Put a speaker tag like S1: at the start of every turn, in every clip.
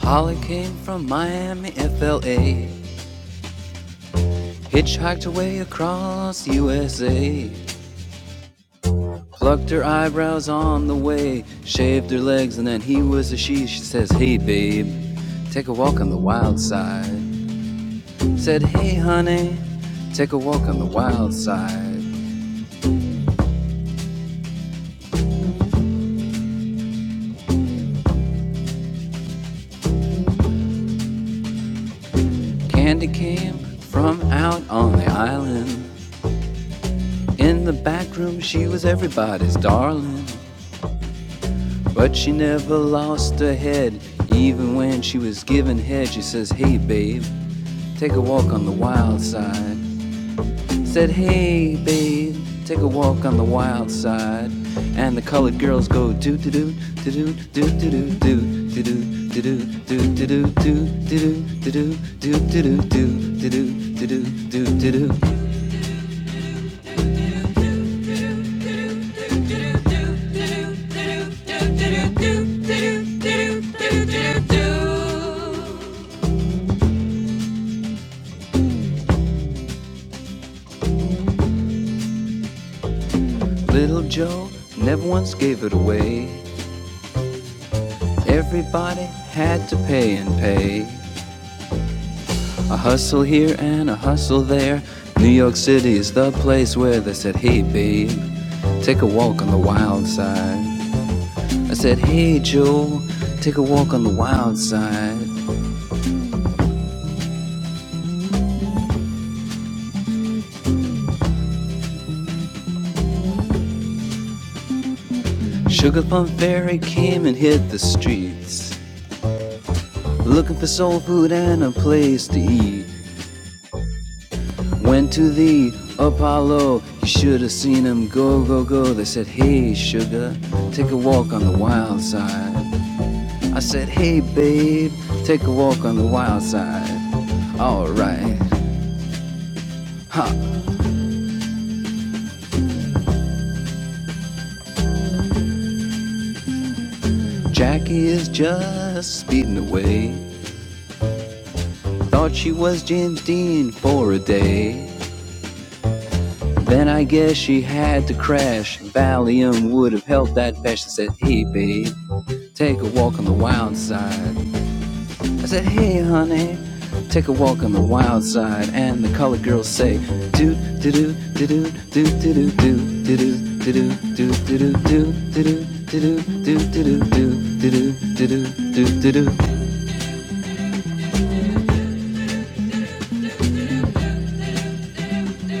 S1: Holly came from Miami, FLA. Hitchhiked her way across USA. Plucked her eyebrows on the way. Shaved her legs, and then he was a she. She says, Hey, babe, take a walk on the wild side. Said, Hey, honey, take a walk on the wild side. Candy came from out on the island. In the back room, she was everybody's darling. Little Joe never once gave it away. Everybody had to pay and pay. A hustle here and a hustle there. New York City is the place where they said, hey babe, take a walk on the wild side. I said, hey Joe, take a walk on the wild side. Sugar Plum Fairy came and hit the streets. Looking for soul food and a place to eat. Went to the Apollo, you should have seen him go, go, go. They said, Hey, sugar, take a walk on the wild side. I said, Hey, babe, take a walk on the wild side. Alright, ha, Jackie is just speeding away. Thought she was James Dean for a day. On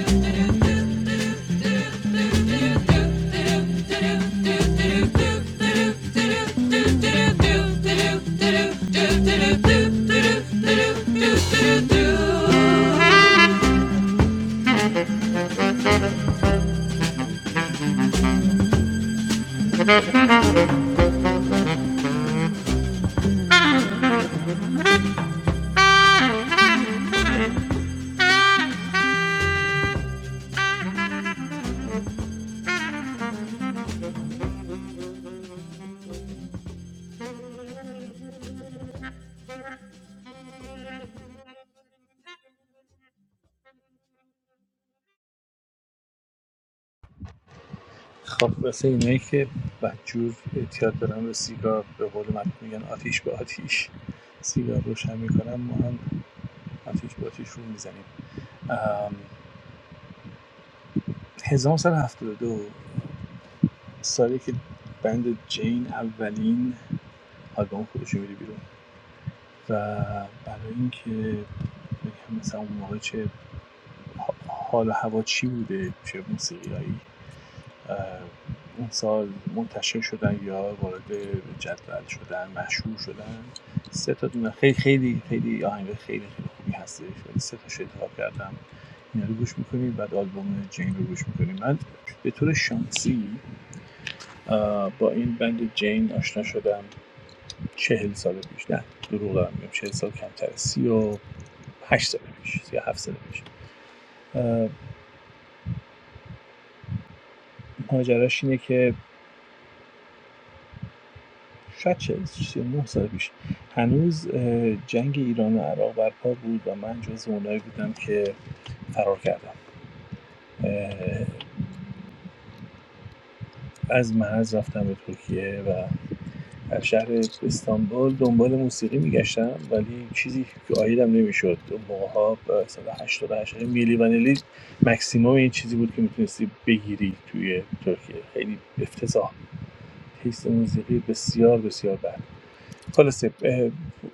S2: خب واسه اینایی که بدجور اعتیاد دارن به سیگار به قول معروف میگن آتیش به آتیش سیگار روشن میکنن ما هم آتیش به آتیش رو میزنیم هزار و نهصد و هفتاد و دو سالی که بند جین اولین آلبوم خودش میده بیرون و برای اینکه بگم مثلا اون موقع چه حال و هوا چی بوده چه موسیقیایی این سال منتشر شدن یا وارد جدول شدن مشهور شدن سه تا دونه خیلی خیلی خیلی آهنگ خیلی خیلی خیلی خوبی هستش ولی سه تا انتخاب کردم اینا رو گوش میکنیم بعد آلبوم جین رو گوش میکنیم من به طور شانسی با این بند جین آشنا شدم چهل سال پیش نه دروغ دارم میگم چهل سال کمتر سی و هشت سال پیش سی و هفت سال پیش اه، ماجراش اینه که شاید 40 39 سال پیش هنوز جنگ ایران و عراق برپا بود و من جز اونایی بودم که فرار کردم از مرز رفتم به ترکیه و در شهر استانبول دنبال موسیقی میگشتم ولی چیزی که آیدم نمیشد اون موقع ها 188 میلی وانیلی مکسیموم این چیزی بود که میتونستی بگیری توی ترکیه خیلی افتضاح تیست موسیقی بسیار بسیار بد خلاصه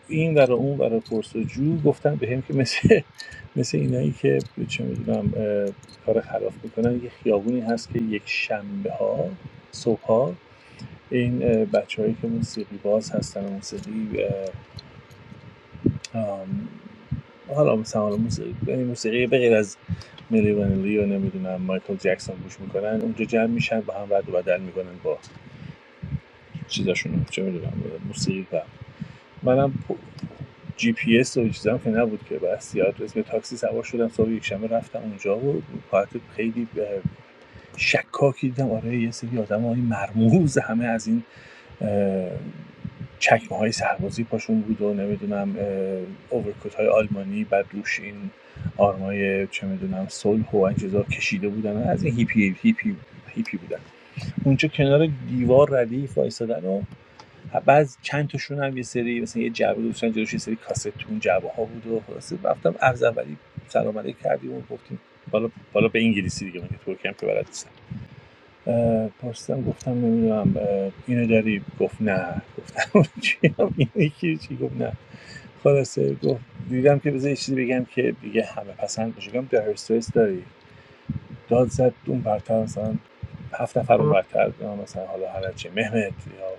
S2: این ور اون ور و پرسجو گفتن به هم که مثل مثل اینایی که چه میدونم کار خلاف میکنن یه خیابونی هست که یک شنبه ها صبح ها این بچههایی که موسیقی باز هستن و موسیقی حالا مثلا حالا موسیقی, یعنی به غیر از ملی ونلی و نمیدونم مایکل جکسون گوش میکنن اونجا جمع میشن با هم رد و بدل میکنن با چیزاشون چه میدونم موسیقی منم جی پی اس و چیزام که نبود که بس یاد اسم تاکسی سوار شدم صبح یکشنبه رفتم اونجا و کارت خیلی به- شکاکی دیدم آره یه سری آدم های مرموز همه از این چکمه های سربازی پاشون بود و نمیدونم اوورکوت های آلمانی بعد روش این آرمای چه میدونم صلح و این چیزا کشیده بودن از این هیپی هیپی هیپی بودن اونجا کنار دیوار ردیف وایسادن و بعض چند تاشون هم یه سری مثلا یه جعبه گذاشتن جلوش یه سری کاست تو اون جعبه ها بود و خلاصه رفتم عرض اولی سلام علیک کردیم و گفتیم بالا بالا به انگلیسی دیگه من که ترکی هم که بلد نیستم پرسیدم گفتم نمیدونم اه، اینو داری گفت نه گفتم چی اینو یکی چی گفت نه خلاصه گفت دیدم که بذار یه چیزی بگم که دیگه همه پسند باشه گفتم در استرس داری داد زد اون برتر مثلا هفت نفر اون برتر مثلا حالا هر چی مهمت یا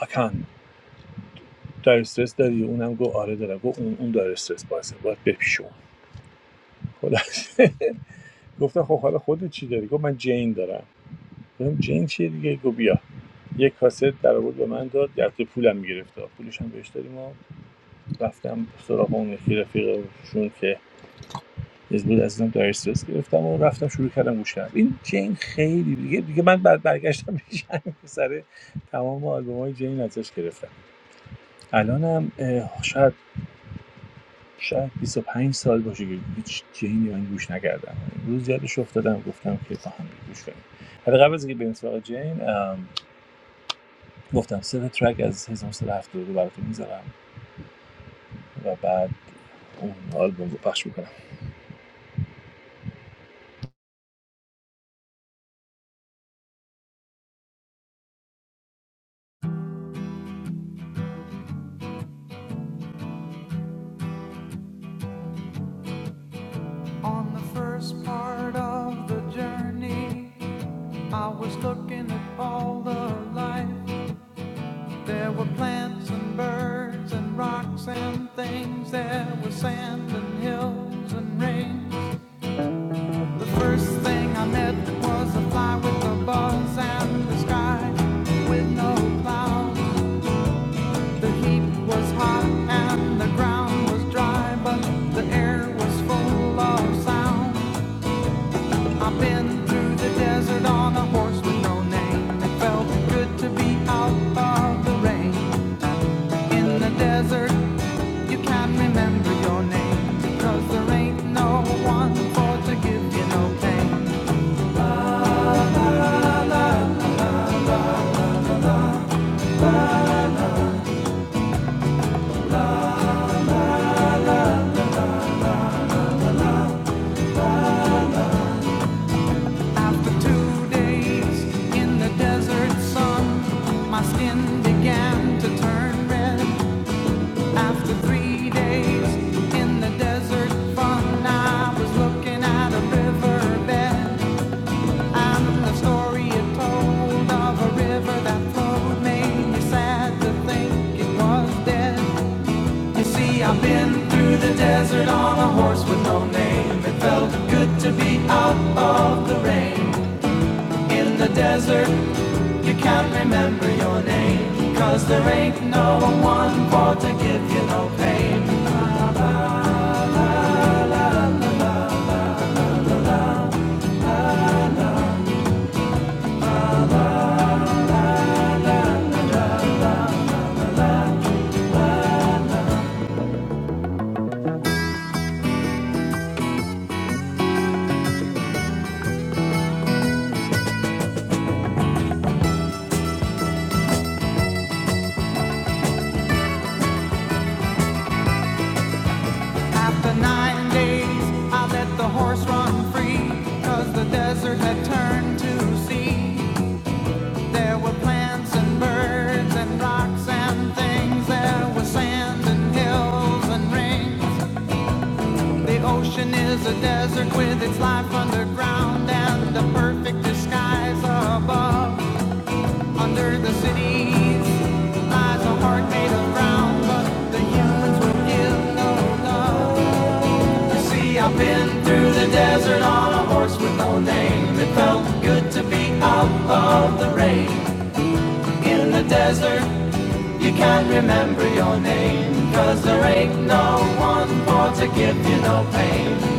S2: حکن در استرس داری اونم گفت آره دارم گفت اون اون داره استرس باسه باید بپیشون خلاص گفتم خب حالا خودت چی داری گفت من جین دارم گفتم جین چیه دیگه گفت بیا یک کاست در آورد به من داد در پولم میگرفت پولش هم بهش دادیم و رفتم سراغ اون یکی رفیقشون که از بود ازم در استرس گرفتم و رفتم شروع کردم گوش کردم این جین خیلی دیگه دیگه من بعد برگشتم میشن سر تمام آلبوم های جین ازش گرفتم الانم اه، شاید شاید بیست و پنج سال باشه که هیچ چینی من گوش نکردم امروز یادش افتادم گفتم که با هم گوش کنیم حالا قبل از اینکه بریم سراغ جین ام، گفتم سه ترک از 1972 رو براتون میذارم و بعد اون آلبوم رو پخش میکنم
S1: the first part of the journey, I was looking at all the life. There were plants and birds and rocks and things. There was sand and hills and rain. The first thing I met was a fly with the balls and the sky with no clouds. The heat was hot and the ground was dry, but the air was full of sound. I've been through the desert on a horse with no name. It felt good to be out of the rain. In the desert, you can not remember your name because there ain't no one for to give you no pain. After two days in the desert sun, my skin began to turn red. After three days in the desert fun, I was looking at a riverbed. And the story it told of a river that flowed made me sad to think it was dead. You see, I've been through the desert on a horse with no name. It felt good to be out of the rain in the desert You can't remember your name, cause there ain't no one for to give you no pain. After nine days, I let the horse run free, cause the desert had turned to sea. There were plants and birds and rocks and things, there was sand and hills and rings. The ocean is a desert with its life underground and a perfect disguise above. Under the cities lies a heart made of brown, but the humans will give no love. You see, I've been through the desert on a horse with no name. It felt good to be out of the rain. In the desert, you can't remember your name, 'cause there ain't no one for to give you no pain.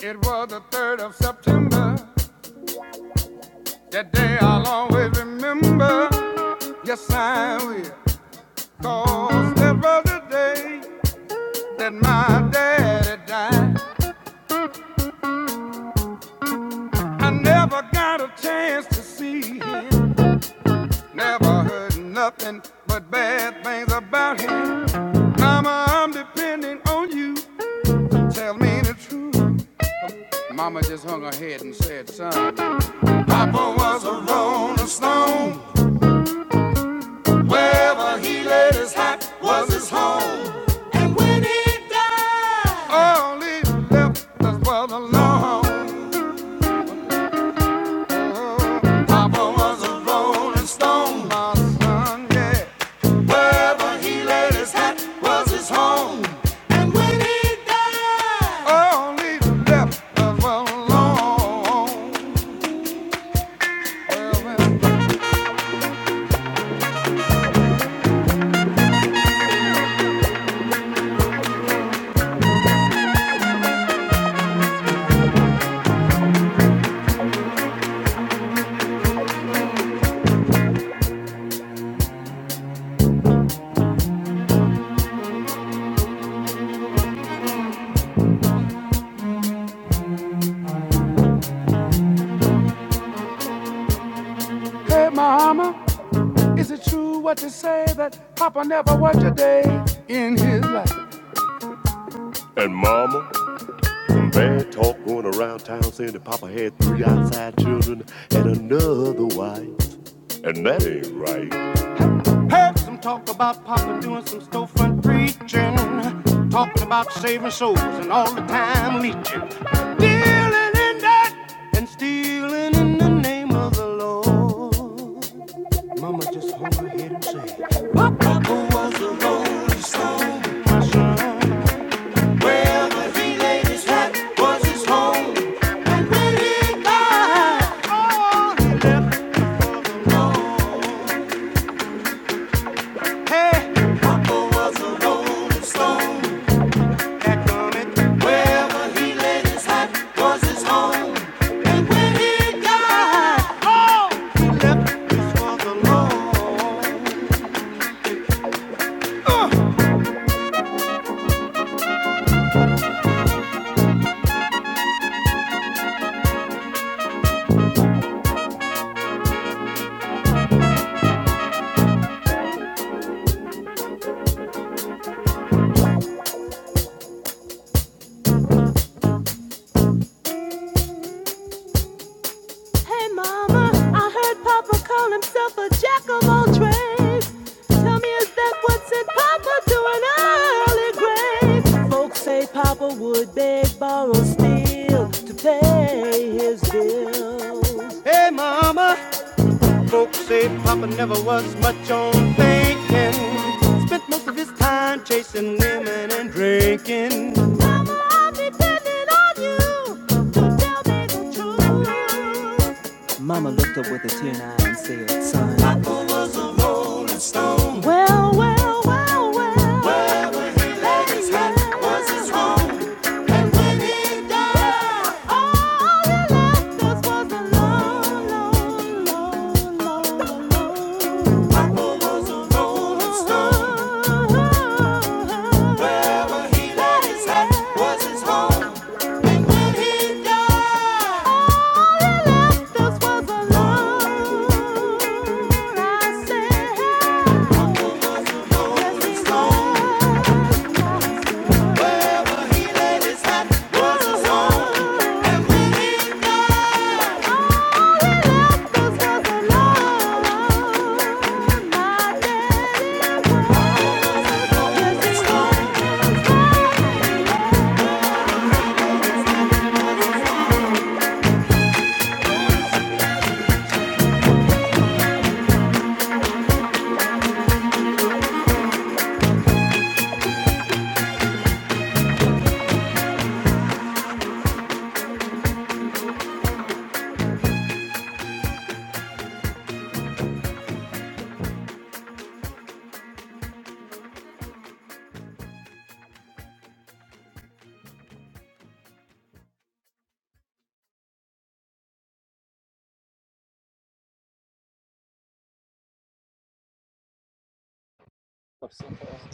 S1: It was the 3rd of September, that day I'll always remember. Yes, I will. Cause there was a day that my daddy died. I never got a chance to see him. Never heard nothing but bad things about him. Mama, I'm depending on you. Tell me the truth. Mama just hung her head and said, son. Papa was a rolling stone. Wherever he laid his hat was his home. All he left us was alone. Papa was a rolling stone, yeah. Wherever he laid his hat was his home. Only the left us alone. Hey, mama, is it true what you say that Papa never worked a day in his life? And mama, some bad talk going around town saying that Papa had three outside children and another wife. And that ain't right. Heard some talk about Papa doing some storefront preaching. Talking about saving souls and all the time leeching. Dealing in that and stealing in the name of the Lord. Mama just hung her head and said, Papa was a rolling stone. Wherever he laid his hat was his home. And when he died, all he Hey, Papa was a rolling stone. I heard Papa call himself a jack of all trades. Tell me, is that what's in Papa doing early grave? Folks say Papa would beg, borrow, steal to pay his bills. Hey, Mama. Folks say Papa never was much on thinking. Spent most of his time chasing women and drinking. Papa was a rolling stone. Wherever he laid his hat was his home, and when he died.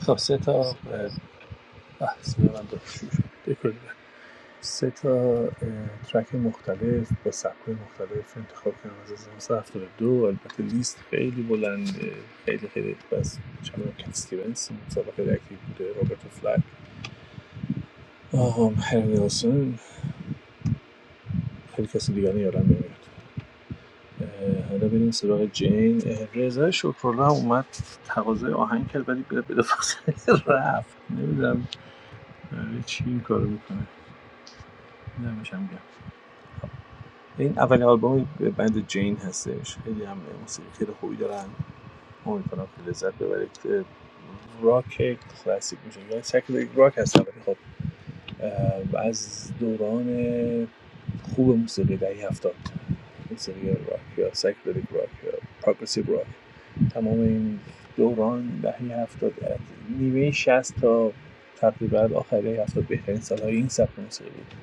S2: خب سه تا اه، من دو- سه تا ترک مختلف با سبک‌های مختلف انتخاب کردم از هزار و نهصد و هفتاد و دو البته لیست خیلی بلنده خیلی خیلی بس چند تا کیت استیونس مسابقه اکتیو بوده رابرت فلک آقا حسین خیلی کسی دیگه رو یادم نمیاد حالا بریم سراغ جین رضا شکرالله هم اومد تقاضای آهنگ کرد ولی به بلافاصله رفت نمیدونم چی این کارو میکنه نمیشم گم این اولین آلبوم بند جین هستش خیلی هم موسیقی خیلی خوبی دارن امیدوارم که لذت ببرید اه، راک کلاسیک میشه یا سکل راک هستن از دوران خوب موسیقی دهه هفتاد موسیقی راک یا سیکدلیک راک یا پروگرسیو راک تمام این دوران دهه هفتاد از نیمه شست تا تقریبا آخر دهه هفتاد بهترین سالهای این سبک موسیقی بود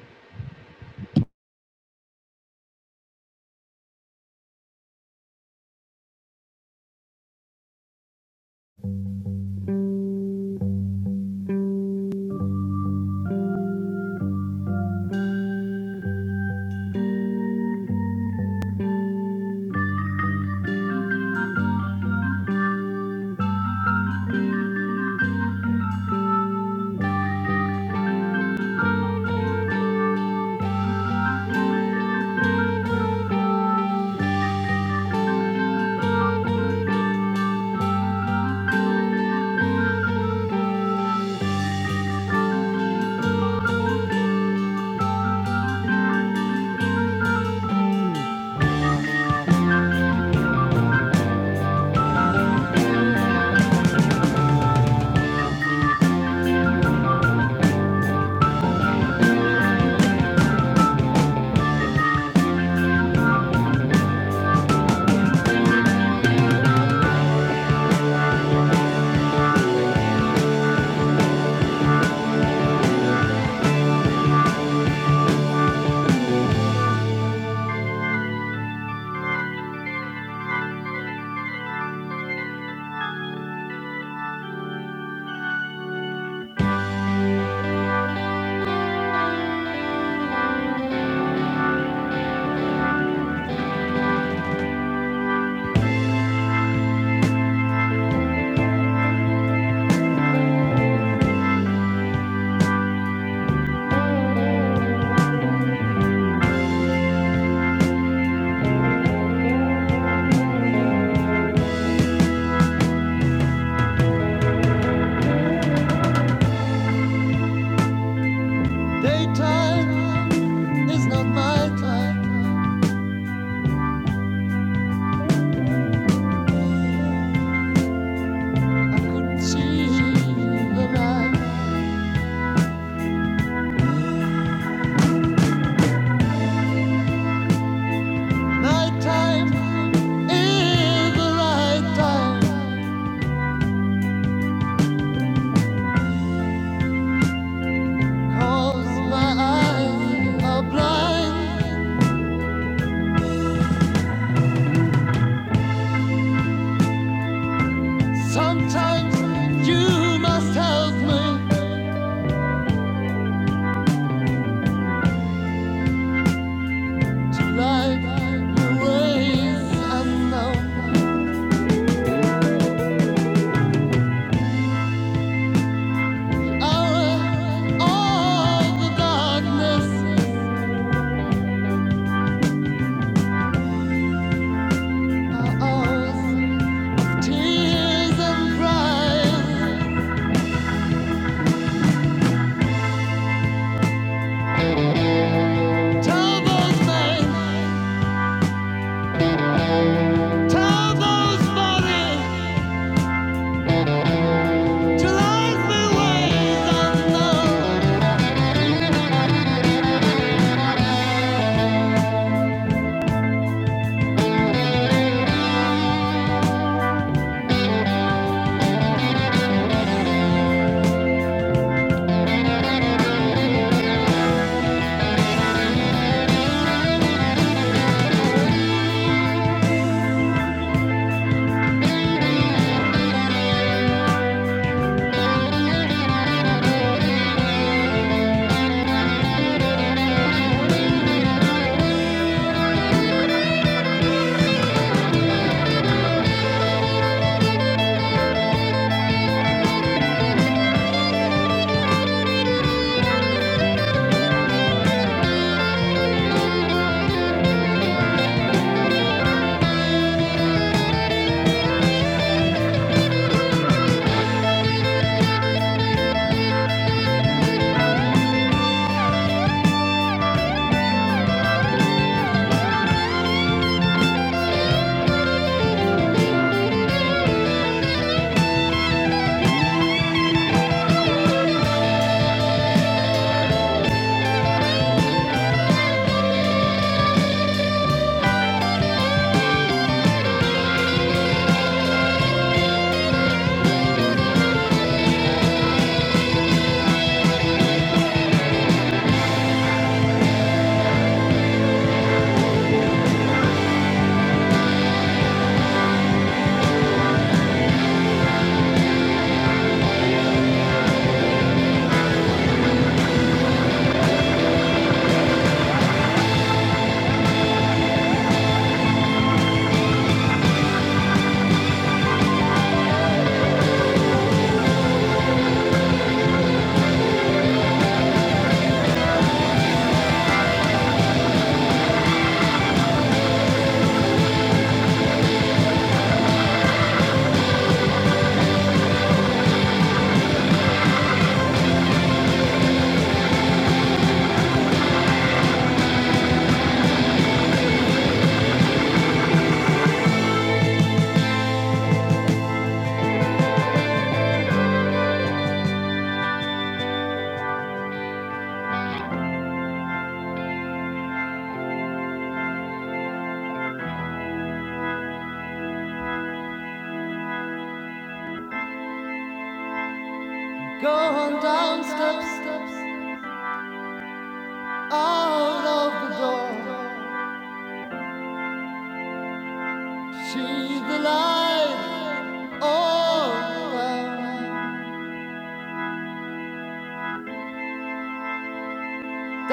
S1: Nighttime is the right time, 'cause my eyes are blind. Sometimes you must help me light the ways I Out of the darkness are tears and cries. Tell those men, tell those bodies. To life my ways unknown.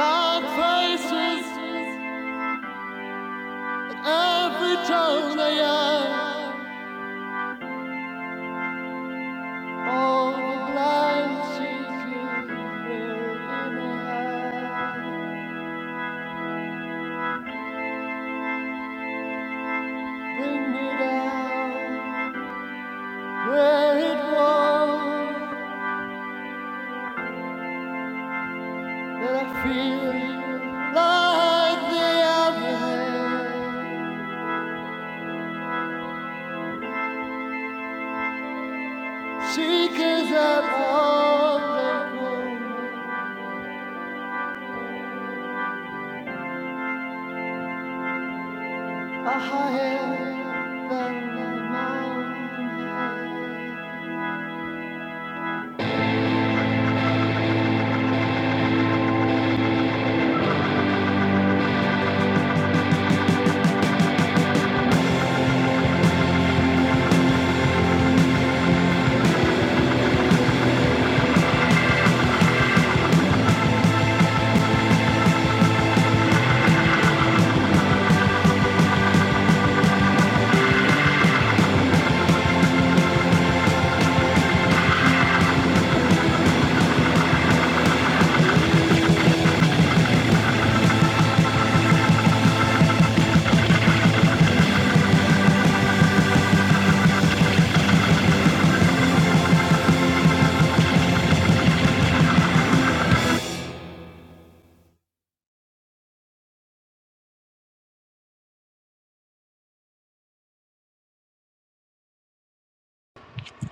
S1: Hard faces, every tone they are. All the blind she's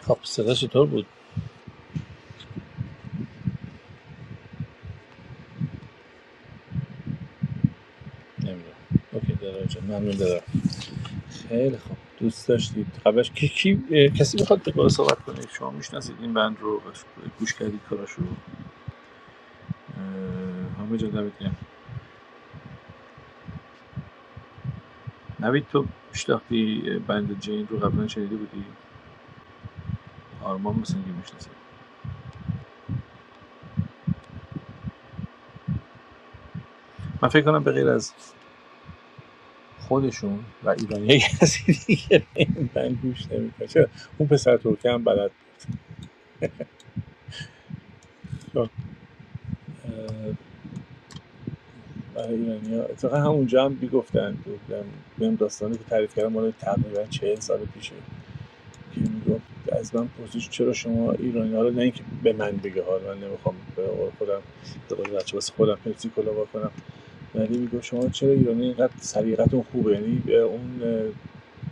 S2: خب صدا چطور بود نمیدونم اوکی دارم جان ممنون دارم خیلی خوب دوست داشتید قبلش کی, کی کسی میخواد به بالا صحبت کنه شما میشناسید این بند رو گوش کردید کاراشو همه جا دمتون نوید تو میشناختی بند جین رو قبلا شنیده بودی آرمان مثل اینکه میشناسه من فکر کنم به غیر از خودشون و ایرانی های کسی دیگه این بند گوش نمیکنه چرا اون پسر ترکه هم بلد بود. اه، برای ایرانی ها اتفاقا همونجا هم میگفتن بهم داستانی که تعریف کردم مال تقریبا چهل سال پیش که میگفت از من پرسید چرا شما ایرانی حالا نه اینکه به من بگه حالا من نمیخوام به قول خودم به قول بچه واسه خودم پپسی کلا بکنم ولی میگفت شما چرا ایرانی اینقدر سلیقتون خوبه یعنی به اون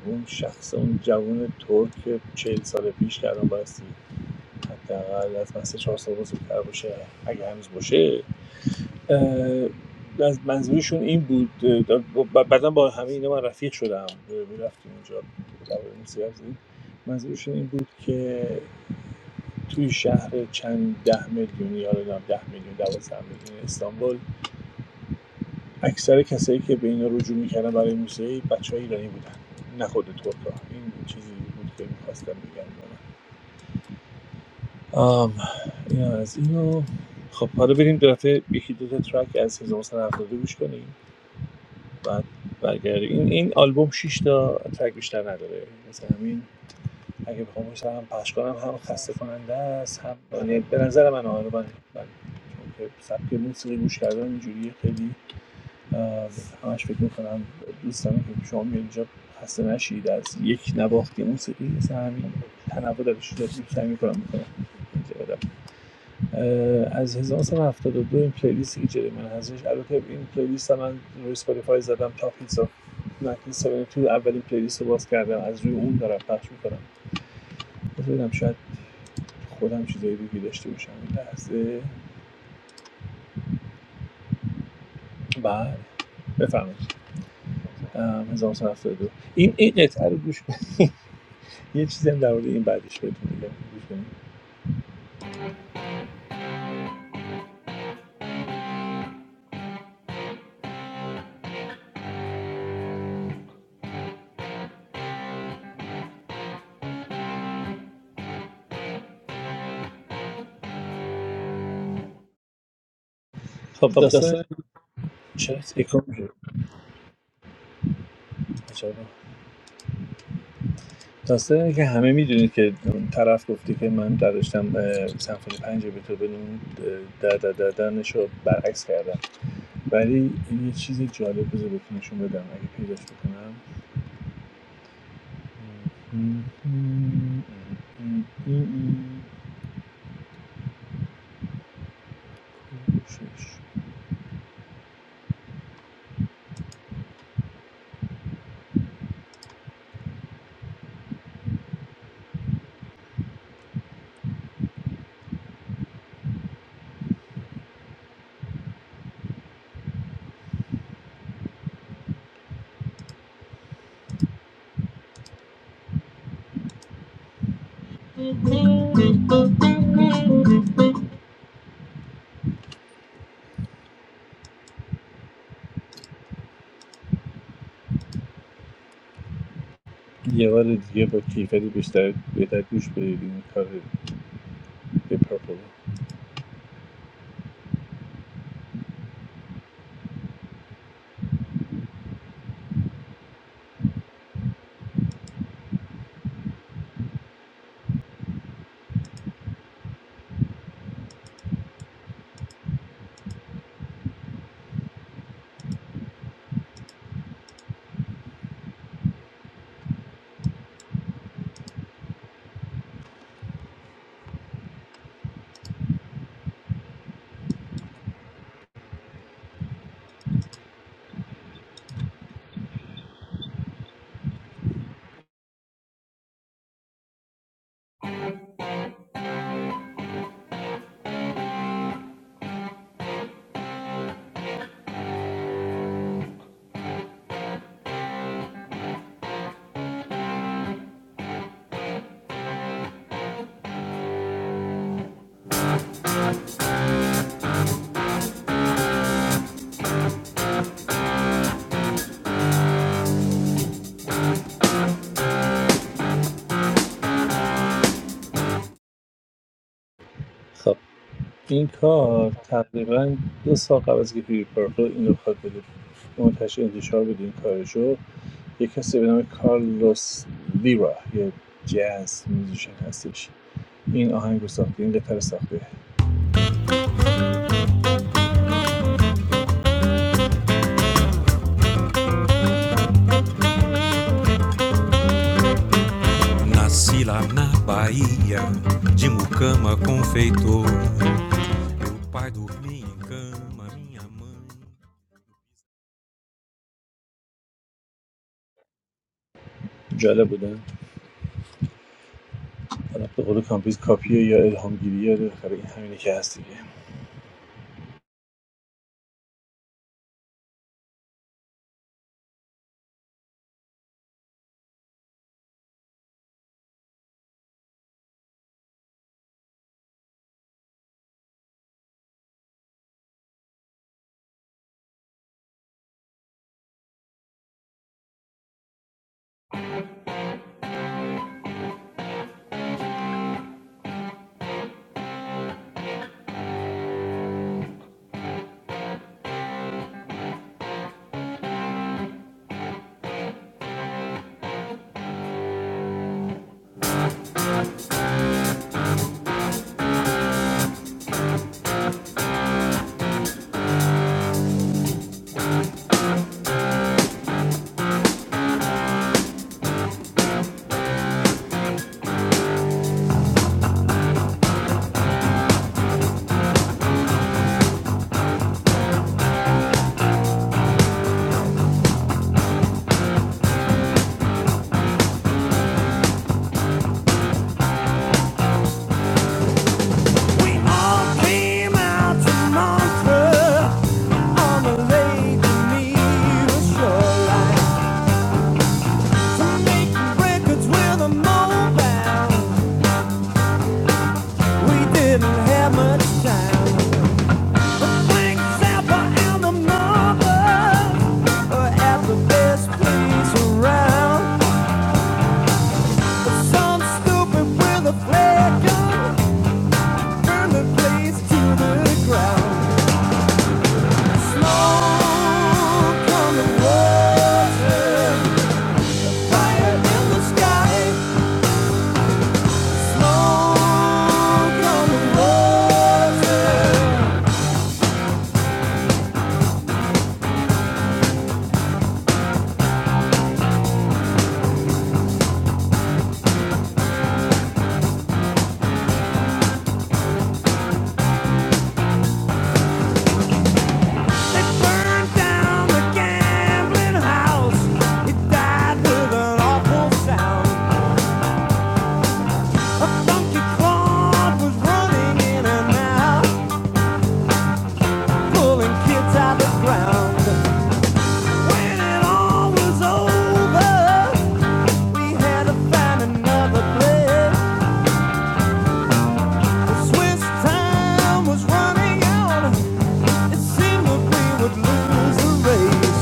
S2: اون شخص اون جوان ترک چهل سال پیش که الان بایستی حداقل از من سه چهار سال بزرگتر باشه اگه هنوز باشه از منظورشون این بود اه، بعدا با همه اینا من رفیق شدم اه، رفتیم اونجا درباره موسیقی حرف زدیم. منظورشون این بود که توی شهر چند ده میلیونی یا ده میلیون دوازده میلیون استانبول اکثر کسایی که به اینا رجوع میکردن برای موسیقی بچه های ایرانی بودن نه خود ترکا این چیزی بود که میخواستم بگم آم، این از اینو خب حالا بریم دو دفعه یکی دو تا ترک از 1972 گوش کنیم بعد برگرده این این آلبوم 6 تا ترک بیشتر نداره مثل همین اگه بخوام مثلا هم پخش کنم هم خسته کننده است هم یعنی به نظر من آره من, من چون که سبک موسیقی گوش کردن اینجوریه خیلی اه، همش فکر میکنم دوست دارم که شما میاد اینجا خسته نشید از یک نواختی موسیقی مثل همین تنوع درش رو سعی میکنم میکنم از ۱۹۷۲ این پلیلیستی که جلوی من هستش البته این پلیلیست من روی اسپاتیفای زدم تاپ هیتس آف 1972 تو اولین پلیلیست رو باز کردم از روی اون دارم پخش میکنم بذارم شاید خودم چیزایی دیگه داشته باشم این لحظه بله بفرمایید ام، 1972 این این قطعه رو گوش کنید یه چیزی هم در مورد این بعدش بهتون میگم گوش کنید خب داستان چرا اکو میشه چرا داستان که همه میدونید که اون طرف گفتی که من در داشتم اه، سمفونی پنج بتوون اون در در دردنش رو برعکس کردم ولی این یه چیز جالب بذار بهتون نشون بدم اگه پیداش بکنم یه بار دیگه با کیفری بیشتر بهتر گوش بدید این کار The Purple خب این کار تقریبا دو سال قبل از که پیری پرپل این رو خواد بده منتشر انتشار بده این کارشو یه کسی به نام کارلوس لیرا یه جاز میوزیشن هستش این آهنگ رو ساخته این قطعه رو ساخته
S1: Nasci lá na Bahia, de mucama confeitor. Meu pai dormia em cama, minha mãe.
S2: جالب بودن حالا به قول کامپیز کاپیه یا الهامگیریه بالاخره این همینه که هست دیگه
S1: We all came out to Montreux On the lake, beneath the shoreline. we Smoke on the water. They burned down the gambling house. It died with an awful sound. A funky crowd was running in and out, pulling kids out the ground. When it all was over, we had to find another place. The Swiss time was running out. It seemed that we would lose the race.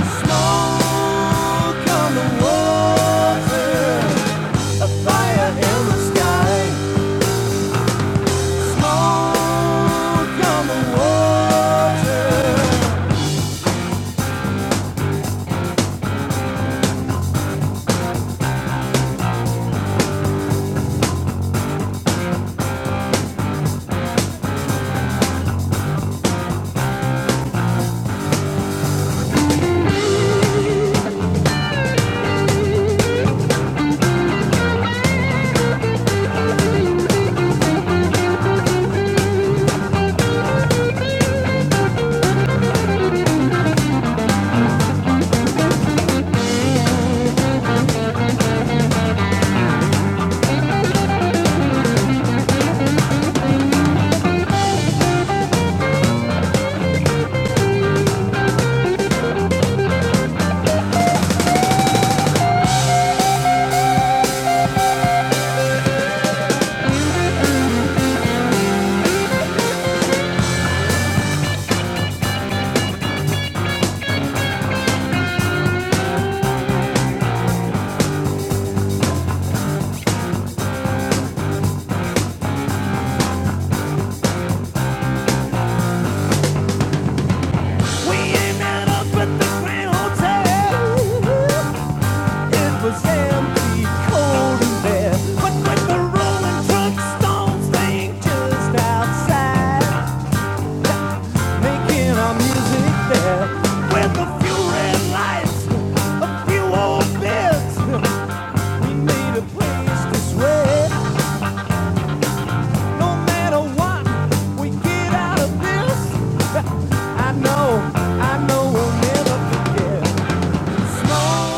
S1: Smoke on the water. Fire in the sky, smoke on the water. It was Eddie but like the Rolling Truck Stones, playing just outside, making our music there. And a few red lights, a few old beds, we need a place to sweat. No matter what we get out of this, I know, I know we'll never forget. No.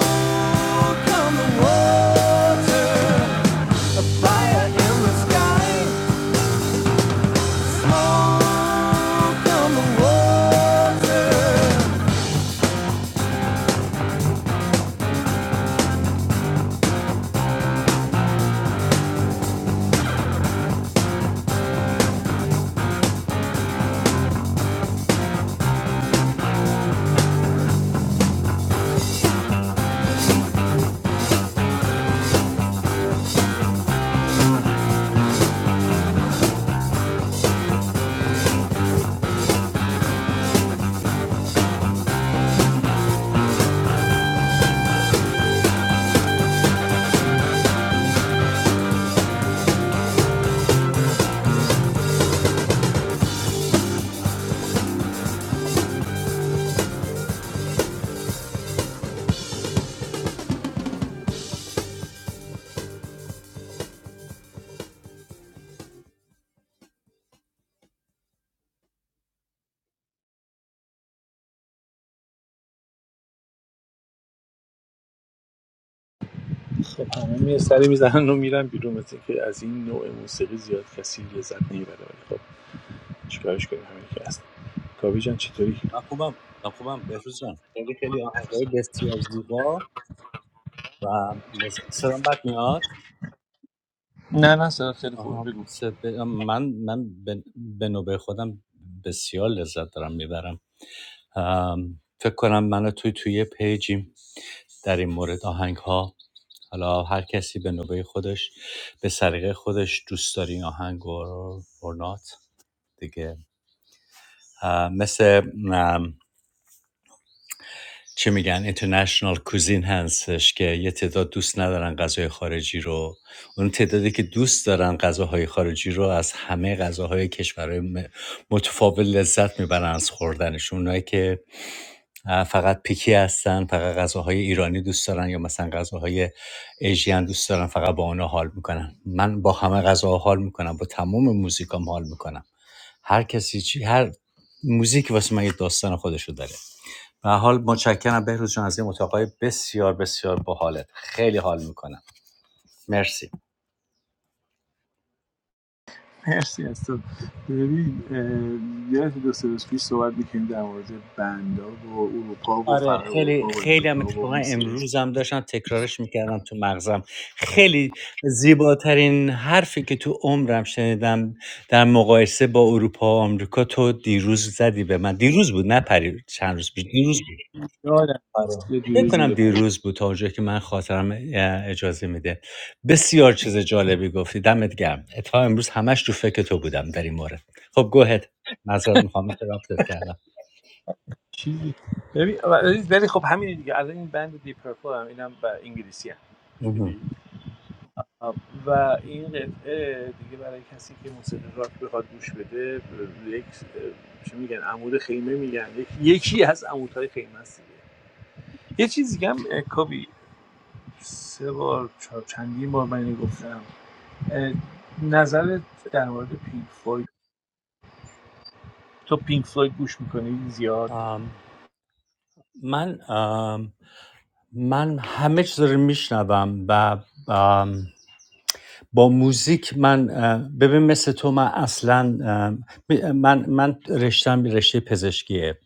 S2: خب همه می سری میزنن و میرن بیرون مثل که از این نوع موسیقی زیاد کسی لذت نمیبره ولی خب چیکارش کنیم همینه که هست کاوی جان چطوری
S3: من خوبم من خوبم بهروز جان خیلی خیلی آهنگای بسیار زیبا و سلام بد میاد
S2: نه نه صدا خیلی خوبه
S3: آها
S2: بگو
S3: س- ب- من من به به نوبه خودم بسیار لذت دارم میبرم فکر کنم من و توی توی پیجیم در این مورد آهنگ ها حالا هر کسی به نوبه خودش به سلیقه خودش دوست داری آهنگ رو or not دیگه اه، مثل چه میگن اینترنشنال کوزین هستش که یه تعداد دوست ندارن غذای خارجی رو اون تعدادی که دوست دارن غذاهای خارجی رو از همه غذاهای کشورهای م- متفاوت لذت میبرن از خوردنشون اونایی که اه، فقط پیکی هستن فقط غذاهای ایرانی دوست دارن یا مثلا غذاهای ایژین دوست دارن فقط با آنها حال میکنن من با همه غذاها حال میکنم با تمام موزیکام حال میکنم هر کسی چی هر موزیک واسه من یه داستان خودشو داره به حال متشکرم بهروز جان از این اتاقای بسیار بسیار باحالت خیلی حال میکنم مرسی
S2: مرسی از تو ببین اه، یادت دو سه روز پیش صحبت میکنیم در مورد بندا و اروپا و
S3: آره
S2: فرق
S3: خیلی
S2: اروپا و
S3: خیلی هم
S2: امریکا و
S3: اتفاقا
S2: موسیقی
S3: امروز هم داشتم تکرارش میکردم تو مغزم خیلی زیباترین حرفی که تو عمرم شنیدم در مقایسه با اروپا و آمریکا تو دیروز زدی به من دیروز بود نه پری چند روز پیش دیروز بود.
S2: یادم
S3: آره.
S2: یه
S3: فکر
S2: دیروز
S3: کنم
S2: یه پرید
S3: دیروز بود تا اونجایی که من خاطرم اه، اجازه میده بسیار چیز جالبی گفتی دمت گرم تا امروز همش تو فکر تو بودم در این مورد خب گوهد معذرت میخوام رابطت کردم
S2: چیزی ببین ولی ولی خب همین دیگه الان این بند دی پرپل هم اینم و انگلیسی هم گوش
S3: مهم.
S2: بدی؟ آه، و این قطعه دیگه برای کسی که موسیقی راک بخواد گوش بده ب- یک اه، چی میگن عمود خیمه میگن یک- یکی از عمودهای خیمه است دیگه. یه چیزی هم اه، کاوی سه بار چهار چندین بار من اینو گفتم نظرت در مورد پینک فلوید تو پینک فلوید گوش میکنی زیاد
S3: آم، من آم، من همه چیز رو میشنوم و آم، با موزیک من اه، ببین مثل تو من اصلا من من رشتم رشته پزشکیه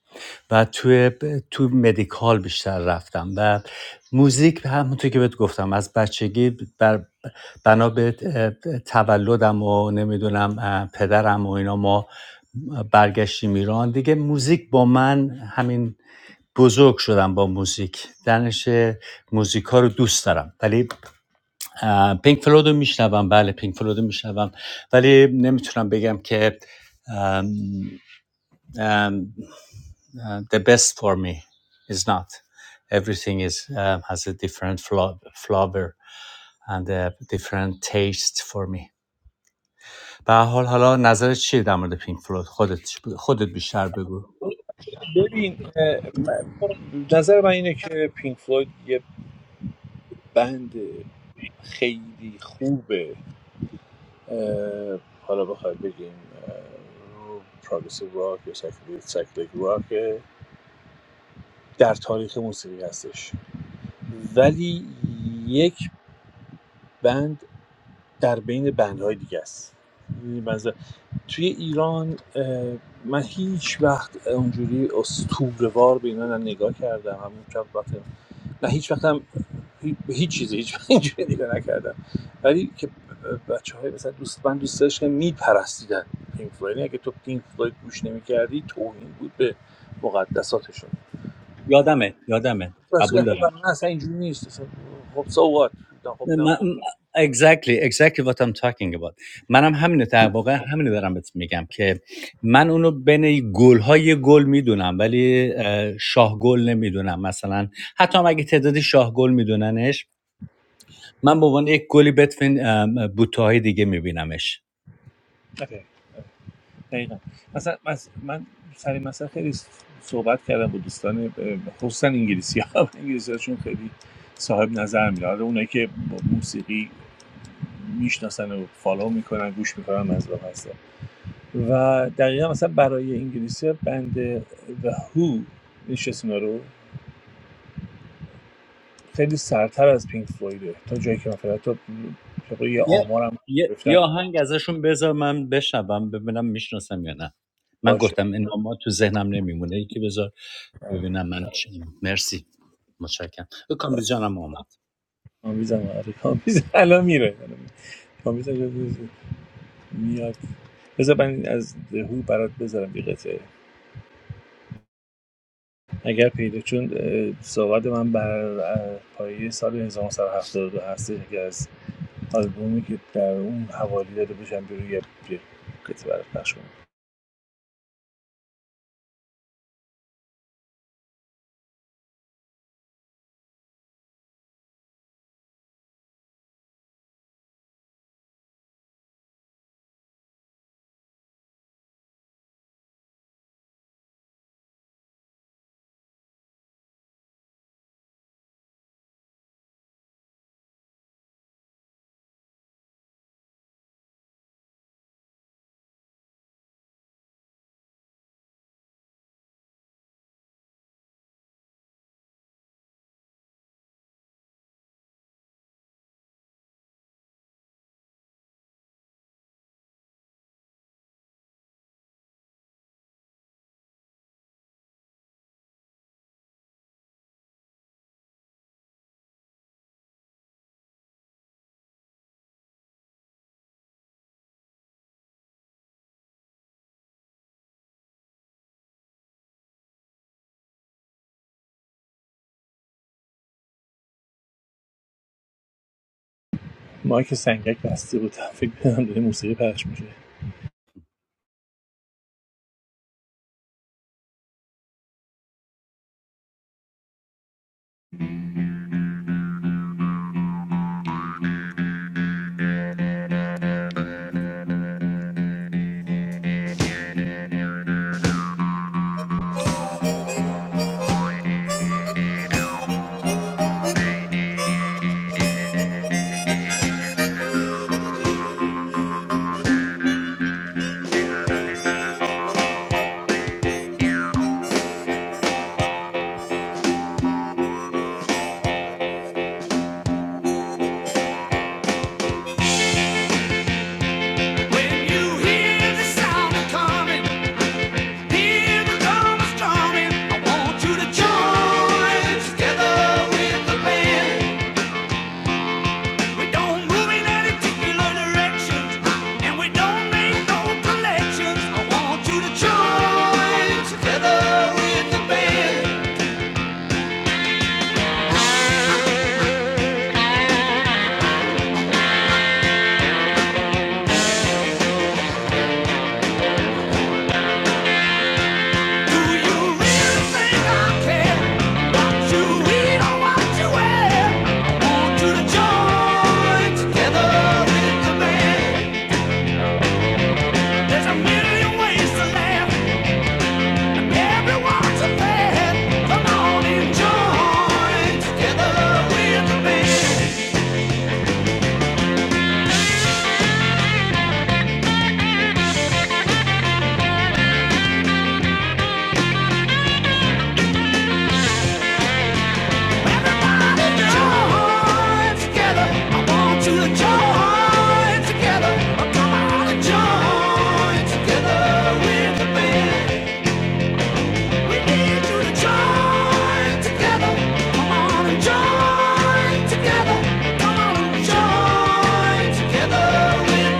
S3: و توی تو مدیکال بیشتر رفتم و موزیک همونطور که بهت گفتم از بچگی بر بنا به اه، تولدم و نمیدونم اه، پدرم و اینا ما برگشتیم ایران دیگه موزیک با من همین بزرگ شدم با موزیک دانش موزیک ها رو دوست دارم ولی اه، پینک فلوید رو میشنوم بله پینک فلوید رو میشنوم ولی نمیتونم بگم که ام، ام، اه، the best for me is not everything is um, has a different fla- flavor and a different taste for me به هر حال حالا نظرت چیه در مورد پینک فلوید خودت خودت بیشتر بگو
S2: ببین اه، نظر من اینه که پینک فلوید یه بند خیلی خوبه حالا بخوای بگیم پروگرسیو راک یا سایکدلیک راک در تاریخ موسیقی هستش ولی یک بند در بین بندهای دیگه است می‌دونی توی ایران من هیچ وقت اونجوری استوروار به اینا نه نگاه کردم همون چند وقت نه هیچ وقت هم به هیچ چیزی هیچ وقت اینجوری نگاه نکردم ولی که بچه های مثلا دوست من دوست داشتم میپرستیدن پینک فلوید یعنی اگه تو پینک فلوید گوش نمیکردی توهین بود به مقدساتشون
S3: یادمه یادمه
S2: بس
S3: قبول دارم
S2: اصلا من من اصلا اینجوری نیست اصلا خب so what؟ خب
S3: من- Exactly, exactly what I'm talking about. منم همینه در واقع همینه دارم بهت میگم که من اونو بین گل های گل میدونم ولی اه، شاه گل نمیدونم مثلا حتی هم اگه تعداد شاه گل میدوننش من به عنوان یک گلی بتوین ام، بوته های دیگه میبینمش
S2: نه دقیقا مثلا من سر مثلا خیلی صحبت کردم با دوستان اه، خصوصا انگلیسی ها انگلیسی خیلی صاحب نظر میره حالا اونایی که با موسیقی میشناسن و فالو میکنن گوش میکنن از راه هست. و دقیقا مثلا برای انگلیسی بند The Who نشست رو خیلی سرتر از پینک فلویده تا جایی که من فهمیدم. تا یه
S3: یه
S2: آمارم
S3: یه
S2: گرفتن
S3: یه آهنگ ازشون بذار من بشنوم ببینم میشناسم یا نه من
S2: باشه
S3: گفتم این ما تو ذهنم نمیمونه یکی بذار
S2: باشه.
S3: ببینم من چی- مرسی متشکرم کامبیز جانم آمد.
S2: کامبیزم آره کامبیز الان میره الان میره. کامبیزم میاد بذار من از دهو برات بذارم یه قطعه اگر پیدا چون اه، صحبت من بر اه، پایه سال 1972 هستش اگر از آلبومی که در اون حوالی داده باشم بیرون یه یه قطعه برات پخش کنم ما که سنگک بسته بود فکر کنم داره موسیقی پخش میشه
S1: When you hear the sound coming, hear the drum drumming. I want you to join together with the band. We don't move in any particular direction, and we don't make no collections. I want you to join together with the band. Join together, or come on and join together with the band. Need you to join together. Come on and join together. Come on and join together. When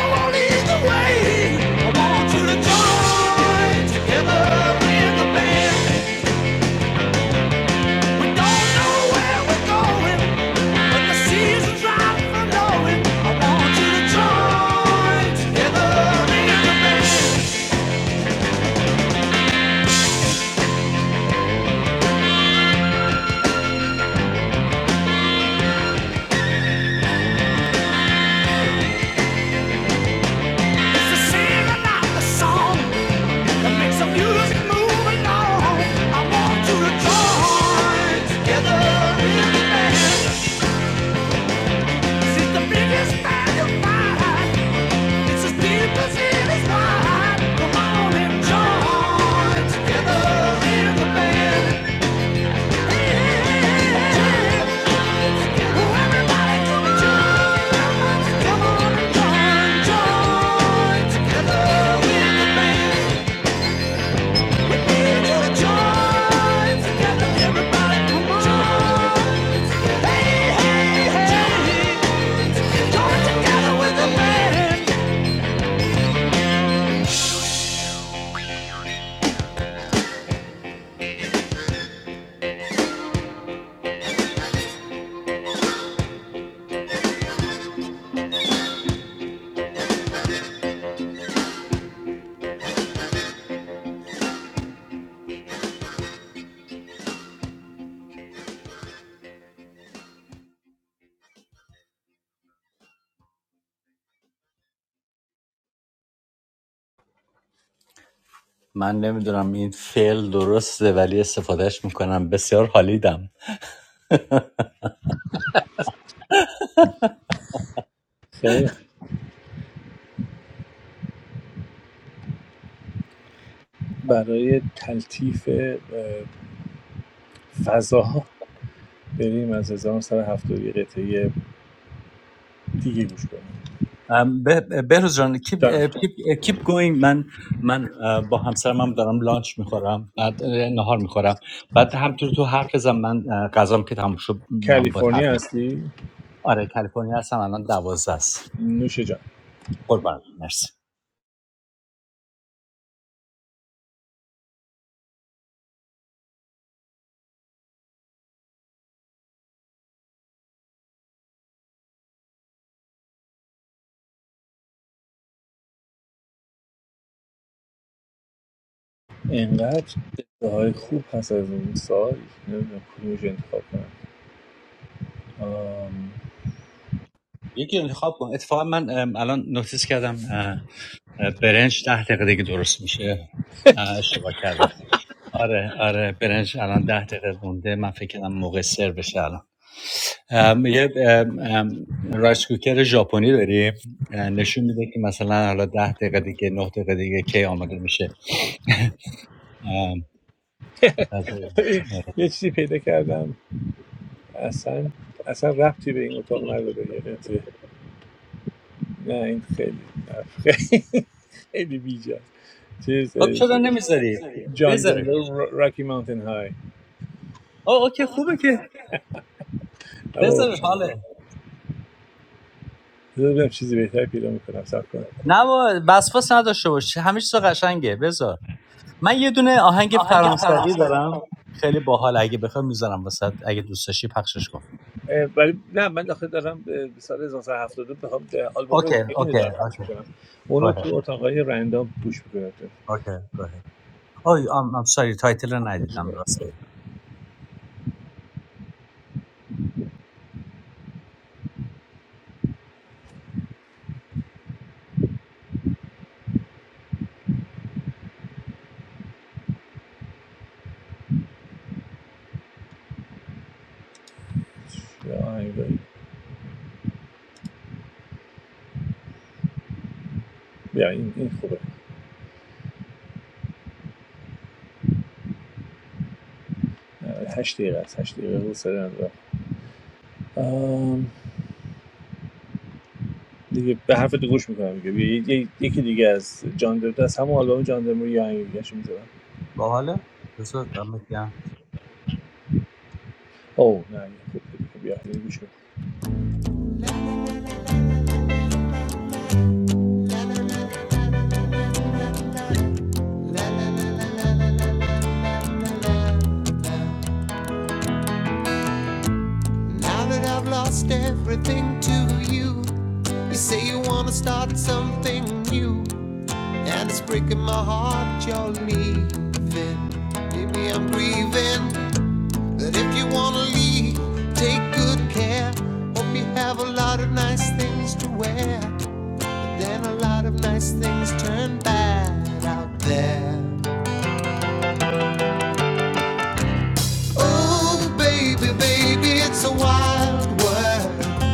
S1: don't lead the way, I want you to join together with the band. We don't know where we're going, but the season's right for knowing. I want you to join. It's the singing, not song. Make some music moving on. I want you to join together in the band. This the biggest band you find. It's as deep as it is wide. Come on and join together in the band. Yeah. Oh, everybody come and join. Come on and join, join together in the band.
S3: من نمیدونم این فعل درسته ولی استفادهش میکنم بسیار حالیدم
S2: خیلی برای تلطیف فضا فضاها بریم از 1970 یه قطعه دیگه گوش کنیم
S3: ام، به- به- بهروز جان کیپ
S2: جان
S3: کیپ گوینگ من من با همسرم دارم لانچ میخورم بعد نهار میخورم بعد همطور تو حرف بزن من اه، غذام که تموم شد میام با حرف
S2: کالیفرنیا
S3: می‌زنم.
S2: هستی
S3: آره کالیفرنیا هستم الان دوازده است
S2: نوش جان
S3: قربان مرسی
S2: اینقدر های خوب هست از این سال نمیدونم کدومش رو انتخاب کنم آم،
S3: یکی انتخاب کن اتفاقا من الان نوتیس کردم اه، اه، برنج ده دقیقه دیگه درست میشه اه، اشتباه کردم آره آره برنج الان ده دقیقه مونده من فکر کردم موقع سر بشه الان ام، یه ام، ام، رایس کوکر ژاپنی داریم اه، نشون میده که مثلا حالا ده دقیقه دیگه نه دقیقه دیگه کی آماده میشه ام، غذا.
S2: ببین یه چیزی پیدا کردم اصلا اصلا ربطی به این اتاق نداره یعنی قطعه. نه این خیلی خیلی خیلی بیجا چیز
S3: خب
S2: اه،
S3: چرا نمیذاری
S2: جان
S3: بذارش
S2: دنور را- راکی ماونتن های
S3: او اوکی خوبه که
S2: اما
S3: بذارش حاله
S2: ببینم چیزی بهتر پیدا میکنم سب کن
S3: نه با بسپاس نداشته باش همه چیز قشنگه بذار من یه دونه آهنگ فرانسوی دارم خیلی باحال اگه بخوام میذارم وسط اگه دوست داشتی پخشش کن
S2: اه، ولی نه من داخل دارم اه، به سال 1972 میخوام آلبوم
S3: اوکی
S2: جین
S3: اوکی
S2: دارم پخش
S3: اوکی
S2: میکنم اونو
S3: گوه.
S2: تو اتاقای رندام پوش میکنم
S3: Okay, go ahead. Oh, you- I'm, I'm sorry. تایتل رو ندیدم راسته
S2: یا آهنگ داری. بیا این, این خوبه اه، هشت دقیقه است هشت دقیقه رو سر ندارم دیگه به حرف تو گوش میکنم دیگه یکی دیگه دیگه از جان در از همون آلبوم جان دمر یه آهنگ دیگه اش میذارم
S3: باحاله بذار دمت گرم.
S2: او نه این خوب بیا دیگه گوش کن
S1: Now that I've lost everything to you, you say you wanna start something new, and it's breaking my heart you're leaving. Maybe I'm grieving, That if you wanna leave, take good care. Hope you have a lot of nice things to wear. Then a lot of nice things turn bad out there. Oh, baby, baby, it's a wild world.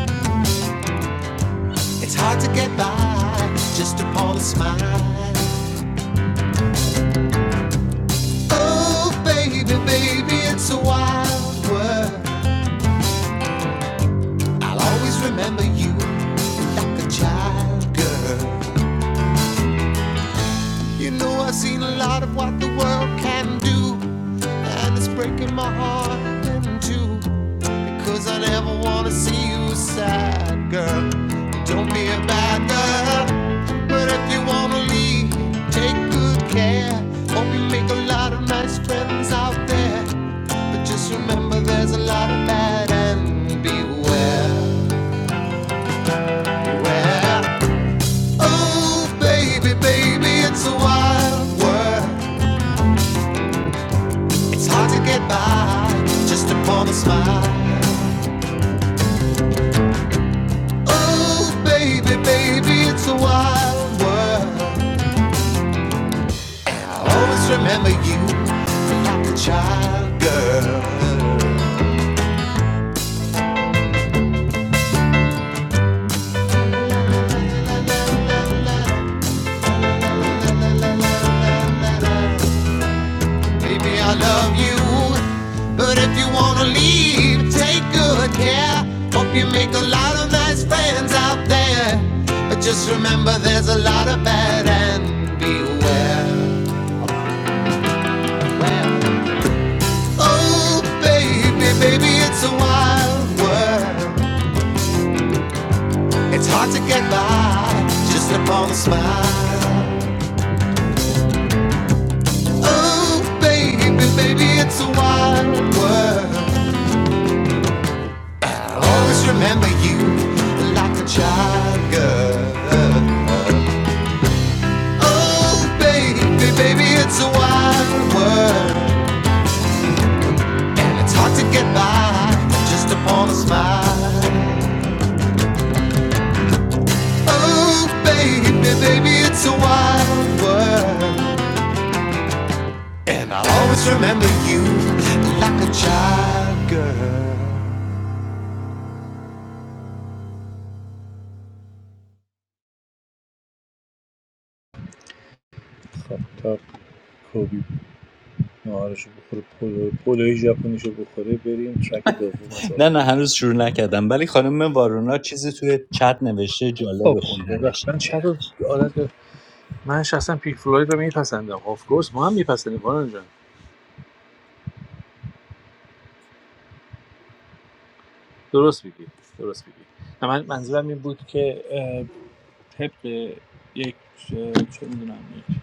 S1: It's hard to get by just upon a smile. Oh, baby, baby, it's a wild world. I'll always remember you like a child girl. You know I've seen a lot of what the world can do, and it's breaking my heart in two. Cause I never wanna see you sad, girl. Don't be a bad girl. But if you wanna leave, take good care. Hope you make a lot of nice friends out there. But just remember there's a lot of bad and beware, beware. Oh, baby, baby, it's a wild world. It's hard to get by just upon a smile. Oh, baby, baby, it's a wild world. I always remember you from like a child, girl. Baby, I love you, but if you wanna leave, take good care. Hope you make a lot of nice friends out there. But just remember, there's a lot of bad and beware. Well, Oh, baby, baby, it's a wild world. It's hard to get by just upon a smile. Oh, baby, baby, it's a wild world. I will always remember you like a child girl. Oh, baby, baby, it's a wild world. And it's hard to get by just upon a smile. Oh, baby, baby, it's a wild world. And I will always remember you like a child girl.
S2: خب تا کوبی نهارشو بخوره پلو پلوی ژاپنیشو بخوره بریم ترک دوم از
S3: نه نه
S2: آلبومه
S3: هنوز شروع نکردم ولی خانم وارونا چیزی توی چت نوشته
S2: خب
S3: جالب
S2: ببخش
S3: خوندنش
S2: من چه رو عادت من شخصا پیک فلوید رو میپسندم آف کورس ما هم میپسندیم باران جان درست میگی درست میگی من منظورم این بود که طبق یک اه، چه میدونم یک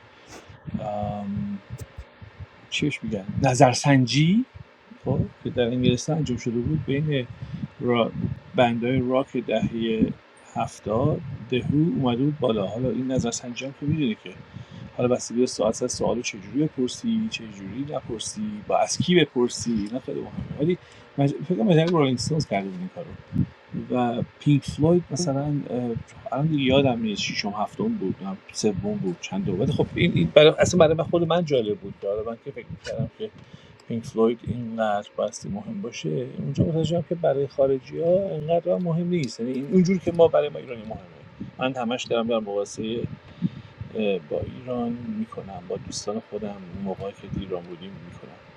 S2: میگن نظرسنجی خب که در انگلستان انجام شده بود بین را... بندهای راک دهه هفتاد دهو اومده بود بالا حالا این نظرسنجی هم که میدونی که حالا بستگی به ساعت از سوالو چجوری بپرسی چجوری نپرسی با از کی بپرسی اینا خیلی مهمه ولی مج... فکر کنم مجله رولینگ استونز کرده بود این کارو و پینک فلوید مثلا اه، الان یادم نیست ششم هفتم بود نه سوم بود چند ولی خب این, این برای اصلا برای خود من جالب بود برای من که فکر می‌کردم که پینک فلوید اینقدر باستی مهم باشه اونجا متوجه که برای خارجی ها اینقدر مهم نیست یعنی این- اونجور که ما برای ما ایرانی مهمه من همش دارم در مقایسه با ایران میکنم با دوستان خودم اون موقعی که تو ایران بودیم میکنم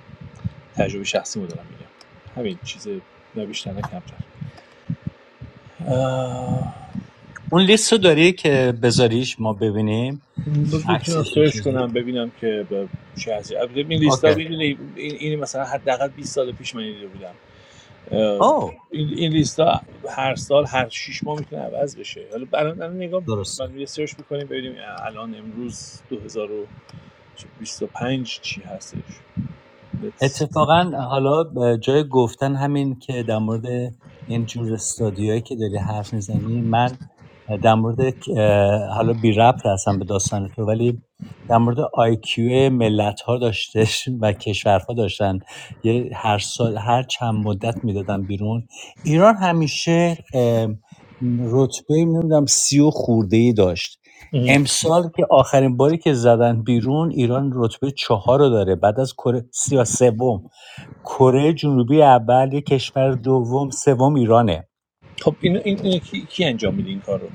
S2: تجربه شخصی مو دارم میگم همین چیز نه بیشتر نه کمتر
S3: اون لیست رو داری که بذاریش ما ببینیم
S2: ب- میتونم
S3: عکسش این
S2: سرچ
S3: چیزی
S2: کنم ببینم که ب- چه هستی البته این لیستا
S3: اوکی
S2: میدونی این این مثلا حداقل 20 سال پیش من دیده بودم
S3: او
S2: این, این لیستا هر سال هر 6 ماه میتونه عوض بشه حالا الان الان نگاه میکنیم
S3: درسته
S2: من یه سرچ میکنیم ببینیم الان امروز 2025 چی هستش Let's-
S3: اتفاقا حالا جای گفتن همین که در مورد این جور استادیوهایی که داری حرف میزنی من در مورد اه، حالا بی ربط هستم به داستان تو ولی در مورد آیکیو ملت ها داشته و کشورها داشتن یه هر سال هر چند مدت میدادن بیرون ایران همیشه اه، رتبه نمیدونم سی و خورده ای داشت
S2: اه.
S3: امسال که آخرین باری که زدن بیرون ایران رتبه چهار رو داره بعد از کره یا سوم کره جنوبی اول یه کشور دوم سوم ایرانه
S2: خب این این, اینو کی, کی انجام میده این کار رو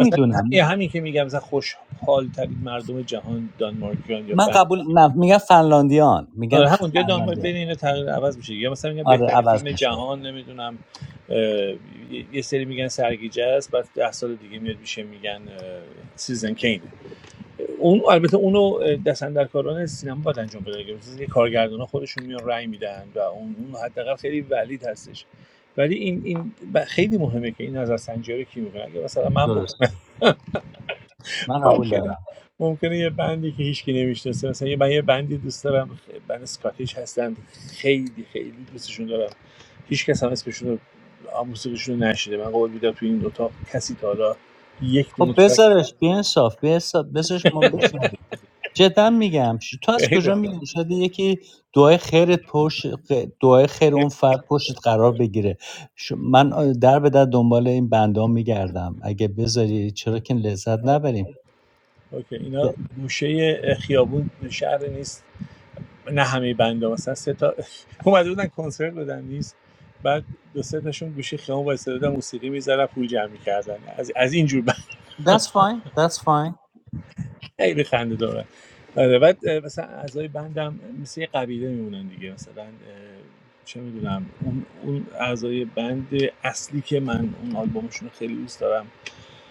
S2: مثلا همین که میگم مثلا خوشحال ترین مردم جهان دانمارکیان یا
S3: من قبول نه میگن فنلاندیان میگن
S2: آره
S3: خ-
S2: همونجا دنبال
S3: فنلاندیان
S2: بین اینا تغییر عوض میشه یا مثلا میگن
S3: آره
S2: بهترین
S3: عوض
S2: فیلم
S3: میشه
S2: جهان نمیدونم یه سری میگن سرگیجه است بعد ده سال دیگه میاد میشه میگن سیزن کین اون البته اونو دست اندرکاران سینما باید انجام بده دیگه. مثلا یه کارگردان خودشون میان رأی میدن و اون اون حداقل خیلی ولید هستش ولی این این خیلی مهمه که این نظر سنجی رو کی میکنه اگه مثلا من بکنم
S3: درست من قبول
S2: ممکنه
S3: دارم
S2: ممکنه یه بندی که هیچکی نمیشناسه مثلا یه من یه بندی دوست دارم خ- بند اسکاتیش هستن خیلی خیلی دوستشون دارم هیچ کس هم اسمشون رو آ، موسیقیشون رو نشیده من قول میدم تو این اتاق کسی تا حالا یک
S3: خب
S2: دونه ترک
S3: بذارش بیانصاف بیانصاف بذارش ما بشنویم جدا میگم ش- تو از
S2: خیلی
S3: کجا
S2: خوب
S3: میدونی شاید یکی دعای خیرت پشت دعای خیر
S2: خیلی-
S3: اون فرد پشتت قرار بگیره ش- من آ، در به در دنبال این بنده میگردم اگه بذاری چرا که لذت
S2: آه،
S3: نبریم
S2: اوکی اینا
S3: Th-
S2: گوشه خیابون شهر نیست نه همه بنده مثلا سه تا اومده بودن کنسرت بدن نیست بعد دو سه تاشون گوشه خیابون وایساده بودن موسیقی می‌ذارن پول جمع می‌کردن از از این جور
S3: That's fine that's fine
S2: خیلی خنده داره آره بعد اه، مثلا اعضای بندم مثل یه قبیله میمونن دیگه مثلا اه، چه میدونم اون اون اعضای بند اصلی که من اون آلبومشون رو خیلی دوست دارم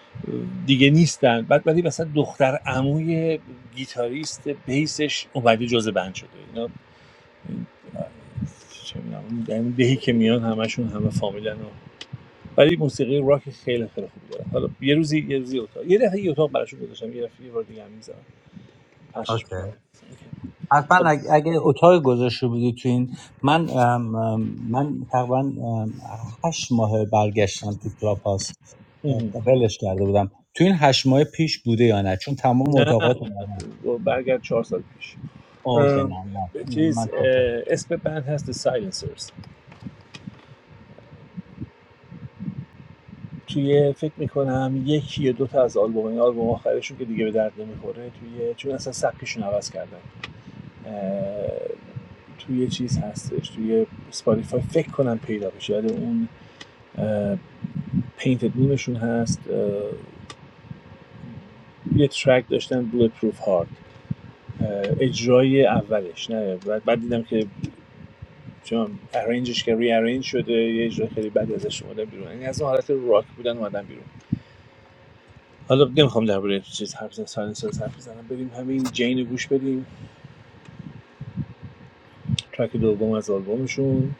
S2: اه، دیگه نیستن بعد ولی مثلا دختر عموی گیتاریست بیسش اومده جز بند شده اینا چه میدونم اون در این دهی که میان همشون همه فامیلن و ولی موسیقی راک خیلی خیلی خوبی دارم حالا یه روزی یه روزی اتاق یه دفعه یه اتاق براشون گذاشتم یه دفعه یه بار دیگه هم می‌ذارم. پخشش
S3: okay
S2: می‌کنم.
S3: حتما
S2: خب
S3: اگه, اگه اتاق گذاشته بودی تو این من ام، ام، من تقریبا ام، هشت ماه برگشتم تو کلاب هاست
S2: اوه.
S3: ولش کرده بودم تو این هشت ماه پیش بوده یا نه چون تمام
S2: نه
S3: اتاقات رو من
S2: برگرد چهار سال پیش
S3: اوکی نه
S2: ام،
S3: نه
S2: چیز
S3: من ترسم.
S2: اه، اسم بند هست The Silencers توی فکر میکنم یکی یا دو تا از آلبوم این آلبوم آخرشون که دیگه به درد نمیخوره توی چون اصلا سبکشون عوض کردن اه، توی چیز هستش توی سپاتیفای فکر کنم پیدا بشه یاد اون پینتد نیمشون هست اه، یه ترک داشتن بلوت پروف هارد اجرای اولش نه بعد, بعد دیدم که چون ارنجش که ری ارنج شده یه اجرای خیلی بدی ازش اومدن بیرون یعنی از اون حالت راک بودن اومدن بیرون حالا نمیخوام درباره چیز حرف بزنم ساینسرز حرف بزنم بریم همین جین گوش بدیم ترک دوم از آلبومشون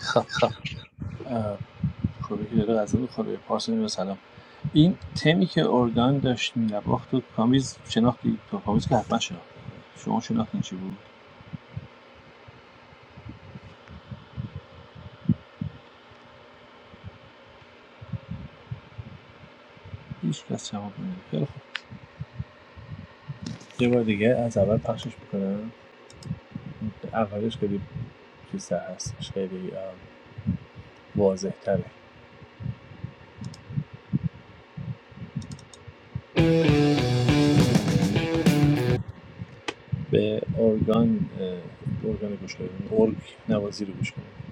S2: خب اه، خوبه که داره غذا میخوره پارسل میره سلام این تمی که ارگان داشت می‌نواخت تو کامیز شناختی تو کامیز که حتما شناختی شما شناختین چی بود هیچ کس جواب نمیده خیلی خوب یه بار دیگه از اول پخشش میکنم اولش خیلی چیز هست خیلی واضح تره به ارگان اه، ارگان گوش کنیم ارگ نوازی رو گوش کنیم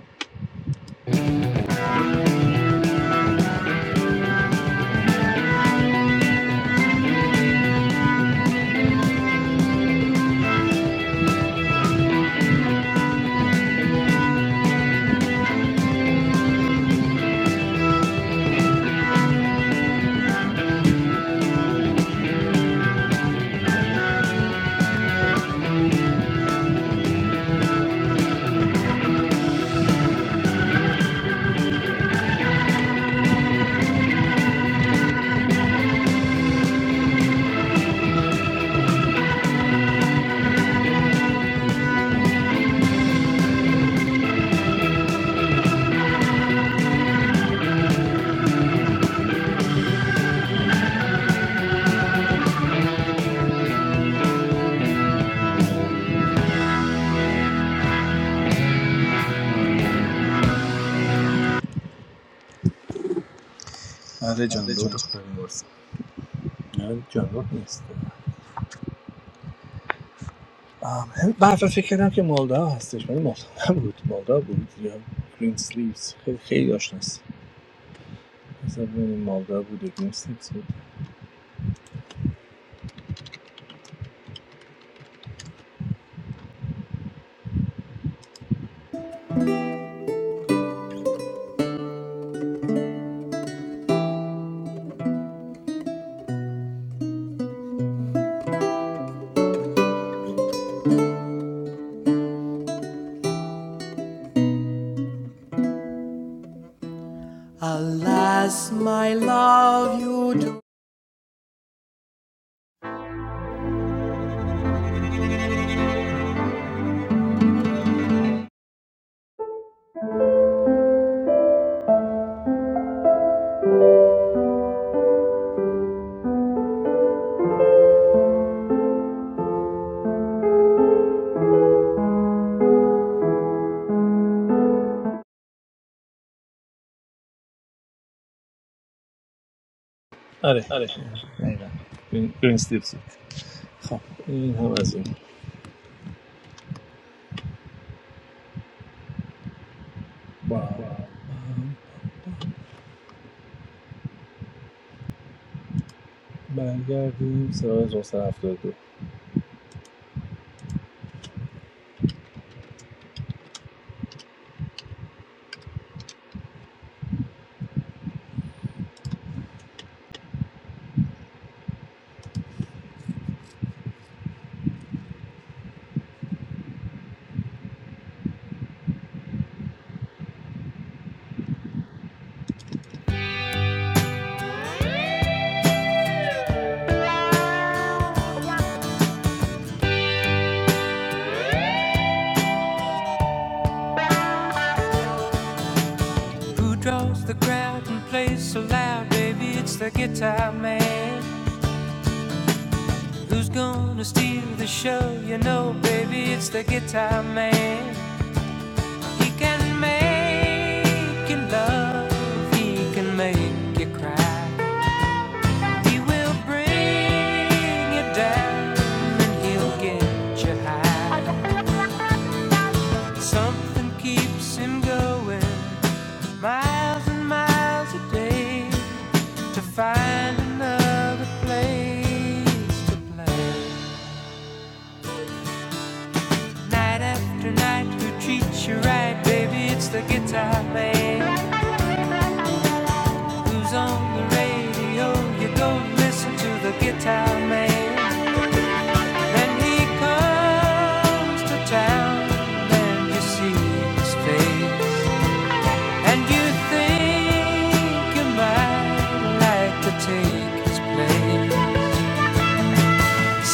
S2: آره جان لود خدا بیمارس نه جانور نیست آم، هم- من اصلا فکر کردم که مالدا هستش ولی مالدا نبود مالدا بود یا گرین سلیوز خیلی خیلی آشناست اصلا ببینیم مالدا بود یا گرین سلیوز بود آره دقیقا گرین, گرین سلیوز بود خب این هم از این با هم با هم برگردیم سراغ 1972
S1: Who draws the crowd and plays so loud? Baby, it's the guitar man. Who's gonna steal the show? You know, baby, it's the guitar man. He can make you love, he can make you cry. He will bring you down and he'll get you high. Something keeps him going miles and miles a day to find another place to play. Night after night, who treats you right, baby? It's the guitar man. Who's on the radio? You go listen to the guitar man. Then he comes to town, and you see his face. And you think you might like to take his place.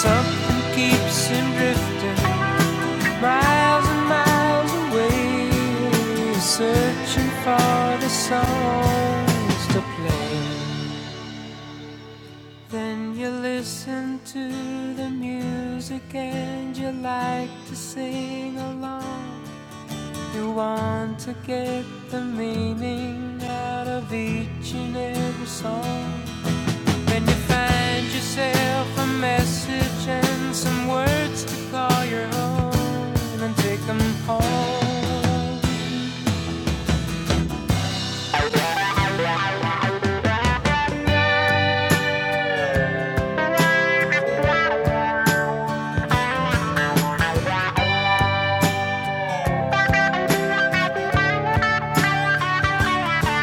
S1: Something keeps him drifting miles and miles away, searching for the songs to play. Then you listen to the music and you like to sing along. You want to get the meaning out of each and every song. When you find yourself a message and some words to call your own and take them home.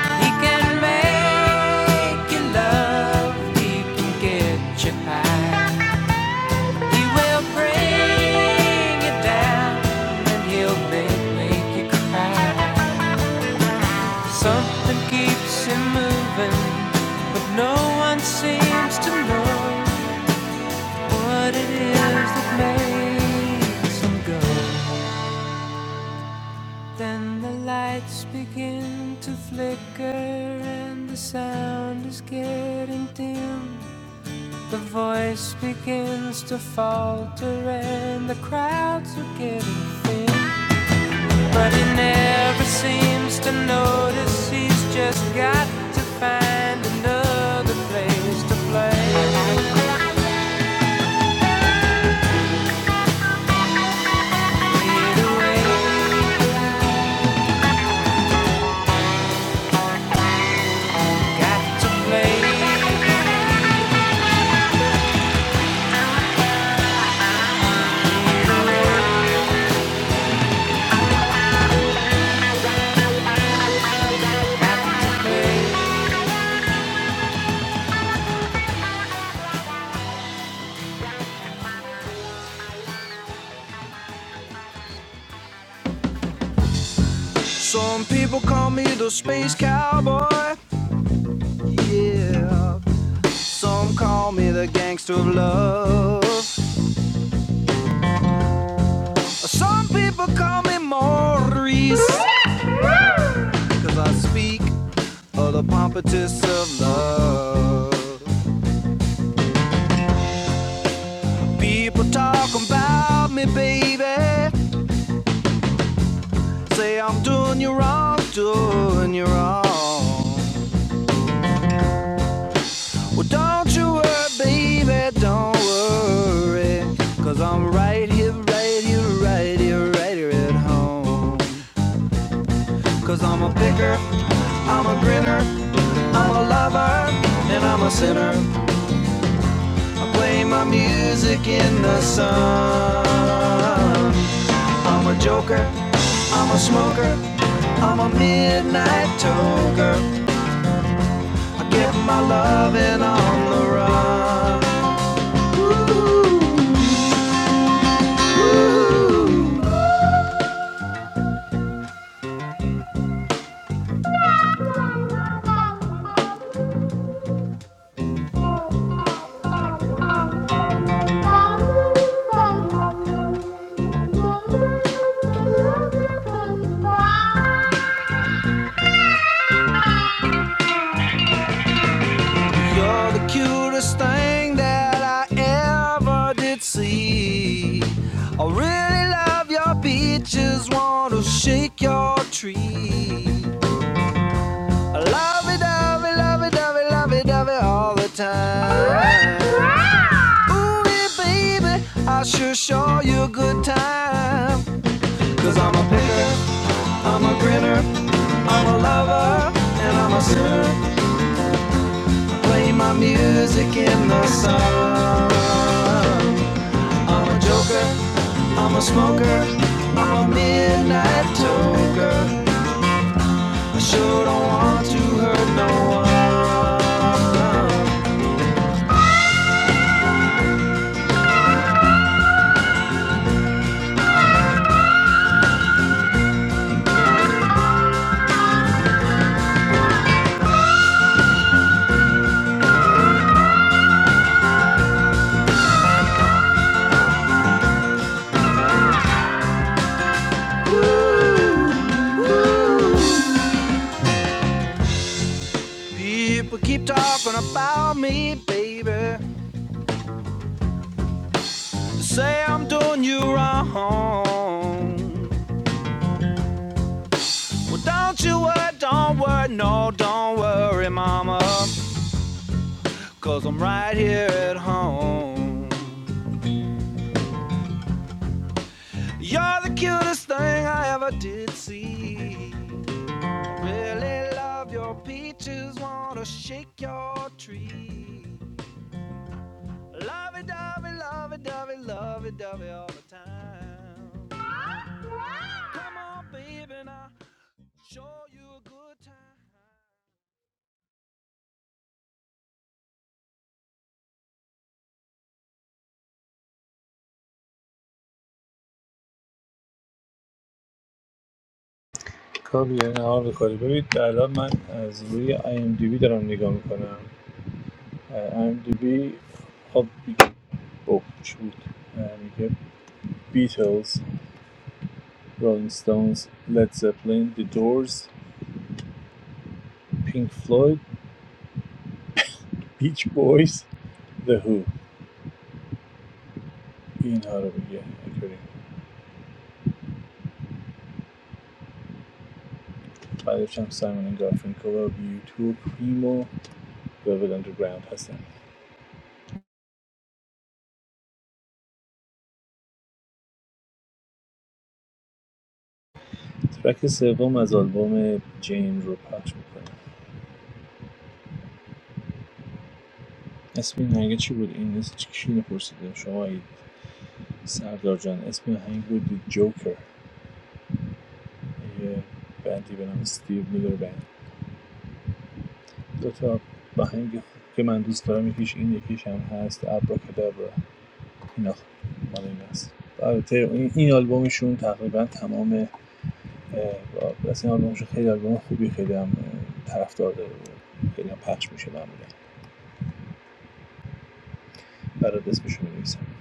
S1: He can make you love, he can get you high. He will bring you down and he'll make, make you cry. Something keeps him moving, but no one seems to know what it is that makes him go. Then the lights begin to flicker and the sound is getting dim. The voice begins to falter and the crowds are getting thin. But he never seems to notice he's just got to find another place to play. Either way, Some people call me the space cowboy. Yeah. Some call me the gangster of love. Some people call me Maurice, 'cause I speak of the pompous of love. People talk about me, baby. Say I'm doing you wrong, doing you wrong. Well, don't you worry, baby, don't worry. i I'm right here, right here, right here, right here at home. i I'm a picker, I'm a grinner, I'm a lover, and I'm a sinner. I play my music in the sun. I'm a joker, I'm a smoker, I'm a midnight toker. I get my loving on the run. Oh, the cutest thing that I ever did see. I really love your beaches, want to shake your tree. Lovey dovey, lovey dovey, lovey dovey all the time. Ooh, yeah, baby, I sure show you a good time. i I'm a picker, I'm a grinner, I'm a lover, and I'm a sinner. Play my music in the sun. I'm a joker, I'm a smoker, I'm a midnight toker. People keep talking about me, baby. They say I'm doing you wrong. Well, don't you worry, don't worry, no, don't worry, mama. i I'm right here at home. You're the cutest thing I ever did see. Really love your peaches, wanna shake your tree. Lovey dovey, lovey dovey, lovey dovey all the time. Come on, baby, and I'll show you a good time.
S2: کابیه نهار می‌خوری ببین الان من از روی IMDb دارم نگاه میکنم IMDb خب اوه چی بود اه، میگه بیتلز رولینگ ستونز لید زپلین دی دورز پینک فلوید بیچ بویز The Who اینها رو میگه اینطوری بعدش هم سایمون گارفینکل و یوتیوب پریمو و اندرگراوند هستن ترک سوم از آلبوم جین رو پخش میکنه اسم این آهنگ چی بود این نیست کی اینو پرسیده شما اید. سردار جان اسم آهنگ بود The یه بندی به نام استیو میلر بند دو تا آهنگ خوب که من دوست دارم یکیش این یکیش هم هست ابراکادابرا اینا خ- مال این است البته این, این آلبومشون تقریبا تمام اه، راست این آلبومشون خیلی آلبوم خوبی خیلی هم طرفدار داره و خیلی هم پخش میشه معمولا برای اسمشو می‌نویسم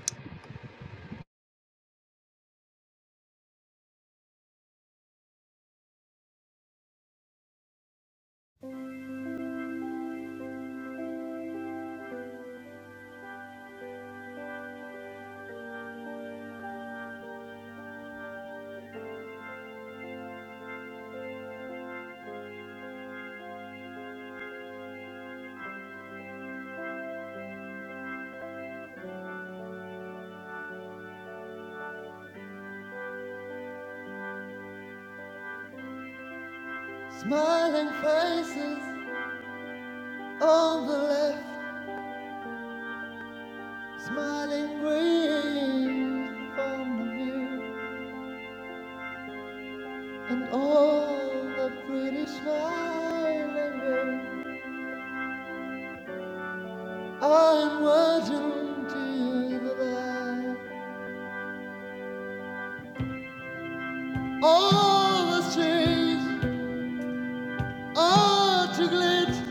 S1: Smiling green from the view, and all the pretty smiling girl. I'm watching to you the light. All the streets are to glitz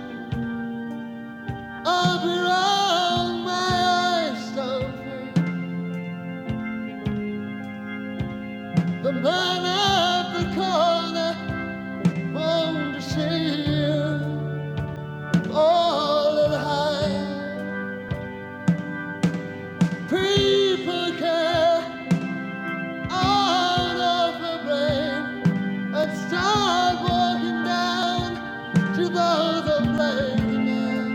S1: I'll be wrong, my eyes don't fit. The man at the corner won't deceive all of the high. People care out of the brain and start walking down to those that blame the man.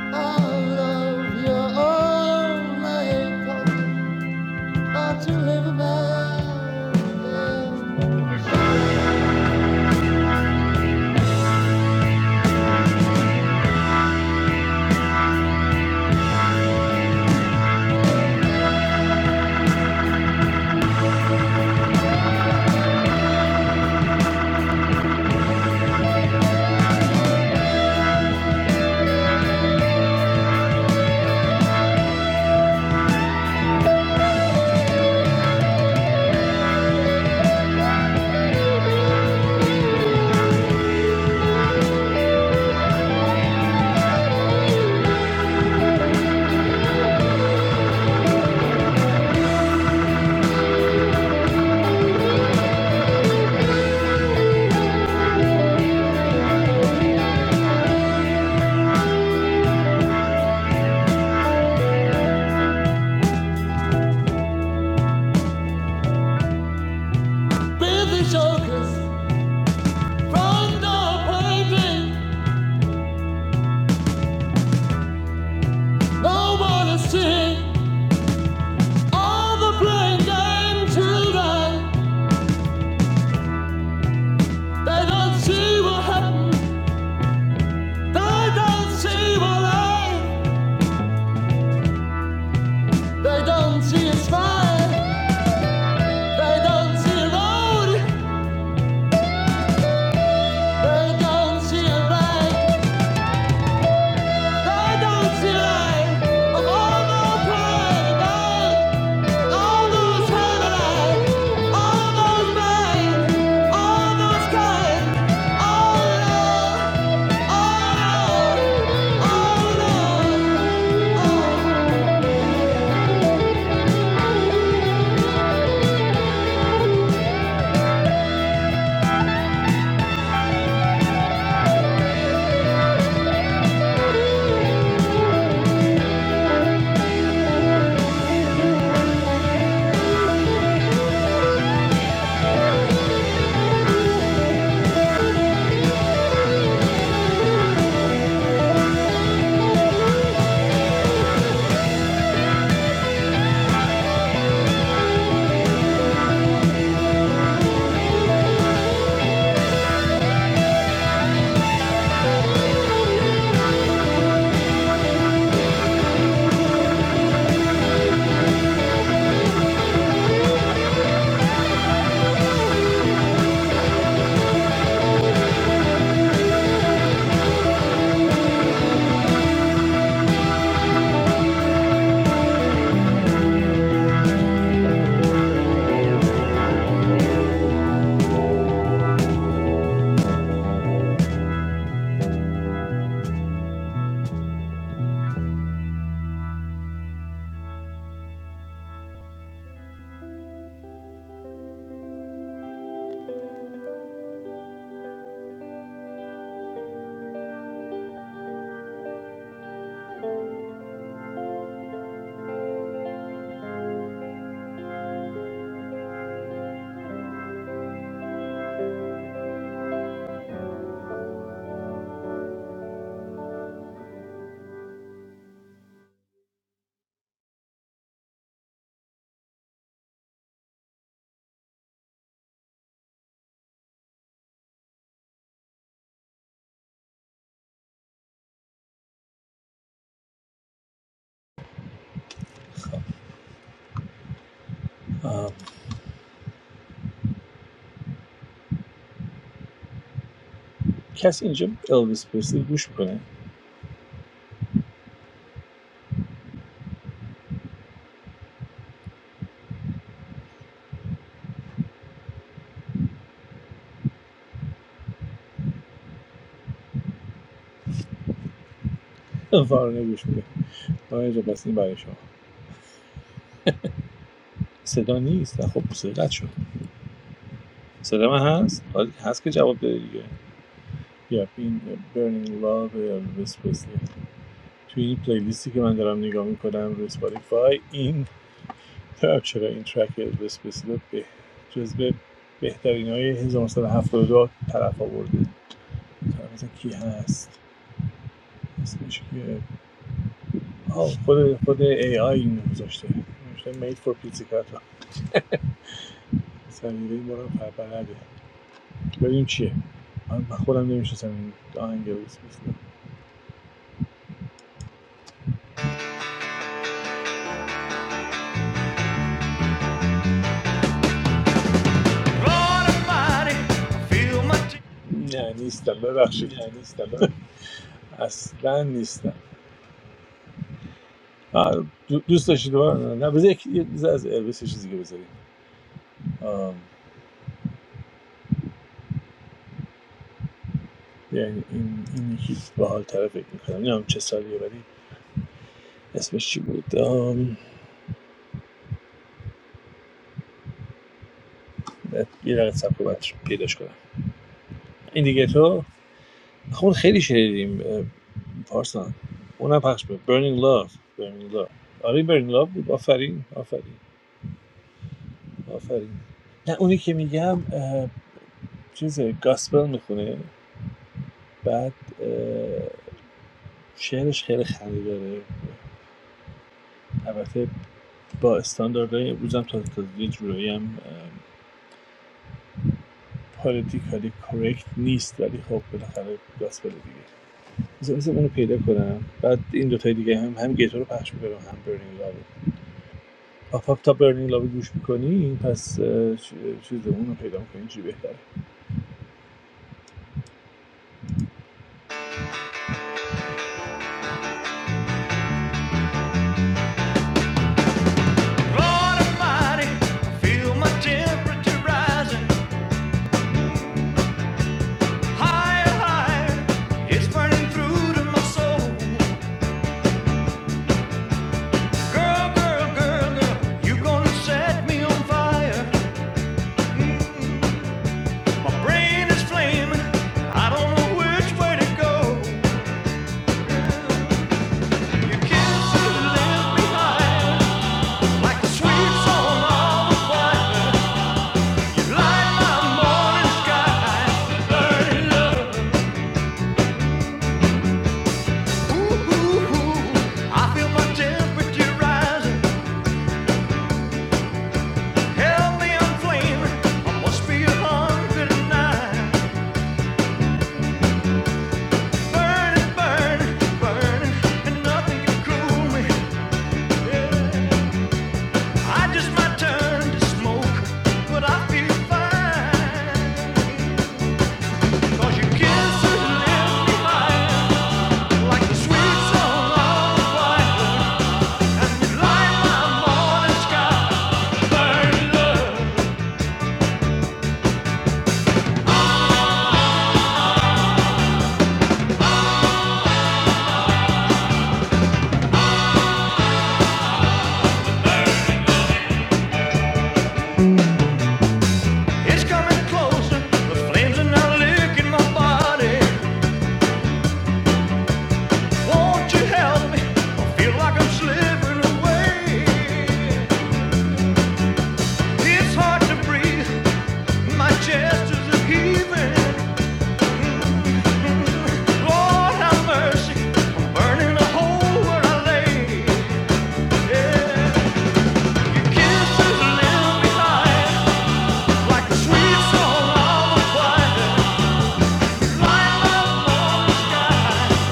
S1: Out of your own life, ought to live a man. I wanna see all the blind and children. They don't see what happened. They don't see what I. They don't see a smile. They don't see a road. They don't see a light.
S2: آم، کسی اینجا الویس پرسلی گوش میکنه وارنه گوش میده آره اینجا بس این برای شما صدا نیست نه، خب صدا شد صدا من هست آره، هست که جواب بده دیگه یا این برنینگ لاو الویس پرسلی توی این پلیلیستی که من دارم نگاه میکنم روی سپاتیفای این دارم چرا این ترک الویس پرسلی رو به جزو بهترین های 1972 طرف آورده طرف مثلا کی هست اسمش که آه، خود خود ای آی اینو گذاشته نوشته made for pizzicato سلیقه ما رو پرپرده ببینیم چیه من خودم نمیشناسم این آهنگ الویس پرسلی نه نیستم ببخشید اصلا نیستم آه، دو- دوست داشتید دوباره نه بذار یک یه بذار از الویس یه چیزی که بذاریم یعنی این این یکی باحال طرف فکر میکنم نمیدونم چه سالیه ولی اسمش چی بود یه دقیقه صبر کن، باید پیداش کنم این دیگه تو خب خیلی شنیدیم اه، پارسان اونم پخش بود Burning Love Burning Love آره Burning Love بود آفرین آفرین آفرین نه اونی که میگم چیز گاسپل میخونه بعد شعرش خیلی خریداره البته با استانداردهای امروز هم تازه تازه یه جورایی هم پالیتیکالی کرکت نیست ولی خب بالاخره گاسپل دیگه بذار بذار اونو پیدا کنم بعد این دو تای دیگه هم هم گیتو پخش میکنم هم برنینگ لاو آف آف تا برنینگ لاو گوش میکنی پس اه، چیز اونو پیدا میکنی چی بهتره
S1: Lord Almighty, I feel my temperature rising higher, higher. It's burning through to my soul. Girl, girl, girl, girl, you gonna set me on fire. My brain is flaming. I don't know which way to go. Your kisses left behind like the sweet song of a violin. You light my morning sky, burning up. Ooh, ooh, ooh. I feel my temperature rising, healthy and flaming. I must be a hungry night, burning, burning, burning, and nothing can cool me. Yeah. I just might turn to smoke, but I feel fine. 'Cause your kiss has left me high, like the sweet song of the choir. And you light my morning sky, burning love. It's coming closer, the flames are now licking my body. Won't you help me? I feel like I'm slipping away. It's hard to breathe, my chest is a heaving. Lord have mercy, burning a hole where I lay. Yeah. Your kisses live behind like a sweet song of a choir. Light up on the sky.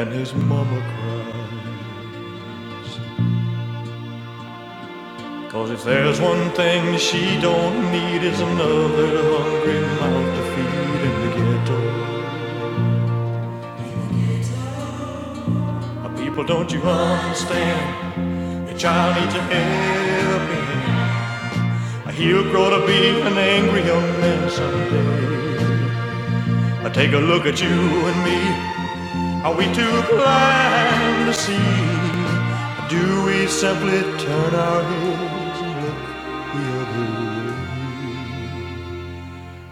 S1: And his mama cried. 'cause if there's one thing she don't need is another hungry mouth to feed in the ghetto. People, don't you understand? The child needs a helping hand. He'll grow to be an angry young man someday. Take a look at you and me. Are we too blind to see? Do we simply turn our heads and look the other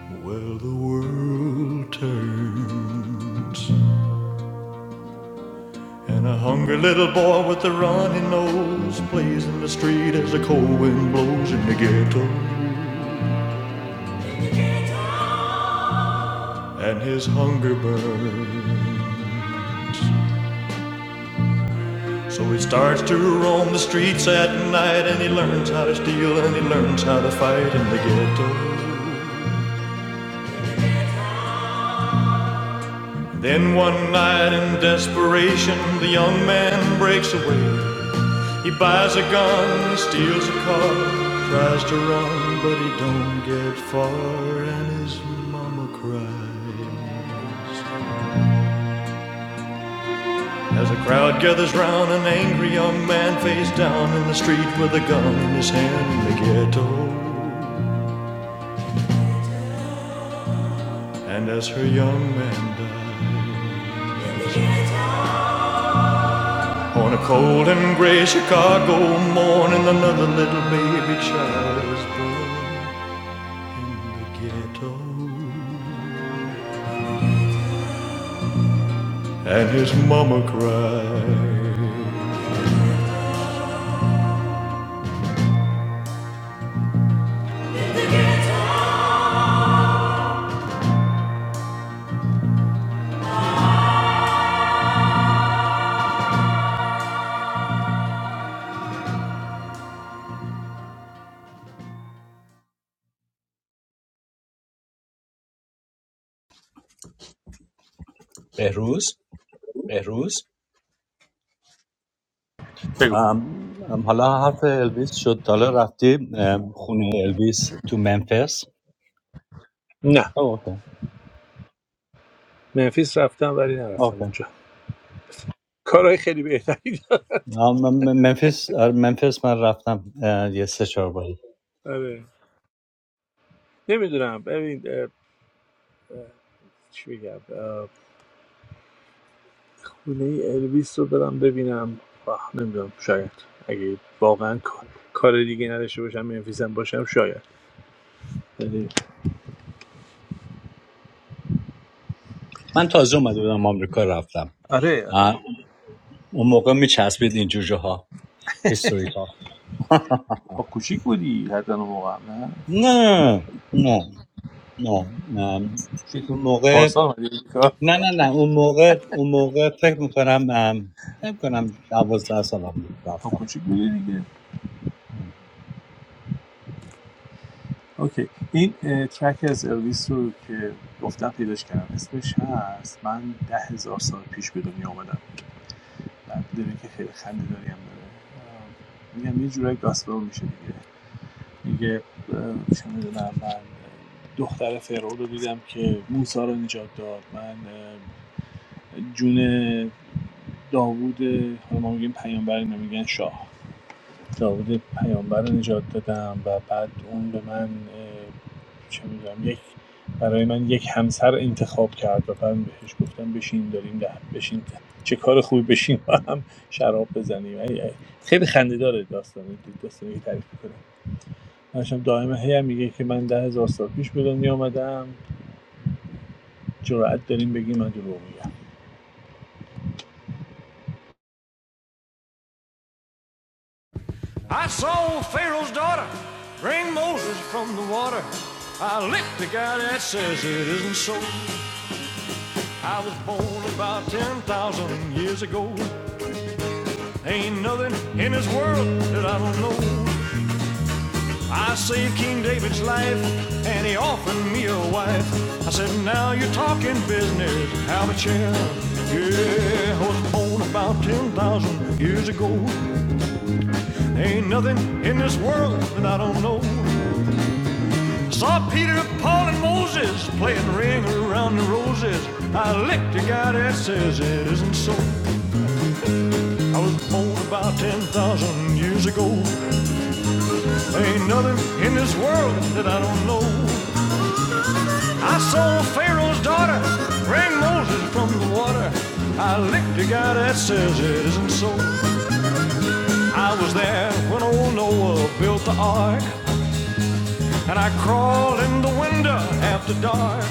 S1: way? Well, the world turns. And a hungry little boy with a runny nose plays in the street as the cold wind blows in the ghetto. And his hunger burns. So he starts to roam the streets at night and he learns how to steal and he learns how to fight in the ghetto. Then one night in desperation, the young man breaks away. He buys a gun, he steals a car, tries to run, but he don't get far and his mama cries. As a crowd gathers round an angry young man face down in the street with a gun in his hand in the ghetto. And as her young man died on a cold and gray Chicago morning, another little baby child was born in the ghetto. And his mama cried.
S3: بهروز
S2: بگو
S3: ام، ام، حالا حرف الویس شد تا حالا رفتی ام، خونه الویس تو منفس
S2: نه
S3: آه، اوکی
S2: منفیس رفتم ولی نرفتم
S3: اوکی
S2: اونجا کارهای خیلی بهتری داره.
S3: آه، من- من- منفس آره، منفس من رفتم اه، یه سه چهار باری
S2: آره نمیدونم ببین اه، اه، چی بگم خونه الویس رو برم ببینم آه، نمیدونم شاید اگه واقعا کا- کار دیگه نداشته باشم منفیسم باشم شاید ولی-
S3: من تازه اومده بودم آمریکا رفتم
S2: آره آره
S3: اون موقع میچسبید این جوجه ها هیستوریکال
S2: با کوچیک بودی حتی اون موقع نه
S3: نه نه نه نه
S2: چی؟
S3: اون موقع
S2: پارسال اومدی امریکا
S3: نه نه نه اون موقع اون موقع فکر میکنم فکر کنم دوازده سالم بود
S2: با
S3: رفتم
S2: کوچیک بودی دیگه اوکی این اه، ترک از الویس رو که گفتم پیداش کردم اسمش هست من ده هزار سال پیش به دنیا آمدم بعد داره که خیلی خنده داریم داره میگم یه جورایی گاسپل میشه دیگه میگه اه، چه میدونم من اه، دختر فرعون رو دیدم که موسی رو نجات داد من اه، جون داوود حالا ما میگیم پیامبر اینا میگن شاه داوود پیامبر رو نجات دادم و بعد اون به من اه، چه میدونم یک برای من یک همسر انتخاب کرد و من بهش گفتم بشین داریم ده بشین چه کار خوبی بشین و هم شراب بزنیم خیلی خنده داره داستان داستانی که تعریف می‌کنه. هرچند دائما هی میگه که من ده هزار سال پیش به دنیا آمدم جرأت داریم بگیم من دروغ میگم
S1: I saw Pharaoh's daughter bring Moses from the water. I licked the guy that says it isn't so. I was born about 10,000 years ago. Ain't nothing in this world that I don't know. I saved King David's life, and he offered me a wife. I said, now you're talking business, have a chair. Yeah, I was born about 10,000 years ago. There Ain't nothing in this world that I don't know. I Saw Peter, Paul, and Moses playing ring around the roses. I licked a guy that says it isn't so. I was born about 10,000 years ago. There Ain't nothing in this world that I don't know. I saw Pharaoh's daughter bring Moses from the water. I licked a guy that says it isn't so. I was there when old Noah built the ark, and I crawled in the window after dark.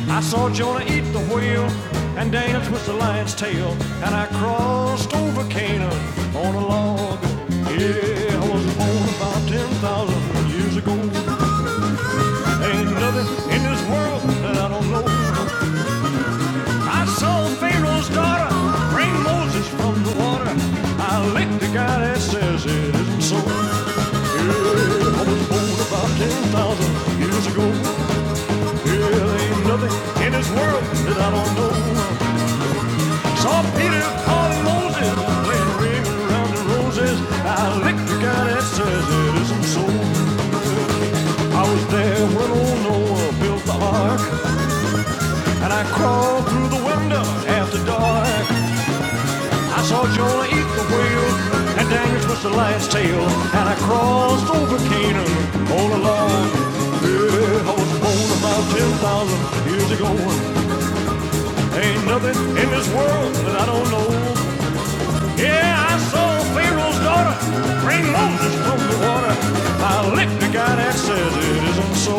S1: I saw Jonah eat the whale and dance with the lion's tail, and I crossed over Canaan on a log. Yeah, I was born about 10,000 years ago. Ain't nothing in this world that I don't know. I saw Pharaoh's daughter bring Moses from the water. I licked the guy that says it isn't so. I was born about 10,000 years ago. Yeah, there ain't nothing in this world that I don't know. Saw Peter, Paul, and Moses playing ring around the roses. I licked the guy that says it isn't so. I was there when old Noah built the ark, and I crawled through the window after dark. I saw Jonah eat the whale, and Daniel twist the lion's tail, and I crossed over Canaan all alone. Yeah, I was born about 10,000 years ago. Ain't nothing in this world that I don't know. Yeah, I saw Pharaoh's daughter bring Moses from the water. I licked the guy that says it isn't so.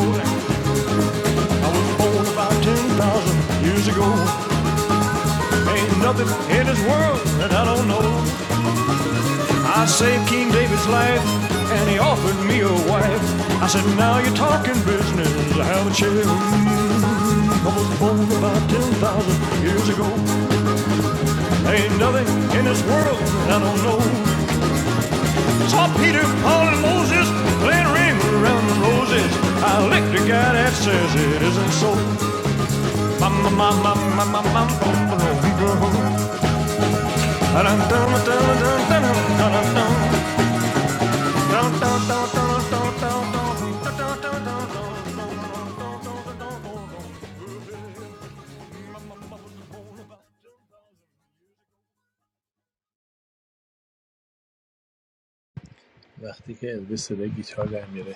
S1: I was born about 10,000 years ago. Ain't nothing in this world that I don't know. I saved King David's life, and he offered me a wife. I said, now you're talking business, have a chair. I was born about 10,000 years ago. There ain't nothing in this world that I don't know. Saw Peter, Paul, and Moses playing ring around the roses. I licked a guy that says it isn't so. Ma ma ma ma ma ma ma ma ma ma ma ma ma ma ma ma ma ma ma Down
S2: وقتی که الویس صدای گیتار در میاره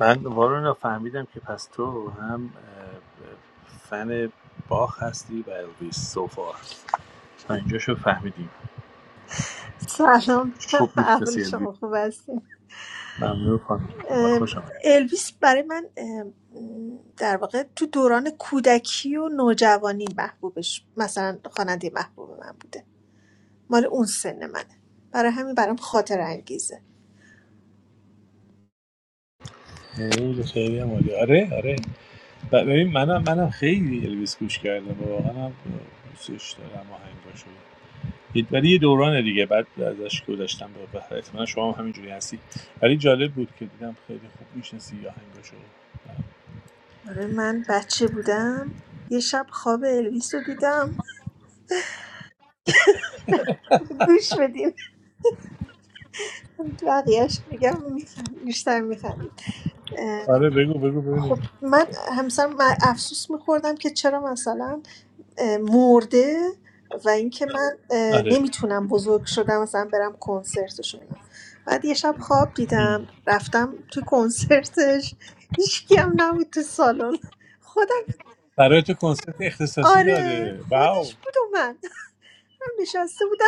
S2: من وارون فهمیدم که پس تو هم فن باخ هستی و الویس سوفار تا اینجاشو فهمیدیم
S4: سلام
S2: خوب
S4: احوال
S2: میشناسی الویس
S4: شما خوب هستیم
S2: ممنون خانم خوب خوش
S4: ام،
S2: آمد
S4: الویس برای من ام، در واقع تو دوران کودکی و نوجوانی محبوبش مثلا خواننده محبوب من بوده مال اون سن منه برای همین برام خاطر انگیزه
S2: خیلی خیلی هم عالی. آره آره ب- ببین منم منم خیلی الویس گوش کردم و واقعا هم دوستش دارم آهنگاشو دید. ولی یه دورانه دیگه بعد ازش گذاشتم به بهره احتمالا شما هم همینجوری هستی ولی جالب بود که دیدم خیلی خوب میشنسی آهنگاشو
S4: آره من بچه بودم یه شب خواب الویس رو دیدم گوش بدین بقیهش میگم می‌خند- بیشتر میخندید
S2: آره بگو بگو
S4: خب
S2: ببینیم
S4: من همسرم من افسوس میخوردم که چرا مثلا مرده و اینکه من اه،
S2: آره
S4: نمیتونم بزرگ شدم مثلا برم کنسرتش و اینا بعد یه شب خواب دیدم
S2: ام.
S4: رفتم تو کنسرتش هیچکی هم نبود تو سالن خودم
S2: برای تو کنسرت اختصاصی
S4: آره
S2: داده واو
S4: خودش بود و من نشسته بودم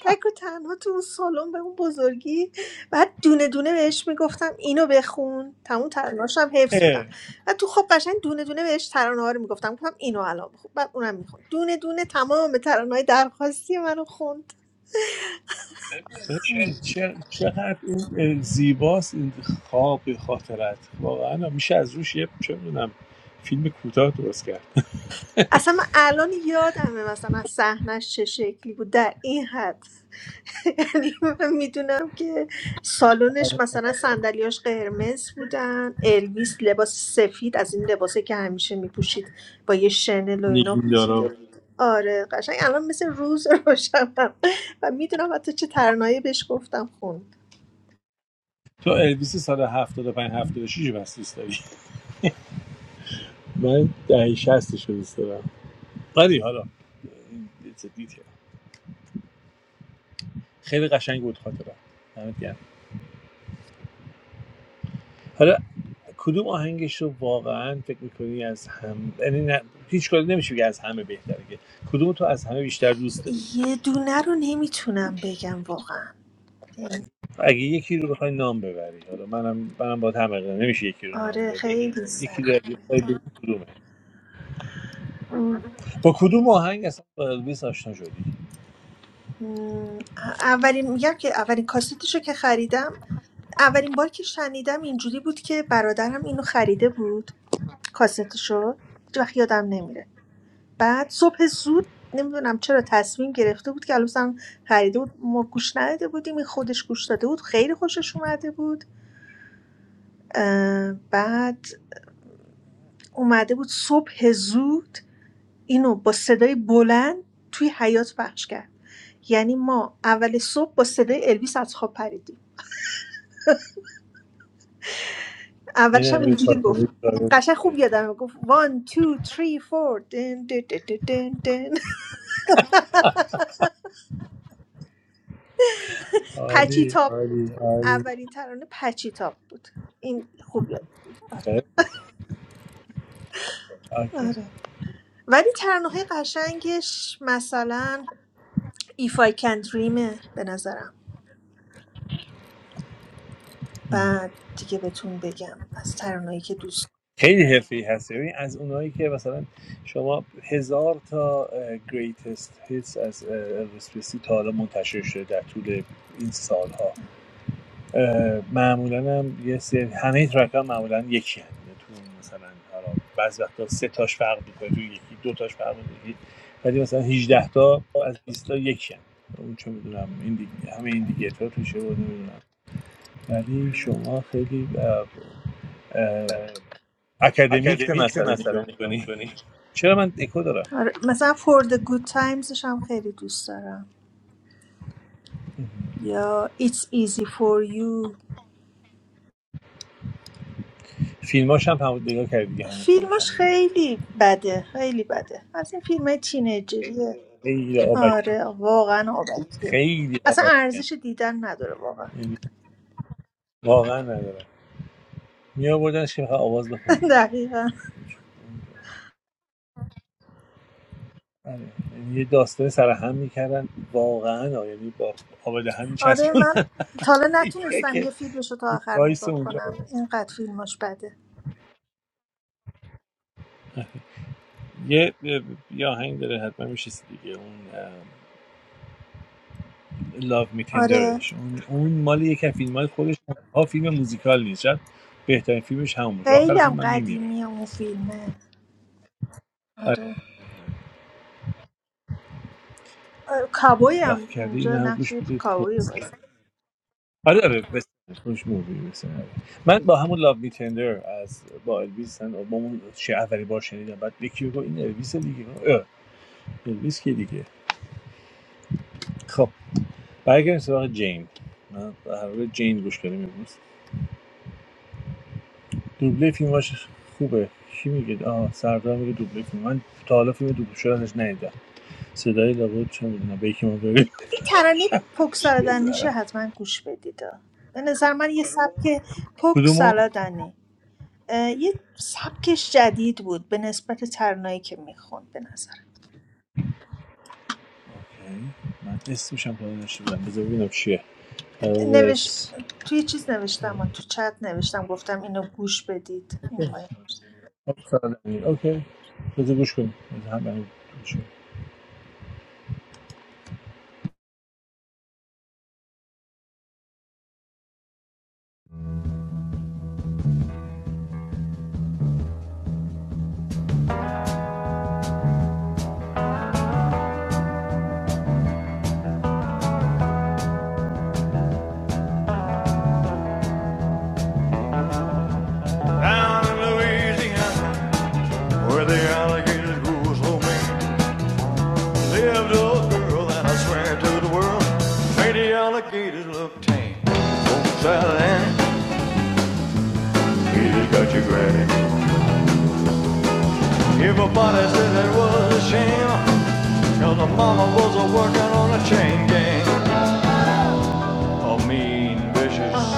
S4: تک و تنها تو اون سالن به اون بزرگی بعد دونه دونه بهش میگفتم اینو بخون تموم ترانه‌اش هم حفظ
S2: اه.
S4: بودم و تو خب قشنگ دونه دونه بهش ترانه ها رو میگفتم گفتم اینو الان بخون بعد اونم میخوند دونه دونه تمام ترانه های درخواستی منو خوند
S2: ببین چه- چقدر این اه، زیباست این خواب خاطرت واقعا میشه از روش یه چه میدونم فیلم کوتاه درست کرد
S4: اصلا من الان یادمه مثلا صحنش چه شکلی بود در این حد یعنی من میدونم که سالنش مثلا صندلیاش قرمز بودن الویس لباس سفید از این لباسه که همیشه میپوشید با یه شنل و اینا
S2: نگیندارا
S4: آره قشنگ الان مثل روز روشنم و میدونم حتی چه ترانه‌ای بهش گفتم خوند
S2: تو الویس سال 75 76 بس دوست داری من دهه 60 شو دوست دارم آره حالا it's a detail. خیلی قشنگ بود خاطرم دمت حالا کدوم آهنگش رو واقعا فکر میکنی از هم یعنی نه... هیچ کاری نمیشه بگه از همه بهتره که کدوم تو از همه بیشتر دوست داری
S4: یه دونه رو نمیتونم بگم واقعا
S2: اگه یکی رو بخوای نام ببری حالا منم منم با هم اقدام نمیشه یکی رو نام
S4: آره
S2: برد ولی
S4: خیلی
S2: یکی رو
S4: سخت
S2: اگه بخوای بگی کدومه با کدوم آهنگ اصلا با الویس آشنا شدی
S4: مم، اولین میگم که اولین کاستشو که خریدم اولین بار که شنیدم اینجوری بود که برادرم اینو خریده بود کاستشو هیچ وقت یادم نمیره بعد صبح زود نمیدونم چرا تصمیم گرفته بود که الان خریده بود ما گوش نداده بودیم این خودش گوش داده بود خیلی خوشش اومده بود بعد اومده بود صبح زود اینو با صدای بلند توی حیات پخش کرد یعنی ما اول صبح با صدای الویس از خواب پریدیم
S2: این
S4: اولش
S2: هم
S4: هم
S2: یه
S4: اینجوری گفت
S2: خاطره جالب
S4: قشنگ خوب
S2: دیگه.
S4: یادمه گفت وان تو تری فور دن دن دن دن دن دن. پچی
S2: عالی
S4: تاپ بود
S2: عالی عالی
S4: اولین ترانه پچی تاپ بود این خوب یادم آره
S2: خیلی. اوکی
S4: آره ولی ترانه قشنگش مثلا If I Can Dreamه به نظرم بعد دیگه بهتون بگم از ترانهایی که دوست دارم
S2: خیلی حرفی هستی ببین از اونایی که مثلا شما هزار تا گریتست هیتس از الویس تا حالا منتشر شده در طول این سالها اه، معمولا هم یه سری همه ترک ها معمولا یکی هم تو مثلا حالا بعض وقتا سه تاش فرق میکنه تو یکی دو تاش فرق میکنه ولی مثلا 18 تا از 20 تا یکی هم اون چه میدونم این دیگه همه این دیگه تو توشه بود نمیدونم ولی شما خیلی اه، اه، اکادمیک به مسئله نگاه می‌کنی چرا من دکو دارم
S4: آره، مثلا For the Good Timesش هم خیلی دوست دارم یا It's Easy For You
S2: فیلماش هم همون نگاه کردی دیگه همین فیلماش هم
S4: فیلمش
S2: دیگه
S4: خیلی بده خیلی بده از این فیلم های تینیجریه
S2: خیلی آبکی
S4: آره واقعا آبکیه
S2: خیلی
S4: اصلا
S2: آبکی
S4: ارزش دیدن نداره واقعا
S2: واقعا ندارم می آوردنش که بخواد آواز بخونه دیگه
S4: دقیقا
S2: آره. یعنی یه داستان سر هم میکردن واقعا آه. یعنی با آب دهن
S4: آره
S2: میچسبون
S4: من تا حالا
S2: یکی
S4: نتونستم
S2: که
S4: یه فیلمش رو تا آخر
S2: وایس
S4: نگاه
S2: اونجا
S4: کنم اینقدر فیلمش بده
S2: یه یه آهنگ داره حتما میشیسی دیگه اون لاو می
S4: آره
S2: تندرش اون اون مال یکی از فیلم های خودش ها فیلم موزیکال نیست شاید بهترین فیلمش همون باشه
S4: خیلی
S2: آخر فیلم
S4: هم
S2: من میمیره
S4: قدیمی اون فیلمه
S2: آره
S4: آره کابوی هم
S2: وقت کردی این
S4: اونجا
S2: هم
S4: نقش
S2: گوش بدید
S4: کابوی
S2: پست
S4: بازی
S2: آره خوش مووی مثلا من با همون لاو می تندر از با الویس هم- با اون چه اولی بار شنیدم بعد یکی گفت این الویس دیگه اه، الویس که دیگه خب برگردیم سراغ جین من در مورد جین گوش کردم امروز دوبله فیلماش خوبه چی میگه آه سردار میگه دوبله فیلم من تا حالا فیلم دوبله شده ازش ندیدم صدای لابد چه میدونم به یکی ما ببین
S4: این ترانه پک سالادنیشو
S2: میذاره
S4: حتما گوش بدید به نظر من یه سبک پک
S2: کدومو
S4: سالادنی اه، یه سبکش جدید بود به نسبت ترانه‌ای که میخوند به نظر
S2: اوکی. من اسمش هم تا حالا نشده بودم. بذار ببینم چیه
S4: نوش...
S2: Elvis
S4: توی چیز نوشتم من تو چت نوشتم گفتم اینو گوش بدید اون پایین
S2: اوکی بذار گوش کنیم بذار هم هم گوش کنیم.
S1: in Louisiana, where the alligators grew so mean, lived a little girl, and I swear to the world, made the alligators look tame. Oh, Sally Ann, you just got your granny. Everybody said that was a shame, cause the mama was a working on a chain gang. A mean, vicious,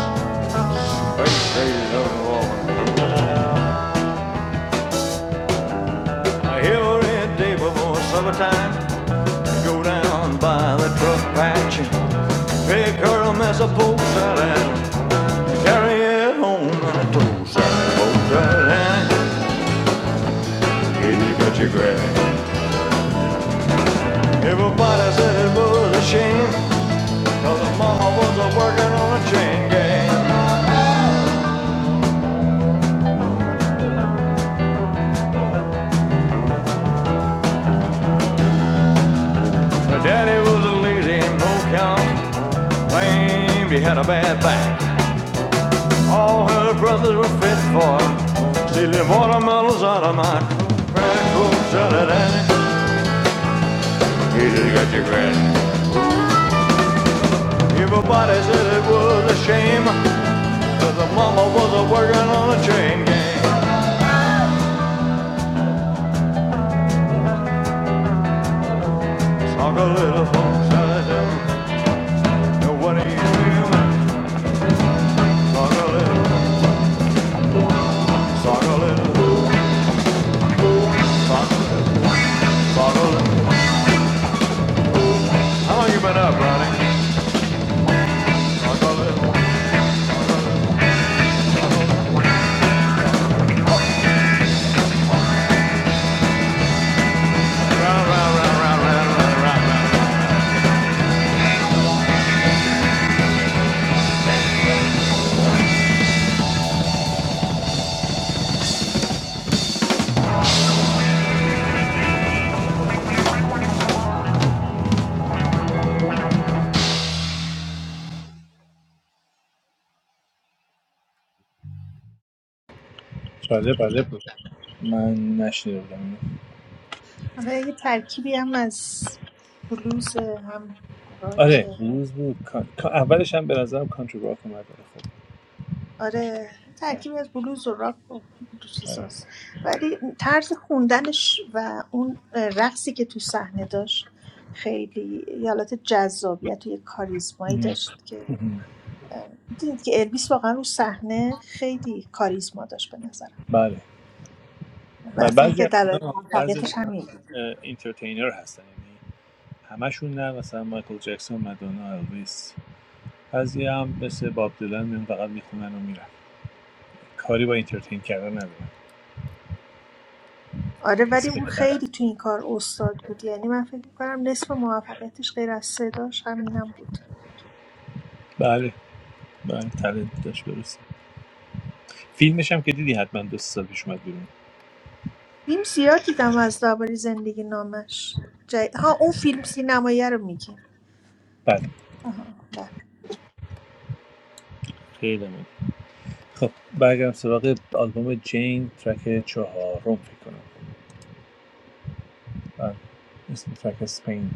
S1: fake crazy little woman. Every day before summertime, I go down by the truck patch and pick her a mess of post out and carry it home on a toast out post out and get your country grass. Everybody said it was a shame, cause her mama was a working on a chain gang. Her daddy was a lazy and no count, claimed he had a bad back. All her brothers were fit for stealing watermelons out of my crack cool salad and he just got your granny. Everybody said it was a shame, cause the mama was a working on a chain gang. Sock a little folks out of nobody is human. Sock a little, sock a little, sock a little, sock a little. How long you been up, Ronnie? Sock a little. Round, round, round, round, round, round, round, round.
S2: جالب بود من نشنیده بودم اینو.
S4: حالا یه ترکیبی هم از بلوز هم
S2: آره
S4: راک
S2: بلوز بود کان... کان- اولش هم به نظرم کانتری راک اومد ولی خب
S4: آره
S2: آره،
S4: ترکیب از بلوز و راک و دو
S2: آره.
S4: چیزاست ولی طرز خوندنش و اون رقصی که تو صحنه داشت خیلی یه حالت جذابیت و یه کاریزمایی
S2: مم.
S4: داشت که
S2: مم.
S4: دیدید که الویس واقعا رو صحنه خیلی کاریزما داشت به نظرم
S2: بله
S4: و
S2: و
S4: اصلا
S2: بعضی
S4: اینکه
S2: از
S4: دلایل
S2: اینا بعضی از
S4: موفقیتش
S2: اینا
S4: همین بود
S2: اینترتینر هستن یعنی همشون نه مثلا مایکل جکسون مدونا الویس بعضی هم مثل باب دلن میان فقط میخونن و میرن کاری با اینترتین کردن ندارن
S4: آره ولی اون
S2: اسپکتر
S4: خیلی تو این کار استاد بود یعنی من فکر میکنم نصف موفقیتش غیر از صداش همینم بود
S2: بله بله تلنت داشت فیلمش هم که دیدی حتما دو سه سال پیش اومد بیرون
S4: فیلم زیاد دیدم از درباره زندگی نامش جای... ها اون فیلم سینمایی رو میگی
S2: بله
S4: آها، بله.
S2: خیلی ممنون. خب برگردم سراغ آلبوم جین ترک چهارم فکر کنم بله اسم ترک اسپین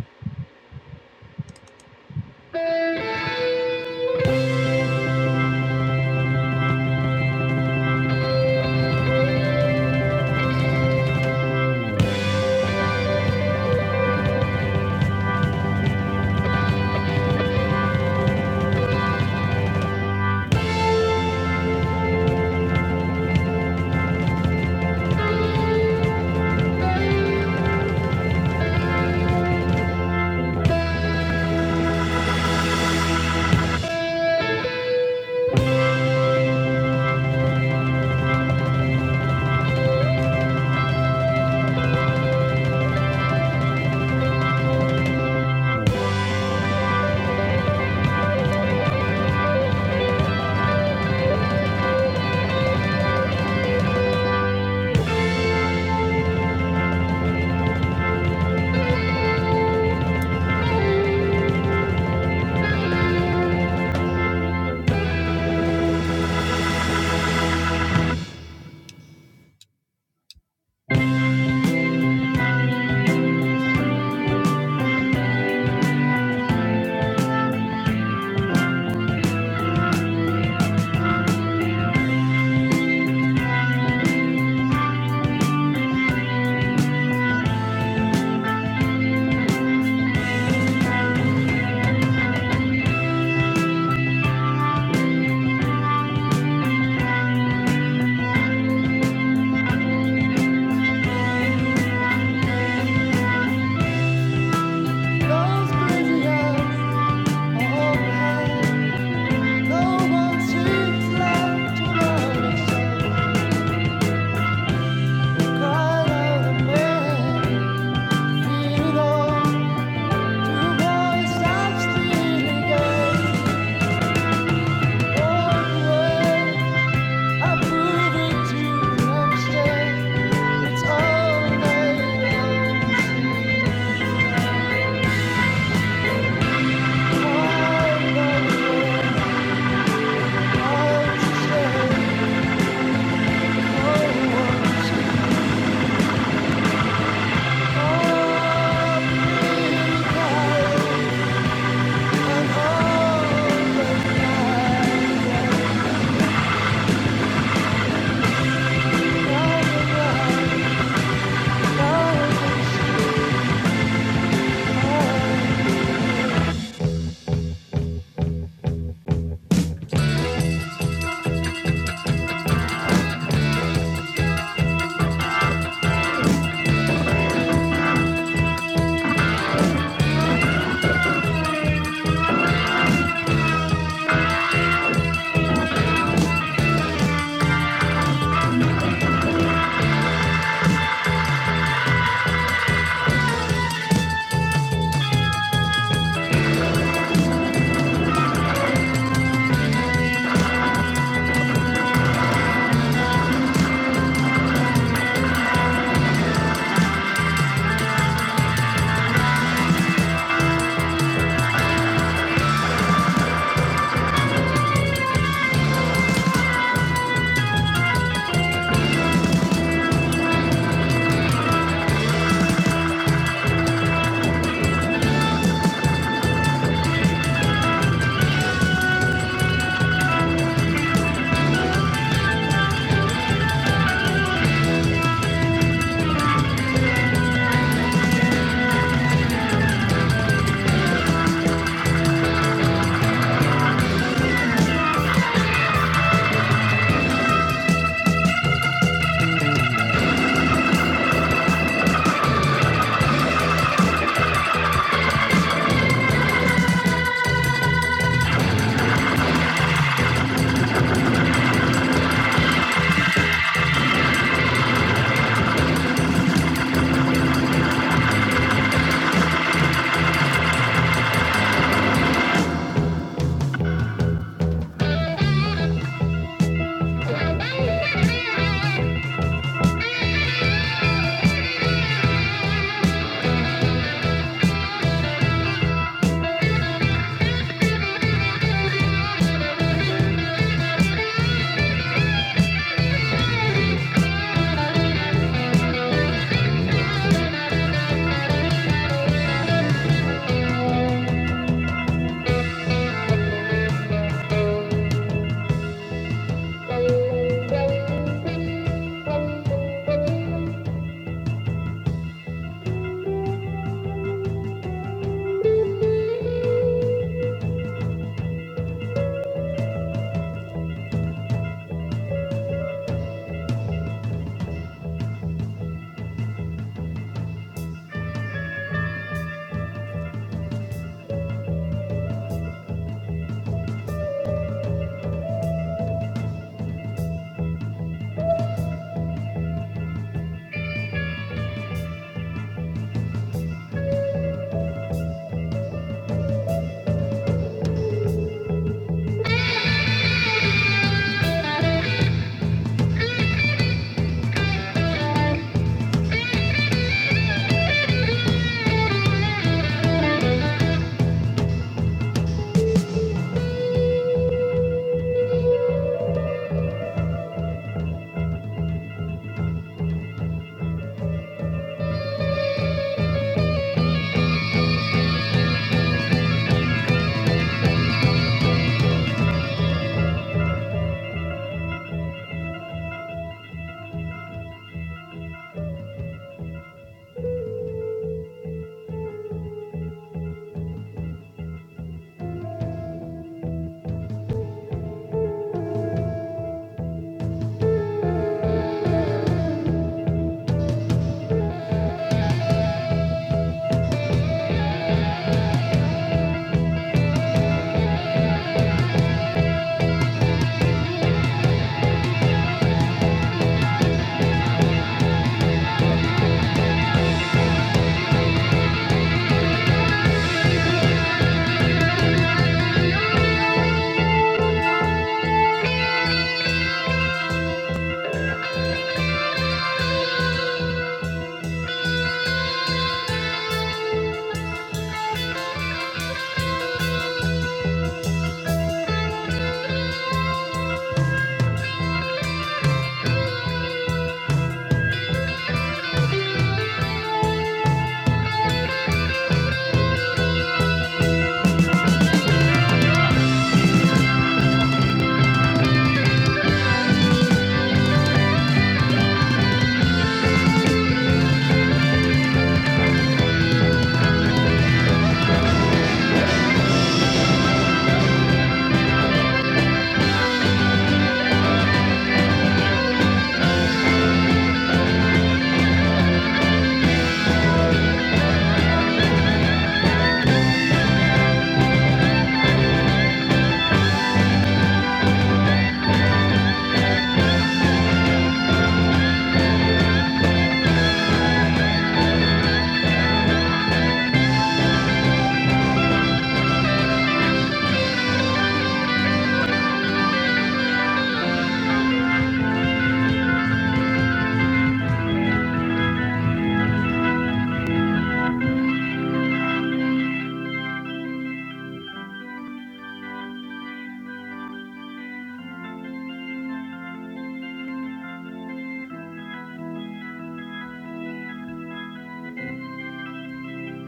S1: Those crazy eyes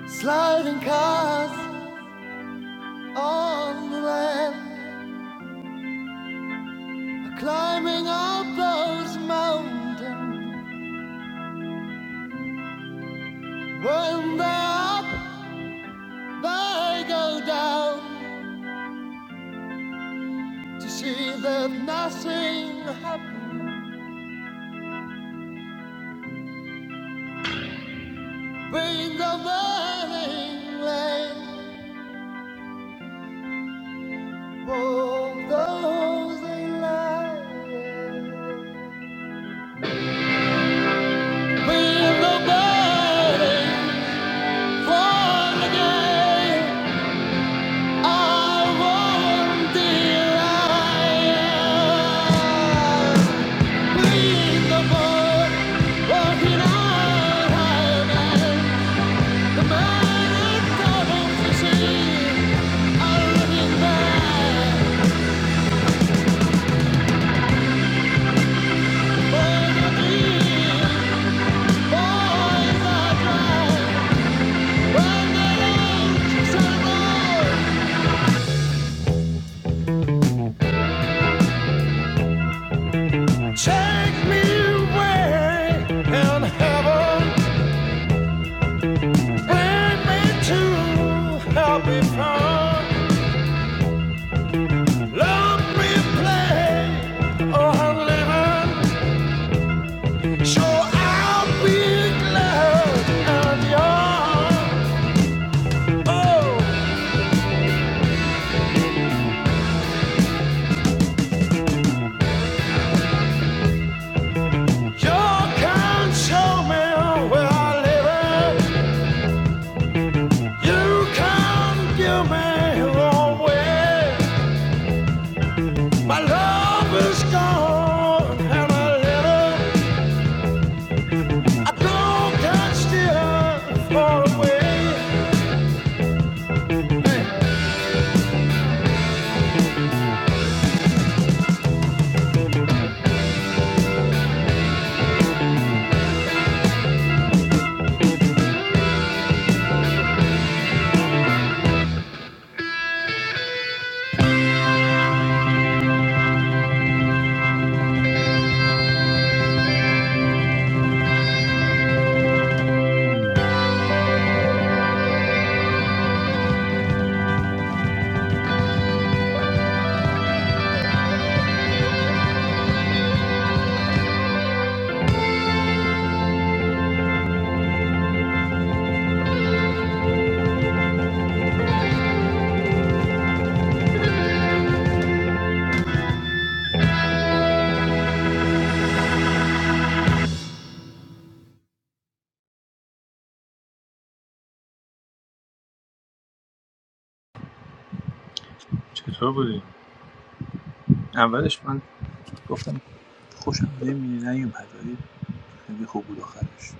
S1: Sliding cars on the land. Climbing up those mountains, when they're up, they go down to see that nothing brings the burning rain. Oh, those who have been found, lonely place, oh, I'm living, so I'll be glad and young. Oh, You can show me where I live. You can give me wrong way. My love is gone and I let it. I don't can steer far away.
S2: چطور بودی؟ اولش من گفتم خوشم نمیاد نیومد ولی خیلی خوب بود آخرش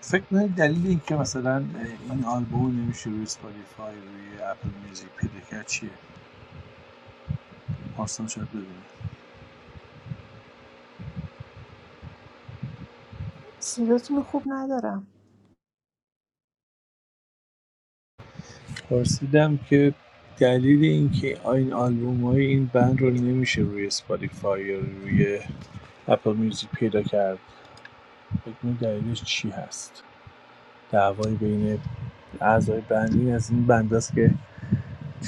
S2: فکر کنید دلیل اینکه مثلا این آلبوم نمیشه روی سپاتیفای روی اپل میوزیک پیدا کرد چیه؟ پارسان شاید بدونه
S4: صداتون رو خوب ندارم
S2: پرسیدم که دلیل اینکه این آلبومای این بند رو نمیشه روی اسپاتیفای یا روی اپل میوزیک پیدا کرد بگم دلیلش چی هست دعوای بین اعضای بند این از این بند است که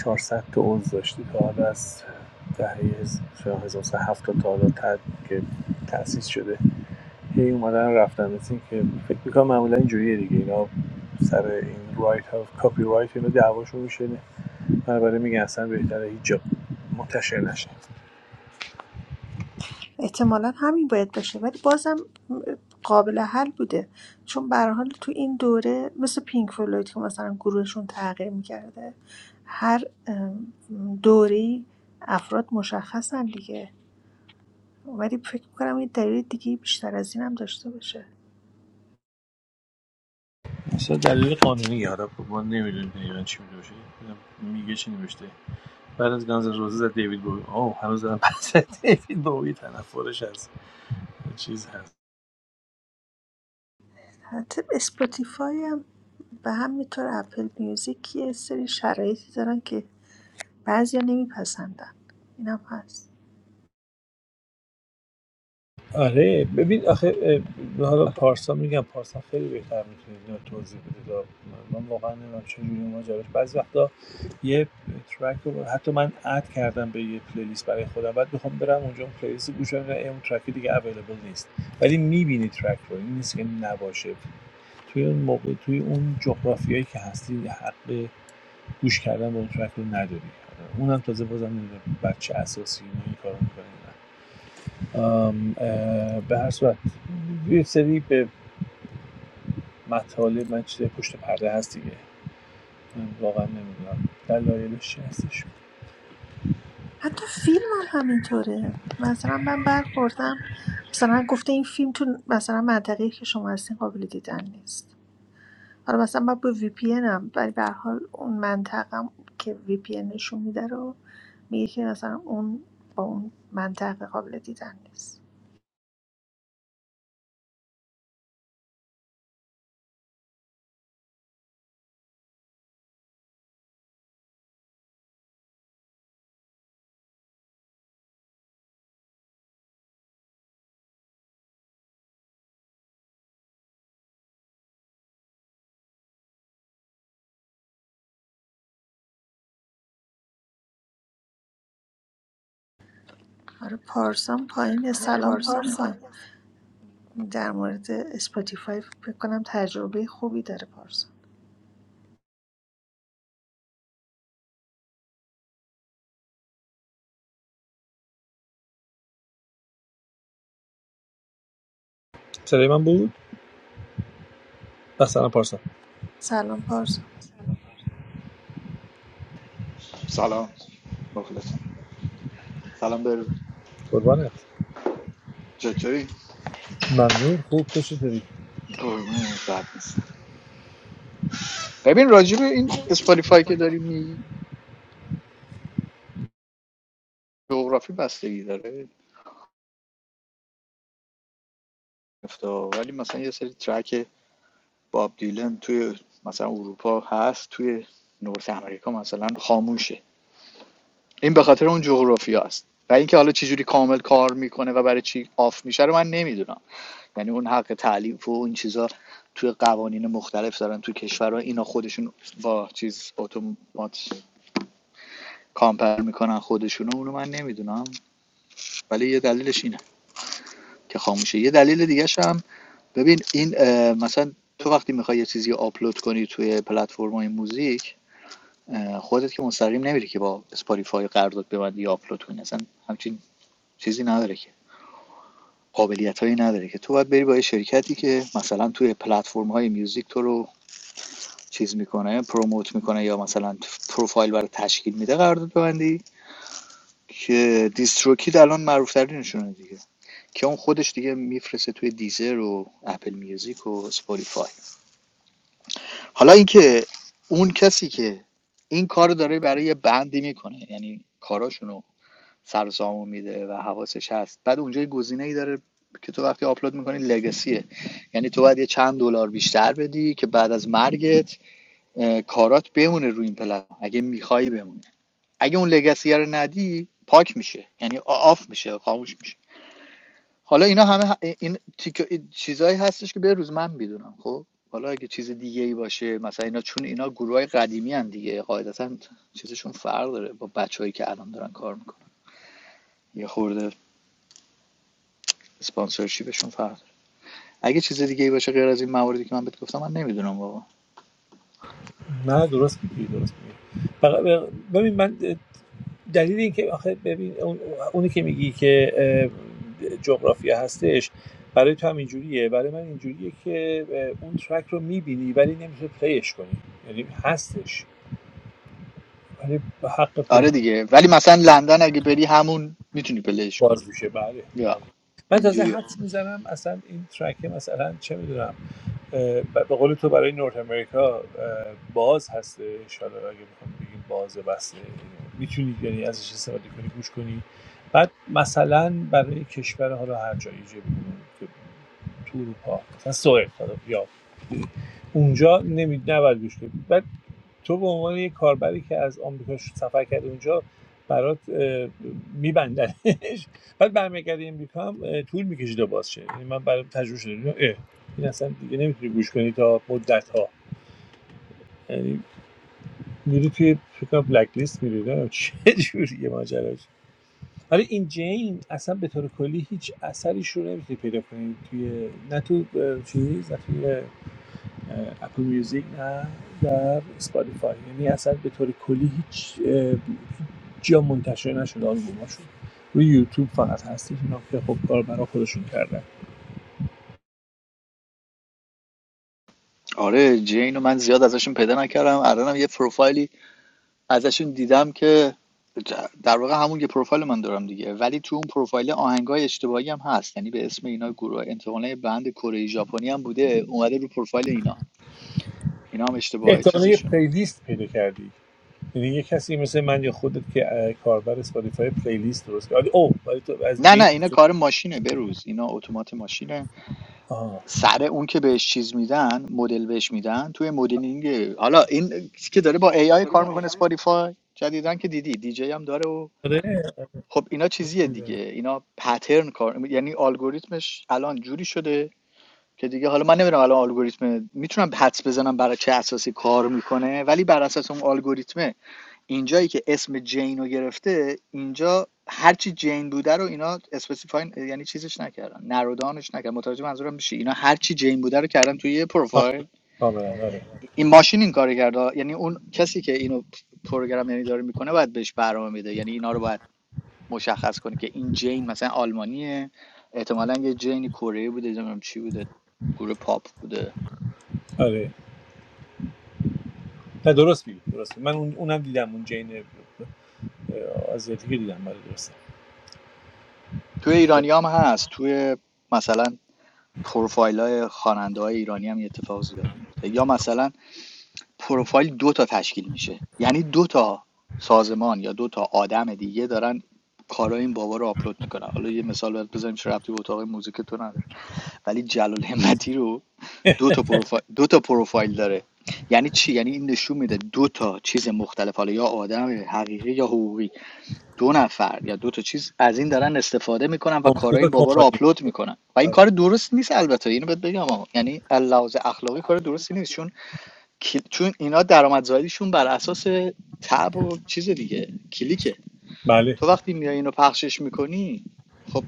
S2: 400 تا عضو داشته تا حالا از دهه هز- شاید 1970 تا حالا تد که تأسیس شده هی اومدن رفتن مثل که فکر میکنم معمولا اینجوریه دیگه اینا سر این رایت ها کپی رایت اینا دعواشون میشه پرونده میگه اصلا بهتره هیچ جا منتشر نشه
S4: احتمالا همین باید باشه ولی بازم قابل حل بوده چون به هر حال تو این دوره مثل پینک فلوید که مثلا گروهشون تغییر میکرده هر دوری افراد مشخصن دیگه ولی فکر میکنم این دلیل دیگه بیشتر از این هم داشته باشه
S2: اصلا دلیل قانونی حالا ما نمیدونیم دقیقا چی میگه باشه ببینم میگه چی نوشته بعد از گانز روزه زد دیوید بوی اوه هنوز دارم پس دیوید بوی تنفرش از چیز هست
S4: البته اسپاتیفای هم و همینطور اپل میوزیک یه سری شرایطی دارن که بعضیا نمیپسندن اینم هست
S2: آره ببین آخه اه، حالا پارسا میگم پارسا خیلی بهتر میتونه اینو توضیح بده دا من, من واقعا نمیدونم چجوری ماجراش بعضی وقتا یه ترک رو حتی من اد کردم به یه پلیلیست برای خودم بعد میخوام برم اونجا اون پلیلیست گوش بدم می‌بینم اون ترک دیگه اویلیبل نیست ولی میبینی ترک رو این نیست که نباشه توی اون موقع توی اون جغرافیایی که هستی حق گوش کردن به اون ترک رو نداری آره، اونم تازه بازم نمیدونم بچه اساسی این کارو میکنه به هر صورت یه سری به مطالب من چیزای پشت پرده هست دیگه من واقعا نمیدونم دلایلش چی هستش
S4: حتی فیلم هم همینطوره مثلا من برخوردم مثلا گفته این فیلم تو مثلا منطقه‌ای که شما هستین قابل دیدن نیست حالا مثلا من با وی پی ان هم ولی به هر حال اون منطقم که وی پی ان نشون میده رو میگه که مثلا اون با اون منطقه قابل دیدن نیست آره پارسان پایین سلام پارسان در مورد اسپاتیفای فکر کنم تجربه خوبی داره پارسا
S2: صدای من بود مثلا پارسا
S4: سلام پارسا
S5: سلام مخلصم سلام به
S2: قربانت
S5: چطوری
S2: ممنون خوب تو چطوری
S5: قربون ساعت نیست ببین راجع به این اسپاتیفای که داری میگی جغرافی بستگی داره گفتا. ولی مثلا یه سری ترک باب دیلن توی مثلا اروپا هست توی نورس امریکا مثلا خاموشه این به خاطر اون جغرافی هست و اینکه حالا چجوری کامل کار میکنه و برای چی آف میشه رو من نمیدونم یعنی اون حق تعلیف و این چیزا توی قوانین مختلف دارن توی کشورها اینا خودشون با چیز اتومات کامپر میکنن خودشونو اونو من نمیدونم ولی یه دلیلش اینه که خاموشه یه دلیل دیگه هم ببین این مثلا تو وقتی میخوای یه چیزی آپلود کنی توی پلتفرم های موزیک خودت که مستقیم نمیری که با اسپاتیفای قرارداد ببندی آپلود کنی اصلا همچین چیزی نداره که قابلیتایی هایی نداره که تو باید بری با یه شرکتی که مثلا توی پلتفرم های میوزیک تو رو چیز میکنه پروموت میکنه یا مثلا پروفایل برای تشکیل میده قرارداد ببندی که دیستروکید الان معروف ترینشونه دیگه که اون خودش دیگه میفرسته توی دیزر و اپل میوزیک و اسپاتیفای حالا اینکه اون کسی که این کار داره برای یه بندی میکنه یعنی کاراشونو سرسامو میده و حواسش هست بعد اونجا یه گزینه داره که تو وقتی آپلود میکنی لگاسیه، یعنی تو باید یه چند دلار بیشتر بدی که بعد از مرگت کارات بمونه روی این پلتفرم اگه میخوای بمونه اگه اون لگسیه رو ندی پاک میشه یعنی آف میشه خاموش میشه حالا اینا همه این تیک- چیزایی هستش که به روز من میدونم خب حالا اگه چیز دیگه ای باشه مثلا اینا چون اینا گروه قدیمی هم دیگه قاعدتا چیزشون فرق داره با بچههایی که الان دارن کار میکنن یه خورده اسپانسرشیپشون فرق داره اگه چیز دیگه ای باشه غیر از این مواردی که من بهت گفتم من نمیدونم واقعا
S2: نه درست میگی درست میگی ببین من دلیل این که آخه ببین اون- اونی که میگی که جغرافیا هستش برای تو هم اینجوریه برای من اینجوریه که اون ترک رو میبینی ولی نمیشه پلیش کنی یعنی هستش ولی به حق پلی
S5: آره دیگه ولی مثلا لندن اگه بری همون میتونی پلیش
S2: باز
S5: کنی
S2: میشه بله بله
S5: یا
S2: من تازه
S5: اینجوریه
S2: حدس میزنم اصلا این ترکه مثلا چه میدونم اه، به قول تو برای نورت امریکا باز هست انشالله اگه بخوام بگیم باز بسته میتونی یعنی ازش استفاده کنی گوش کنی بعد مثلا برای کشور حالا هر جایی چه می‌دونم که تو اروپا مثلا سوئد یا اونجا نمی نباید گوش کنی بعد تو به عنوان یه کاربری که از آمریکا ش- سفر کرده اونجا برات میبندنش بعد برمیگردی امریکا هم طول میکشه تا باز شه یعنی من برام تجربه شده دیدم، اه، این اصلا دیگه نمیتونی گوش کنی تا مدت ها یعنی میری توی فکر کنم بلک لیست میری نمیدونم چه جوریه ماجراش ولی این جین اصلا به طور کلی هیچ اثریش رو نمیتونی پیدا کنی توی نه تو اه، چیز نه توی اپل میوزیک نه در اسپاتیفای یعنی اصلا به طور کلی هیچ جا منتشر نشد آلبوماشون روی یوتیوب فقط هستش اینا که خب کار برای خودشون کردن
S5: آره جین رو من زیاد ازشون پیدا نکردم الانم یه پروفایلی ازشون دیدم که ج- در واقع همون که پروفایل من دارم دیگه ولی تو اون پروفایل آهنگای اشتباهی هم هست یعنی به اسم اینا گروه انتقاله بند کره ژاپنی هم بوده اومده رو پروفایل اینا اینا هم اشتباه
S2: احتمالا یه
S5: چیزشونه
S2: پلیلیست پیدا کردی یعنی یه کسی مثل من یا خودت که اه، کاربر اسپاتیفای پلیلیست درست کرد او ولی تو از
S5: نه نه
S2: جین.
S5: اینا کار ماشینه بروز اینا اتومات ماشینه
S2: آه
S5: سر اون که بهش چیز میدن مدل بهش میدن توی مدلینگ حالا این که داره با AI کار میکنه اسپاتیفای جدیدن که دیدی دیجی هم داره و
S2: آره
S5: خب اینا چیزیه دیگه اینا پترن کار یعنی الگوریتمش الان جوری شده که دیگه حالا من نمیدونم الان الگوریتم میتونم حدس بزنم برای چه اساسی کار میکنه ولی بر اساس اون الگوریتم اینجایی که اسم جین رو گرفته اینجا هرچی جین بوده رو اینا اسپسیفاین یعنی چیزش نکردن نرودانش نکردن متوجه منظورم میشه اینا هرچی جین بوده رو کردن توی یه
S2: آه،
S5: پروفایل
S2: کاملا آره
S5: این ماشین این کارو کرده یعنی اون کسی که اینو پروگرام یعنی داره میکنه باید بهش برنامه میده یعنی اینا رو باید مشخص کنه که این جین مثلا آلمانیه احتمالاً یه جینی کره بوده نمیدونم چی بوده گروه پاپ بوده
S2: آره نه درست میگی درست من اون- اونم دیدم اون جین از آزادی دیدم برای درست
S5: توی ایرانی هم هست توی مثلا پروفایل های خواننده های ایرانی هم یه اتفاق زیاد میفته یا مثلا پروفایل دو تا تشکیل میشه یعنی دو تا سازمان یا دو تا آدم دیگه دارن کارای این بابا رو آپلود میکنن حالا یه مثال برات بزنیم چه ربطی به اتاق موزیک تو نداره ولی جلال همتی رو دو تا پروفایل دو تا پروفایل داره یعنی چی یعنی این نشون میده دو تا چیز مختلف حالا یا آدم حقیقی یا حقوقی دو نفر یا دو تا چیز از این دارن استفاده میکنن و کارهای
S2: کامپیوتر
S5: این بابا رو
S2: کمپانی
S5: آپلود میکنن و این کار
S2: آره
S5: درست نیست البته اینو بهت بگم آقا. یعنی لحاظ اخلاقی کار درستی نیست چون چون اینا درآمدزاییشون بر اساس تب و چیز دیگه کلیکه
S2: بله
S5: تو وقتی میای اینو پخشش میکنی خب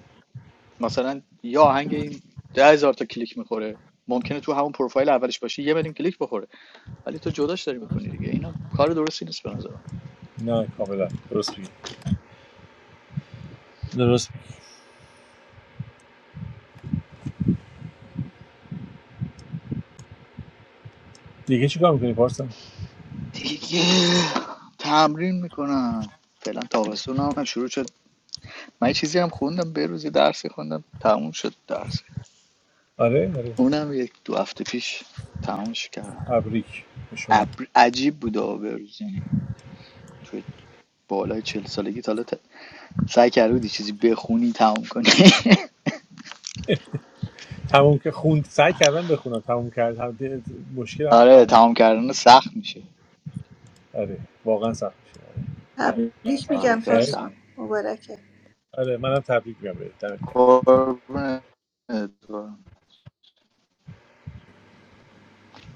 S5: مثلا یا آهنگ این ده هزار تا کلیک میخوره ممکنه تو همون پروفایل اولش باشه یه میلیون کلیک بخوره ولی تو جداش داری میکنی دیگه اینا کار درستی نیست به نظر
S2: نه کاملا درست میگی درست میگی. دیگه چیکار میکنی پارسا
S5: دیگه تمرین میکنم فعلا تابستون هم شروع شد من یه چیزی هم خوندم به روزی درسی خوندم تموم شد درس
S2: آره آره
S5: اونم یک دو هفته پیش تمومش کردم
S2: تبریک به شما
S5: عجیب بود آبروز یعنی تو بالای چهل سالگی تا حالا سعی کرده بودی چیزی بخونی تموم کنی
S2: تموم که خوند سعی کردم بخونم تموم کرد هم ده- مشکل همون
S5: آره
S2: تموم کرد
S5: تمام کردن سخت میشه
S2: آره واقعا سخت میشه آره.
S4: تبریک
S5: آره
S4: میگم
S5: خیلی
S2: خیر
S4: پارسا
S5: سخت
S4: مبارکه
S2: آره منم تبریک میگم بهت دمت
S5: قربونت برم.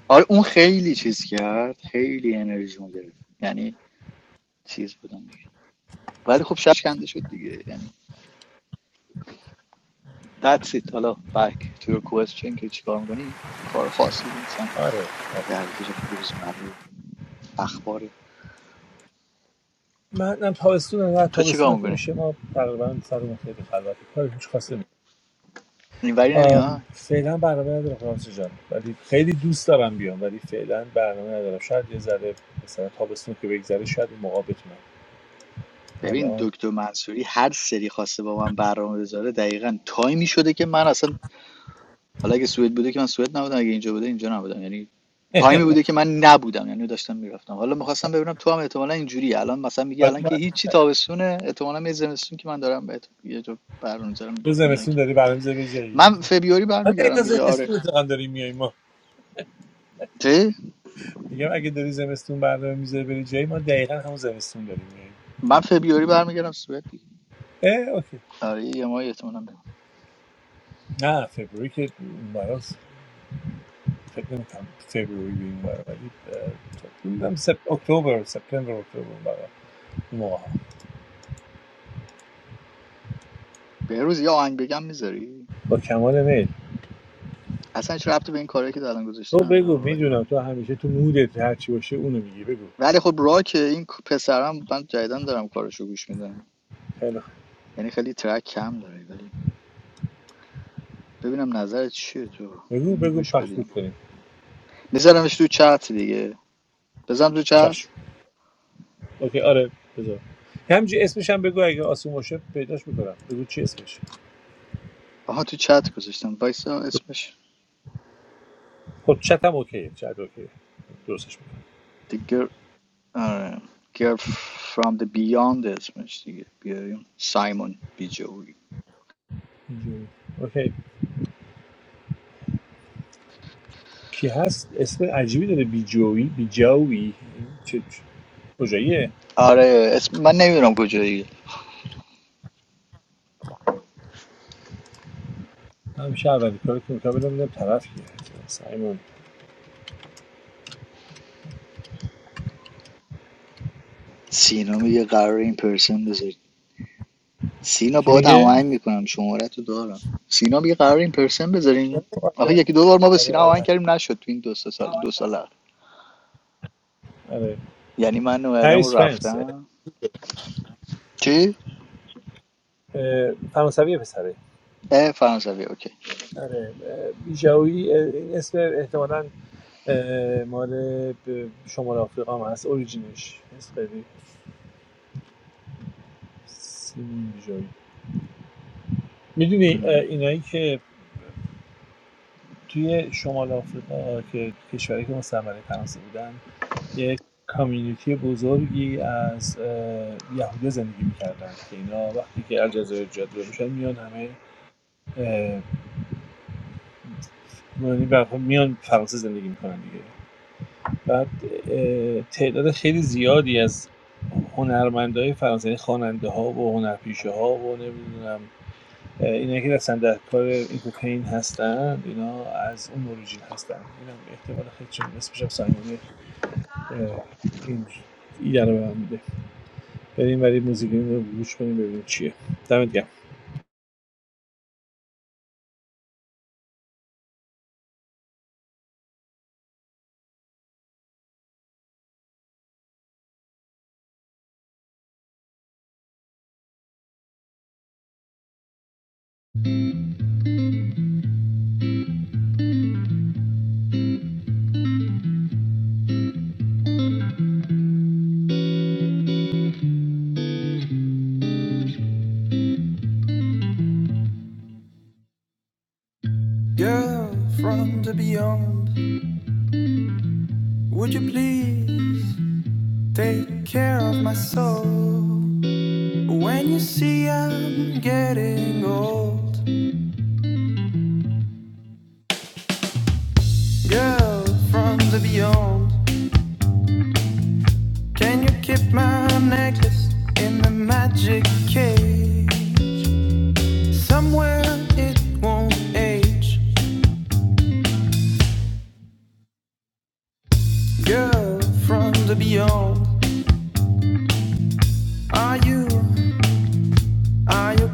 S5: آره اون خیلی چیز کرد خیلی انرژی گرفت یعنی چیز بودم ولی خب شش کنده شد دیگه یعنی that's it حالا back to your question که چیکار میکنی کار خاص دیگه انسان
S2: آره آره.
S5: درگیر روزمره و اخباره
S2: منم تابستون نه
S5: تو
S2: تابستون
S5: چیکار
S2: که
S5: میکنی
S2: میشه ما تقریبا سرمون خیلی خلوت کار هیچ خاصی نیست
S5: اینوری نمیاد
S2: فعلا برنامه ندارم فرانسه جان ولی خیلی دوست دارم بیام ولی فعلا برنامه ندارم شاید یه ذره مثلا تابستون که بگذره شاید اون موقع بتونم
S5: ببین
S2: الان
S5: دکتر منصوری هر سری خواسته با من برنامه بذاره دقیقاً تایمی شده که من اصلا حالا اگه سوئد بوده که من سوئد نبودم اگه اینجا بوده اینجا نبودم یعنی تایمی بوده که من نبودم یعنی داشتم میرفتم حالا میخواستم ببینم تو هم احتمالا اینجوری الان مثلا میگی
S2: آره،
S5: الان که
S2: ما-
S5: هیچی تابستونه احتمالا یه زمستون که من دارم بهت یه جا برنامه میذارم
S2: تو
S5: میای
S2: زمستون داری برنامه زمستون
S5: من فبیوری
S2: من دقیقا
S5: برمیگردم دیگه آره
S2: زمستون اتقام داریم میاییم
S5: چی
S2: میگم اگه داری زمستون برنامه میذاری بری جایی ما دقیقا همون زمستون داریم
S5: من فبیوری برمیگردم سوئد دیگه
S2: اه اوکی
S5: آره یه ماه احتمالاً برم
S2: نه فبروری که براز فکر نمیکنم فبروری بریم برای ولی میدونم سپ... اکتبر سپتامبر اکتبر برای این
S5: به روز یه آهنگ بگم میذاری
S2: با کمال میل
S5: اصلا هیچ ربطی به این کاری که الان گذاشتی
S2: تو
S5: نداره
S2: بگو
S5: ولی
S2: میدونم تو همیشه تو مودت هر چی باشه اونو میگی بگو
S5: ولی خب راک این پسرم من جدیدن دارم کارشو گوش میدم
S2: خیلی خوب
S5: یعنی خیلی ترک کم داره ولی ببینم نظرت چیه تو
S2: بگو
S5: بینو
S2: بگو
S5: گوش
S2: پخش گوش
S5: بدیم
S2: کنیم
S5: میذارمش تو چت دیگه بزن تو چت
S2: چشم اوکی آره بذار همینجوری اسمش هم بگو اگه آسون باشه پیداش میکنم بگو چی اسمش
S5: آها تو چت گذاشتم وایسا اسمش
S2: خب چتم اوکیه چت اوکیه درستش
S5: The girl آره Girl from the beyond اسمش دیگه بیاریم سایمون بیجوی
S2: میکنم کی هست اسم عجیبی داره بیجویی بیجاوی چه چه- کجاییه
S5: آره اسم من نمیدونم کجایی
S2: همیشه اولین کاری که میکنم بدم ببینم طرف کیه سایمون
S5: سینا میگه قرار این پرسن بذاری سینا
S2: کی
S5: با
S2: میگه
S5: هماهنگ میکنم شماره تو دارم سینا میگه قرار این پرسن بذاریم آخه یکی دو بار ما به
S2: آره
S5: سینا
S2: آره
S5: هماهنگ
S2: آره
S5: کردیم نشد تو این دو سه سال دو سال اخیر.
S2: آره.
S5: یعنی من اومدم و
S2: پاریس فرانس اه،
S5: رفتم چی
S2: اه، فرانسویه پسره
S5: اه فرانسوی اوکی
S2: آره اه، بیجاوی اسم احتمالاً مال شمال آفریقا هم هست اوریجینش اسم خیلی سیمون بیجاوی میدونی
S5: ام.
S2: اینایی که توی شمال آفریقا که کشوری که مستعمره فرانسه بودن یک کامیونیتی بزرگی از اه، زندگی میکردن که اینا وقتی که الجزایر جاده میشن میان همه اه، یعنی به هر میان فرانسه زندگی میکنن دیگه بعد تعداد خیلی زیادی از هنرمندای فرانسوی یعنی و هنرپیشه ها و نمیدونم اینا که اصلا در کار اینترتین هستن اینا از اون اوریجین هستن اینم احتمال خیلی چون اسمش هم سایمون اه، این ایده رو به من بریم ولی موزیک رو گوش کنیم ببینیم چیه دمت گرم
S1: Take care of my soul, girl from the beyond. Can you keep my necklace in the magic cave from the beyond?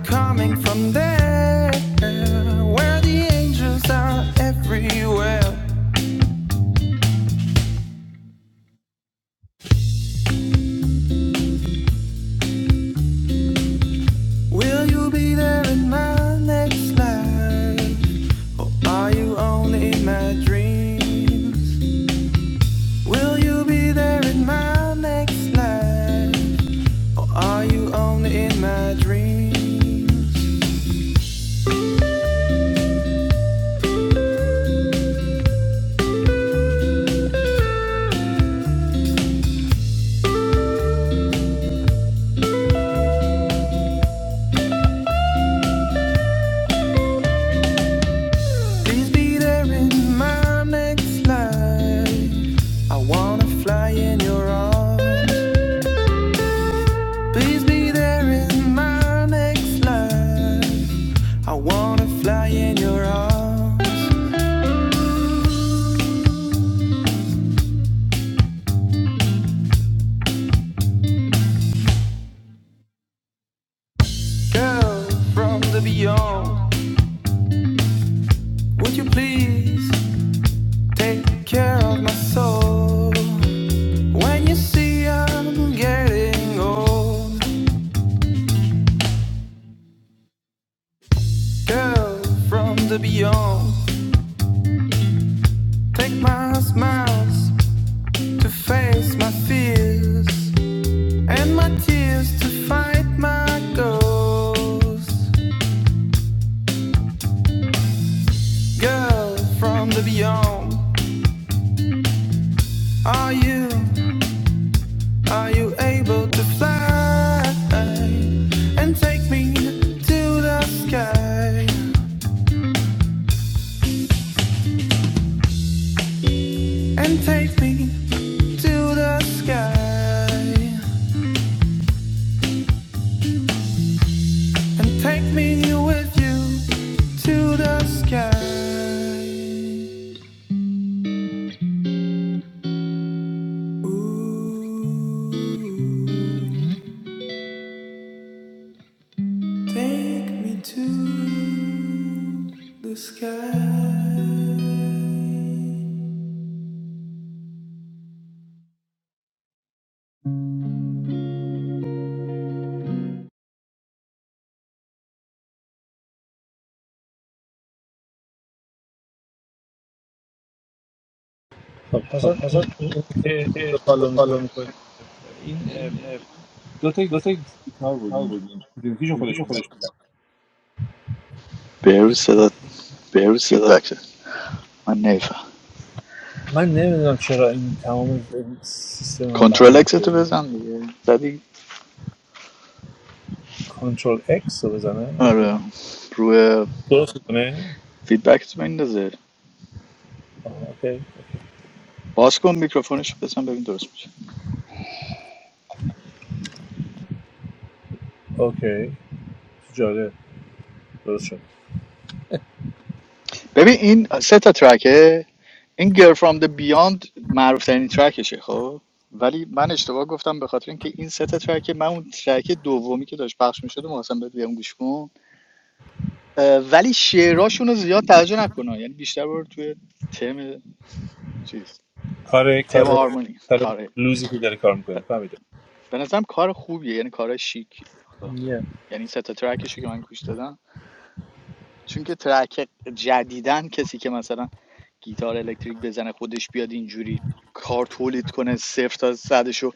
S1: Come back where the angels are everywhere. Will you be there in my next life? Are you only in my dreams? Will you be there in my next life? Are you only in this life? I wanna fly in your arms. Please be there in my next life. I wanna fly in your arms. Girl from the beyond, would you please take care of my soul? When you see I'm getting old, girl from the beyond, take my smiles to face my fears and my tears to fight my ghost. Girl from the beyond, are you, are you able to fly and take me to the sky and take me to the sky? and take me with you to the sky. Take me to the sky.
S2: خب حسن این دو تا گیتار بود اینجا کدومکیشو خودش میزن
S5: به روز صدا فیدبک زد. من نمیفهم
S2: من نمیدونم چرا این تمام این سیستم من به هم
S5: کنترل اکس
S2: ریخته
S5: تو بزن دیگه زدی
S2: کنترل اکس رو بزنم اوکی
S5: آره روی
S2: درست کنه
S5: فیدبک تو بندازه
S2: آها، اوکی
S5: باز کن میکروفونش بزن ببین درست میشه
S2: اوکی جالب درست شد
S5: ببین این سه تا ترکه این Girl from the Beyond معروف ترین ترکشه خب ولی من اشتباه گفتم به خاطر اینکه این سه تا ترک من اون ترک دومی که داشت پخش میشد محسن بهت بگم گوش کن اه، ولی شعراشون رو زیاد توجه نکنه یعنی بیشتر برو توی تم چیز
S2: کار
S5: تم
S2: کار
S5: هارمونی
S2: کار
S5: آره
S2: لوزی که داره کار
S5: ب-
S2: میکنه فهمیدم
S5: به نظرم کار خوبیه یعنی کار شیک خب.
S2: نه.
S5: یعنی این سه تا ترکش رو که من گوش دادم چون که ترک جدیدن کسی که مثلا گیتار الکتریک بزنه خودش بیاد اینجوری کار تولید کنه صفر تا صدشو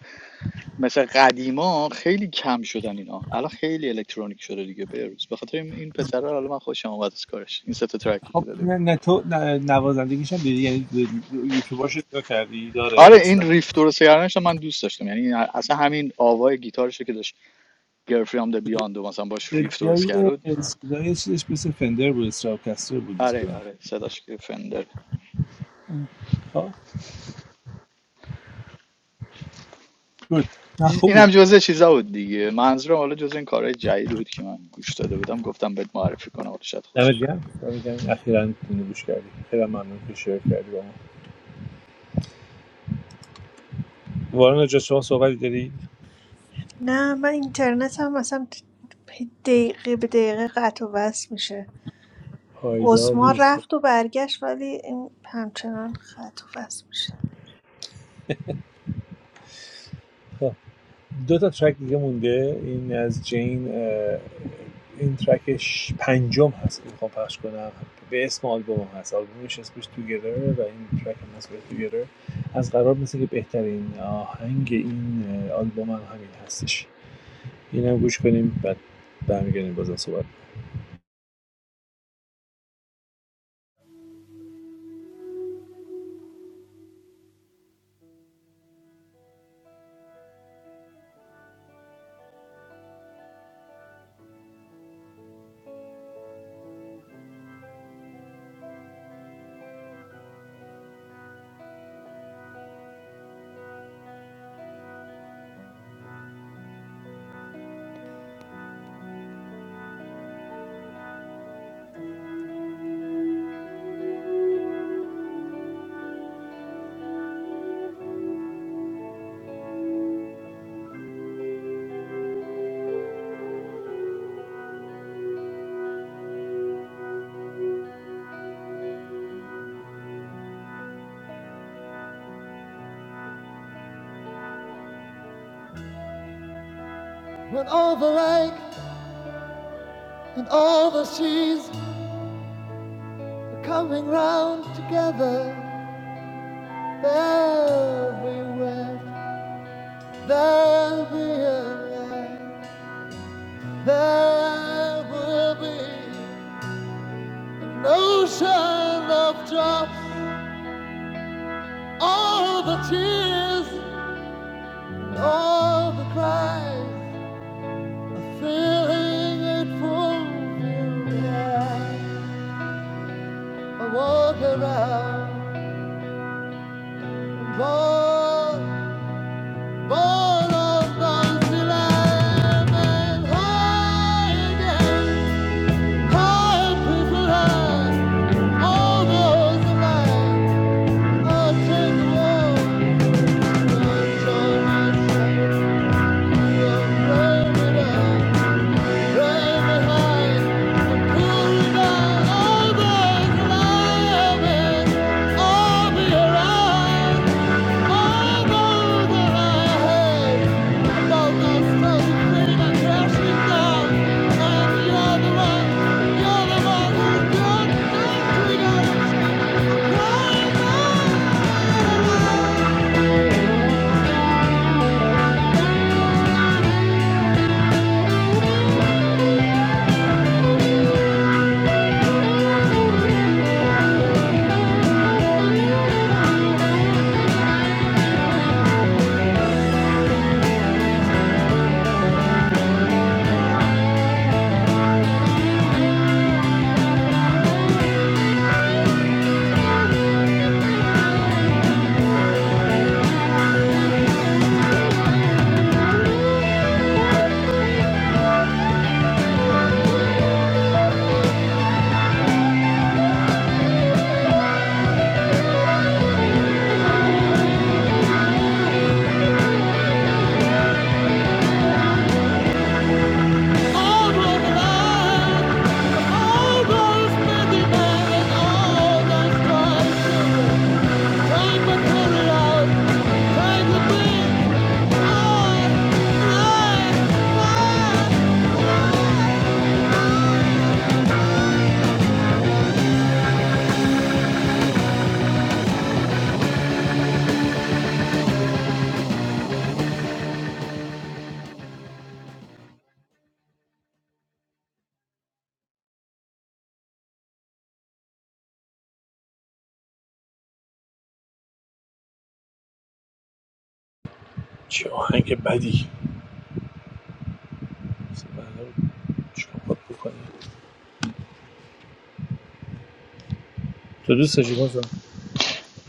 S5: مثل قدیما خیلی کم شدن اینا الان خیلی الکترونیک شده دیگه به روز به خاطر این این پسره حالا من خوشم اومد از کارش این سه تا ترکی
S2: خب
S5: که داده
S2: نه,
S5: بیرون
S2: تو نه- نوازندگیش هم دیدی یعنی یوتیوباش رو نگاه کردی داره
S5: آره این
S2: اصلا.
S5: ریف درست کردنش من دوست داشتم یعنی اصلا همین آوای گیتارش که داشت گرفرام د بیاند و مثلا باش ریف درست کرد
S2: صدای صدای چیزش مثل فندر بود استراوکستر بود بیس
S5: آره
S2: کنم
S5: آره صداش که فندر
S2: خب گود نه خوب
S5: اینم
S2: بود
S5: جزء چیزا بود دیگه منظورم حالا جزء این کارهای جدید بود که من گوش داده بودم گفتم بهت معرفی کنم حالا شاید خوشت
S2: دمت گرم دمت گرم اخیرا اینو گوش کردی خیلی هم ممنون که شیر کردی با ما وارن جا شما صحبتی داری
S4: نه من اینترنتم هم مثلا دقیقه به دقیقه قطع و وصل میشه
S2: پایدار
S4: ازما
S2: نیست
S4: رفت و برگشت ولی این همچنان قطع و وصل میشه
S2: دو تا ترک دیگه مونده این از جین این ترکش پنجم هست که میخوام پخش کنم به اسم آلبوم هم هست آلبومش اسمش توگیدر و این ترک هم هست توگیدر از قرار مثل که بهترین آهنگ این آلبوم هم همین هستش این هم گوش کنیم بعد برمیگردیم بازم صحبت کنیم.
S1: When all the lake and all the seas are coming round together, there'll be wet, there'll be a light, there will be an ocean of joy. People have all those alive, all the world. Hold on the The all we're one, who got line.
S2: چه آهنگ بدی بله، چاپات بکنی تو دوست داشتی بازم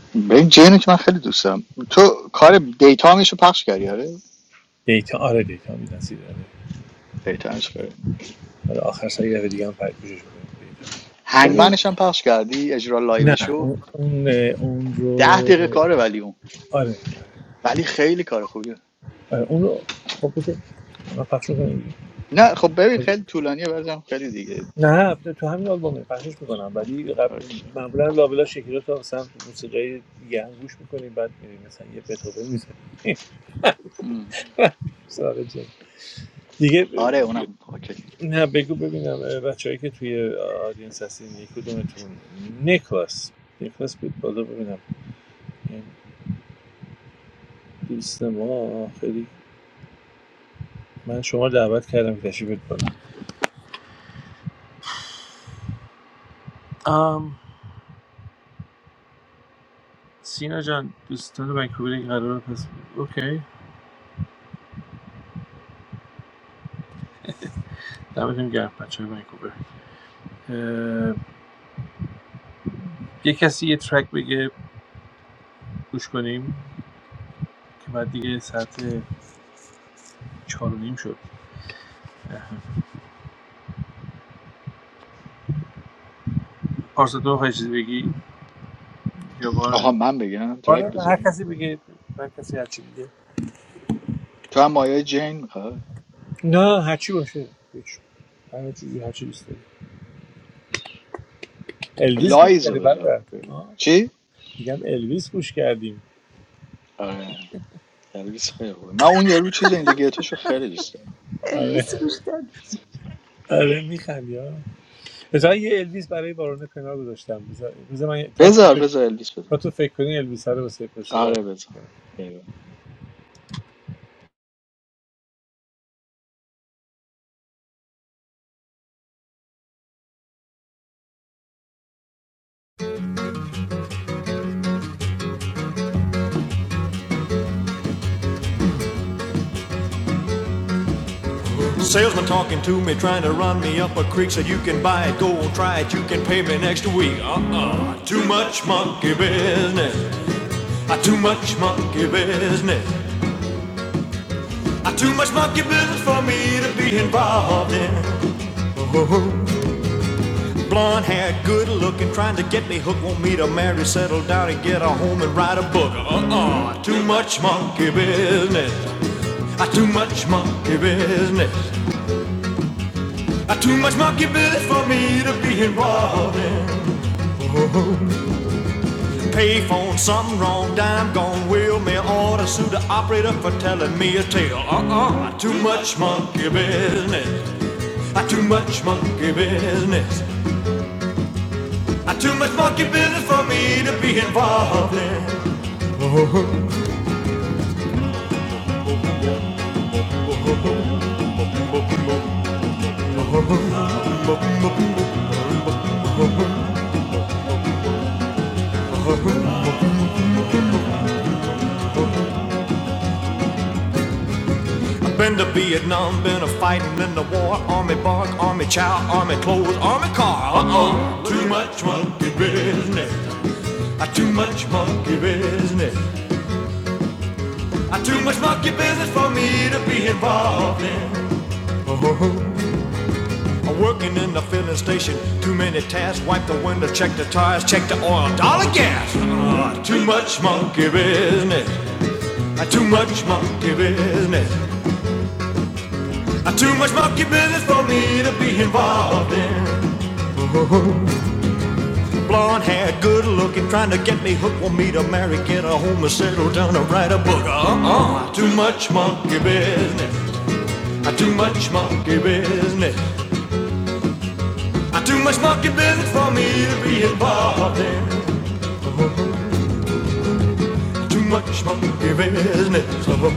S5: بیاد. به این جینو که من خیلی دوست دارم تو کار دیتا میشو پخش کردی آره
S2: دیتا آره دیتا میدنسید آره
S5: دیتا میشو کردی.
S2: آخر سر یه دفعه دیگه هم پرد گوشش میکنیم دیتا
S5: هنگمنش هم پخش کردی اجرا
S2: نه
S5: لایوشو
S2: اون اون, اون
S5: ده
S2: رو
S5: دقیقه کاره ولی اون
S2: آره
S5: ولی خیلی کار خوبیه
S2: آره اون رو خب اوکی من پخش می‌کنم.
S5: نه خب ببین خیلی طولانیه برزم خیلی دیگه
S2: نه تو همین آلبومه پخشش میکنم ولی قبل
S5: اوکی.
S2: معمولا لابلا شکلی رو مثلا موسیقی دیگه هم گوش میکنیم بعد میریم مثلا یه بتوون میزنیم سراغ جنگ دیگه
S5: آره اونم اوکی
S2: نه بگو ببینم بچههایی که توی آدینس هستین یک کدومتون نیکلاس نیکلاس بید بالا ببینم این دوست ما خیلی من شما رو دعوت کردم که تشریف بیارید بالا سینا جان دوستان ونکوور این قرار پس اوکی دمتون گرم بچه های ونکوور اه، یه کسی یه ترک بگه گوش کنیم که بعد دیگه ساعت چهار و نیم شد پارسا تو میخوای چیزی بگی یا بار
S5: آها من بگم ترک
S2: آره هر
S5: بذاریم
S2: کسی بگه هر کسی هر چی بگه
S5: تو هم مایه جین میخواد
S2: نه هرچی باشه هیچ. هر چیزی هر چی دوست داری الویس گوش کردی
S5: لایزو بذار
S2: برادر آه،
S5: چی؟
S2: میگم الویس گوش کردیم
S5: آره الویس خیلی خوبه من اون یارو چیز این رو خیلی دوست دارم
S4: امروز
S2: آره
S4: گوش دادم.
S2: آره میخندی ها بذار یه الویس برای بارون پناه گذاشتم بذار بذار من تا
S5: بذار
S2: تو
S5: بذار الویس
S2: و
S5: بذار
S2: تو فکر کنی الویس رو واسه پسی راه
S5: آره بذار ایوه.
S1: Salesman talking to me, trying to run me up a creek. Said you can buy it, go try it, you can pay me next week. Uh-uh, too much monkey business. Uh, too much monkey business. Uh, too much monkey business for me to be involved in. Oh. oh, oh. Blonde hair, good looking, trying to get me hooked. Want me to marry, settle down, and get a home and write a book. Uh uh, too much monkey business. Uh, too much monkey business. Uh, too much monkey business for me to be involved in. Payphone, something wrong, dime gone, will me order, sue the operator for telling me a tale. Uh uh, too much monkey business. I too much monkey business. I too much monkey business for me to be involved in. Been to Vietnam, been a fighting in the war. Army bark, army chow, army clothes, army car. Uh oh, too much monkey business. Uh, too much monkey business. Uh, too much monkey business for me to be involved in. Uh, working in the filling station, too many tasks. Wipe the window, check the tires, check the oil, dollar gas. Uh, too much monkey business. Uh, too much monkey business. Uh, too much monkey business for me to be involved in. Blonde hair, good looking, trying to get me hooked. Want me to marry, get a home, and settle down and write a book. Uh uh, too much monkey business. Uh, Too much monkey business. Uh, Too much monkey business for me to be involved in. Too much monkey business. Uh,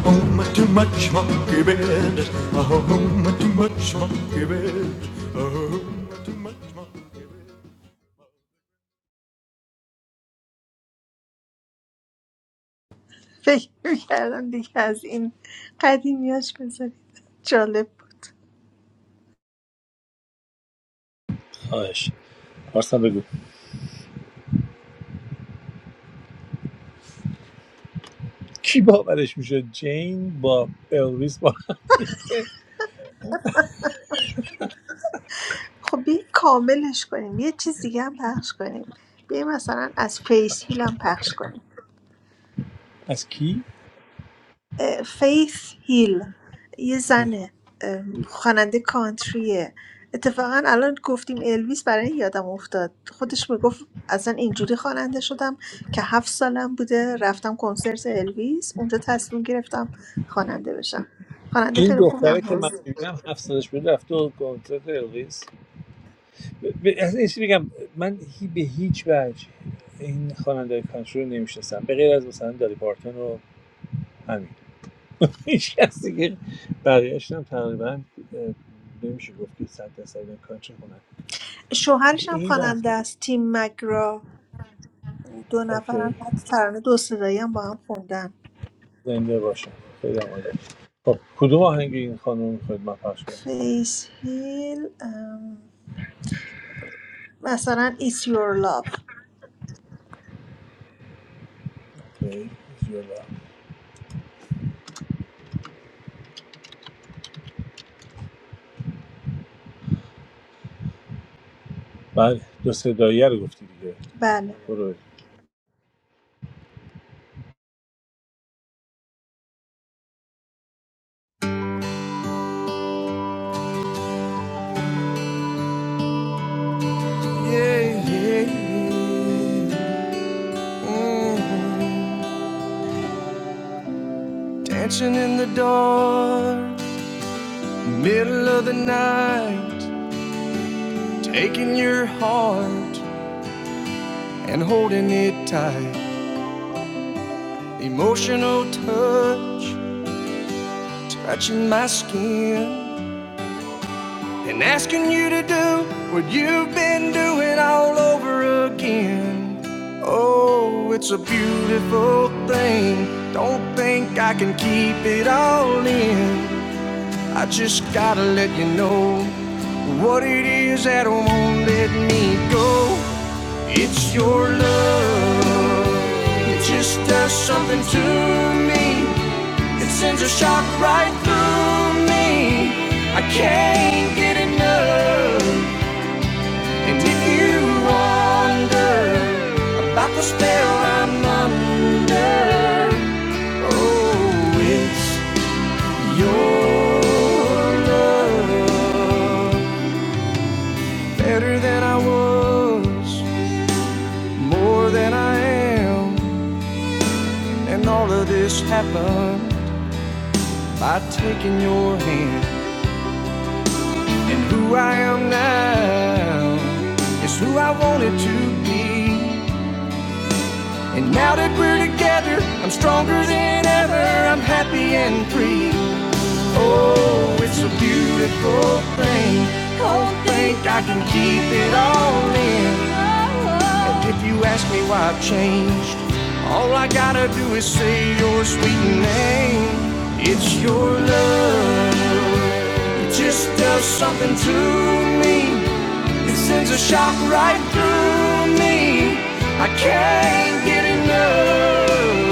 S1: Too much monkey business. Uh, Too much monkey business. Uh, Too much monkey
S4: فکر میکردم دیگه از این قدیمیاش بذارید جالب بود
S2: خواهش پارسا بگو کی باورش میشه جین با الویس با هم دیگه
S4: خب بیاین کاملش کنیم یه چیز دیگه هم پخش کنیم بیاین مثلا از فیس هیل هم پخش کنیم
S2: از کی
S4: اه، فیس هیل یه زنه اه، خواننده کانتریه اتفاقا الان گفتیم الویس برای این یادم افتاد خودش میگفت اصلا اینجوری خواننده شدم که هفت سالم بوده رفتم کنسرت الویس اونجا تصمیم گرفتم خواننده بشم خواننده
S2: این
S4: خیلی خوبی هم
S2: دختره که من
S4: هست
S2: میبینم هفت سالش بود رفته و کنسرت الویس از این چی بگم من هی به هیچ وجه این خواننده کانتری رو نمیشناسم به غیر از مثلا داری پارتون و همین هیچ کس دیگه بقیه‌اش هم تقریبا اه، نمیشه گفت که صد درصد اینا کانتری کنن
S4: شوهرش هم
S2: این
S4: خواننده
S2: رفته
S4: است تیم مگرا دو
S2: اوکی
S4: نفرم حتی ترانه دو صدایی هم با هم خوندن
S2: زنده باشن خیلی هم عالی. خب کدوم آهنگ این خانم میخواید من پخش کنم
S4: فیس هیل ام، مثلا It's Your Love
S2: اوکی، جلو. بله دو صداییه رو گفتی دیگه
S4: بله
S2: برو
S1: Dancing in the dark of the night, aching your heart and holding it tight. Emotional touch my skin. been out again. Oh, it's a beautiful thing. Don't think I can keep it all in. I just gotta let you know what it is that won't let me go. It's your love. It just does something to me. It sends a shock right through me. I can't get enough. And if you wonder about the spell I'm under, oh, with your love, better than I was, more than I am, and all of this happened by taking your hand. And who I am now is who I wanted to be. And now that we're together, I'm stronger than ever. I'm happy and free. Oh, it's a beautiful thing. Oh, Think I can keep it all in. And if you ask me why I've changed, all I gotta do is say your sweet name. It's your love, just does something to lock right through me. I can't get enough.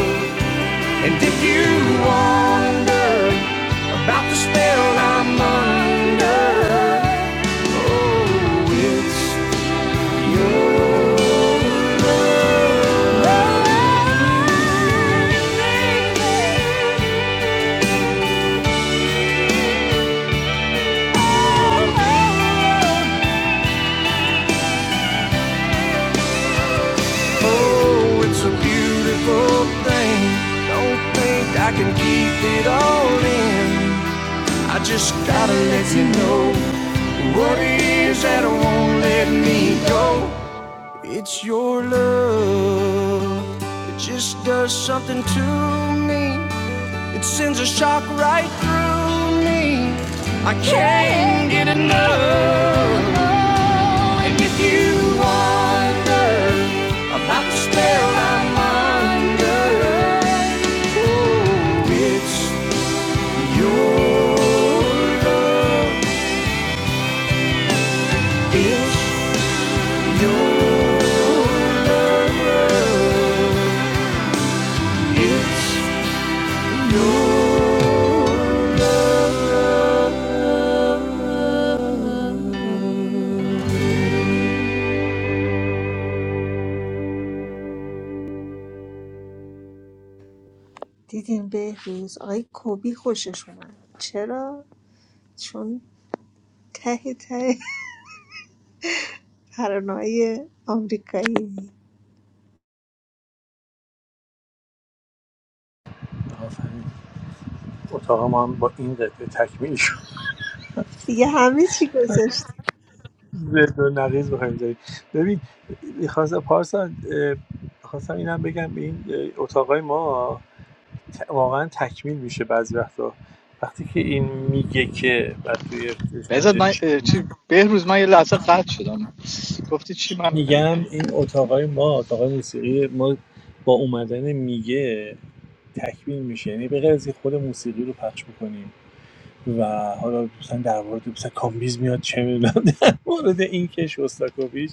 S1: And if you wonder about the spell I'm under, oh, it's Oh, it's a beautiful thing. Don't think I can keep it all in. I just gotta let you know what it is that won't let me go. It's your love, just does something to
S4: دیدین بهروز آقای کوبی خوشش اومد چرا؟ چون ته ته پرانای آمریکایی
S2: آفرین. اتاق ما هم با این قطعه تکمیل شد
S4: دیگه همه چی گذاشتی
S2: زد و نقیز بخوایم داریم ببین میخواستم پارسا میخواستم اینم بگم به این اه، اتاقای ما ت- واقعا تکمیل میشه بعضی وقتا وقتی که این میگه که بعد
S5: بذار من
S2: توی
S5: اه، چی بهروز من یه لحظه قطع شدم گفتی چی من
S2: میگم این اتاقای ما اتاقای موسیقی ما با اومدن میگه تکمیل میشه یعنی به غیر از خود موسیقی رو پخش بکنیم و حالا مثلا در مورد مثلا کامبیز میاد چه میدونم در مورد این که شوستاکوویچ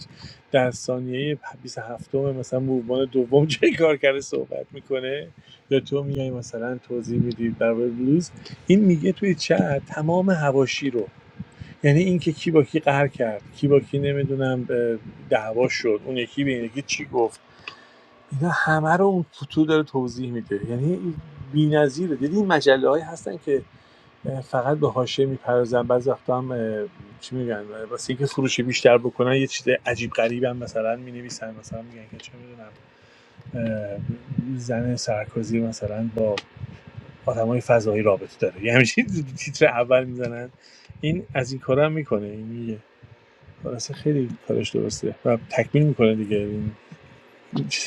S2: در ثانیه 27 مثلا موومان دوم چه کار کرده صحبت میکنه یا تو میای مثلا توضیح میدی در مورد بلوز این میگه توی چت تمام هواشی رو یعنی این که کی با کی قهر کرد کی با کی نمیدونم دعوا شد اون یکی به این یکی چی گفت اینا همه رو اون فوتو داره توضیح میده یعنی بی‌نظیره دیدی این مجله های هستن که فقط به حاشیه میپردازن بعضی وقتا هم چی میگن واسه اینکه فروش بیشتر بکنن یه چیز عجیب غریب هم مثلا مینویسن مثلا میگن که چه میدونم زن سرکوزی مثلا با آدمای فضایی رابطه داره یه همچین تیتر اول میزنن این از این کارا هم میکنه این میگه اصلا خیلی کارش درسته و تکمیل میکنه دیگه این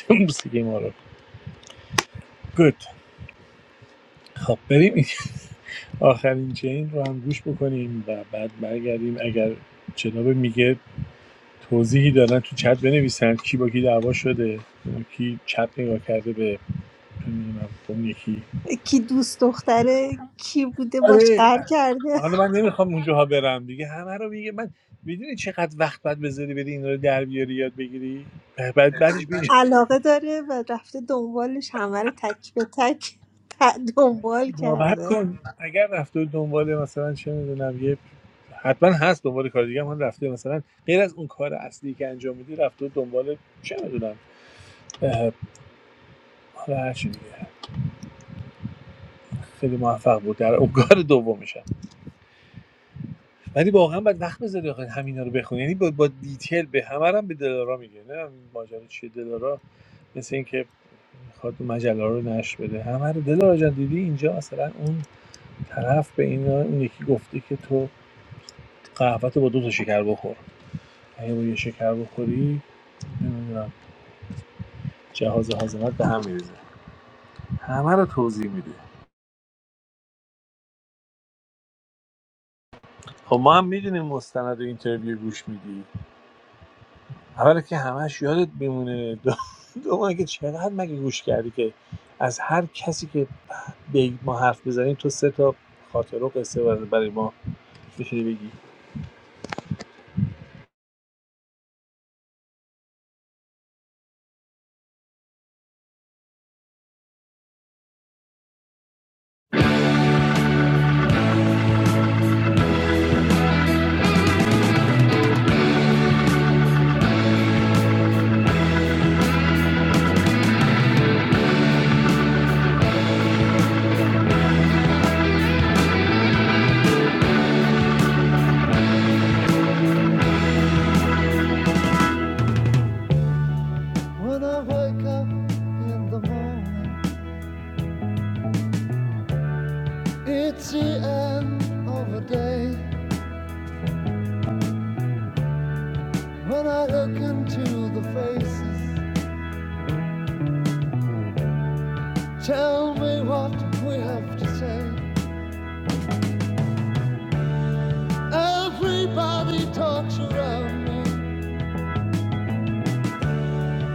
S2: موسیقی ما رو گود خب بریم این آخرین چین رو هم گوش بکنیم و بعد برگردیم اگر جناب میگه توضیحی دارن تو چت بنویسن کی با کی دعوا شده کی چت نگاه کرده به نمی‌دونم، اون یکی
S4: کی دوست دختره کی بوده باش
S2: آره
S4: قهر کرده
S2: حالا من نمیخوام اونجاها برم دیگه همه رو میگه من میدونی چقدر وقت بعد بذاری بری این رو در بیاری یاد بگیری بعد بعدش ببین
S4: علاقه داره و رفته دنبالش همه رو تک به تک ت- دنبال
S2: باور
S4: کرده
S2: کن اگر رفته بود دنبال مثلا چه میدونم یه حتما هست دنبال کار دیگه هم هم رفته مثلا غیر از اون کار اصلی که انجام میدی رفته بود دنبال چه میدونم حالا هر چی دیگه خیلی موفق بود در اون کار دوم میشن ولی واقعا باید وقت بذاری آخه همینا رو بخونی یعنی با, با دیتیل به همه رو هم به دلارا میگه نه ماجرا چیه دلارا مثل اینکه میخواد مجله رو نشر بده همه رو دلارا جان دیدی اینجا مثلا اون طرف به این اون یکی گفته که تو قهوه با دو تا شکر بخور اگه با یه شکر بخوری نمیدونم جهاز هاضمت به هم میریزه همه رو توضیح میده خب ما هم میدونیم مستند و اینترویو گوش میدی اولا که همش یادت میمونه دوم که چقدر مگه گوش کردی که از هر کسی که به ما حرف بزنیم تو سه تا خاطر و قصه برای ما بشینی بگی
S1: when I wake up in the morning. It's the end of the day when I look into the faces. Tell me what we have to say. Everybody talks around me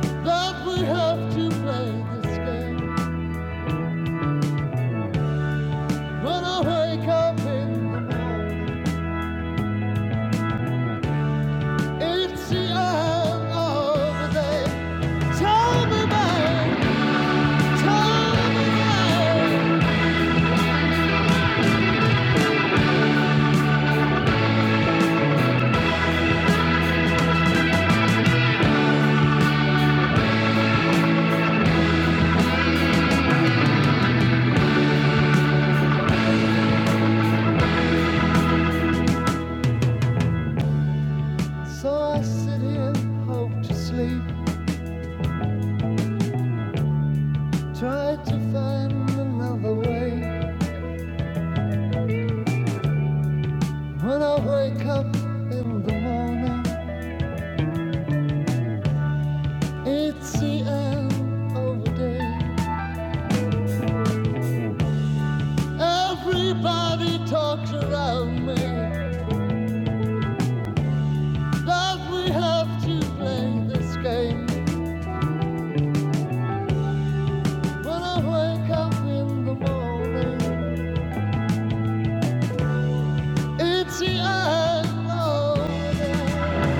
S1: that we have to play this game. When I wake up in the morning, it's the end of the day. Tell me, babe, tell me, babe. So I sit here, hope to sleep, try to find another way. When I wake up in the morning, it's the end of the day. Everybody talks around me that we have to play this game. When I wake up in the morning, it's the end of the day.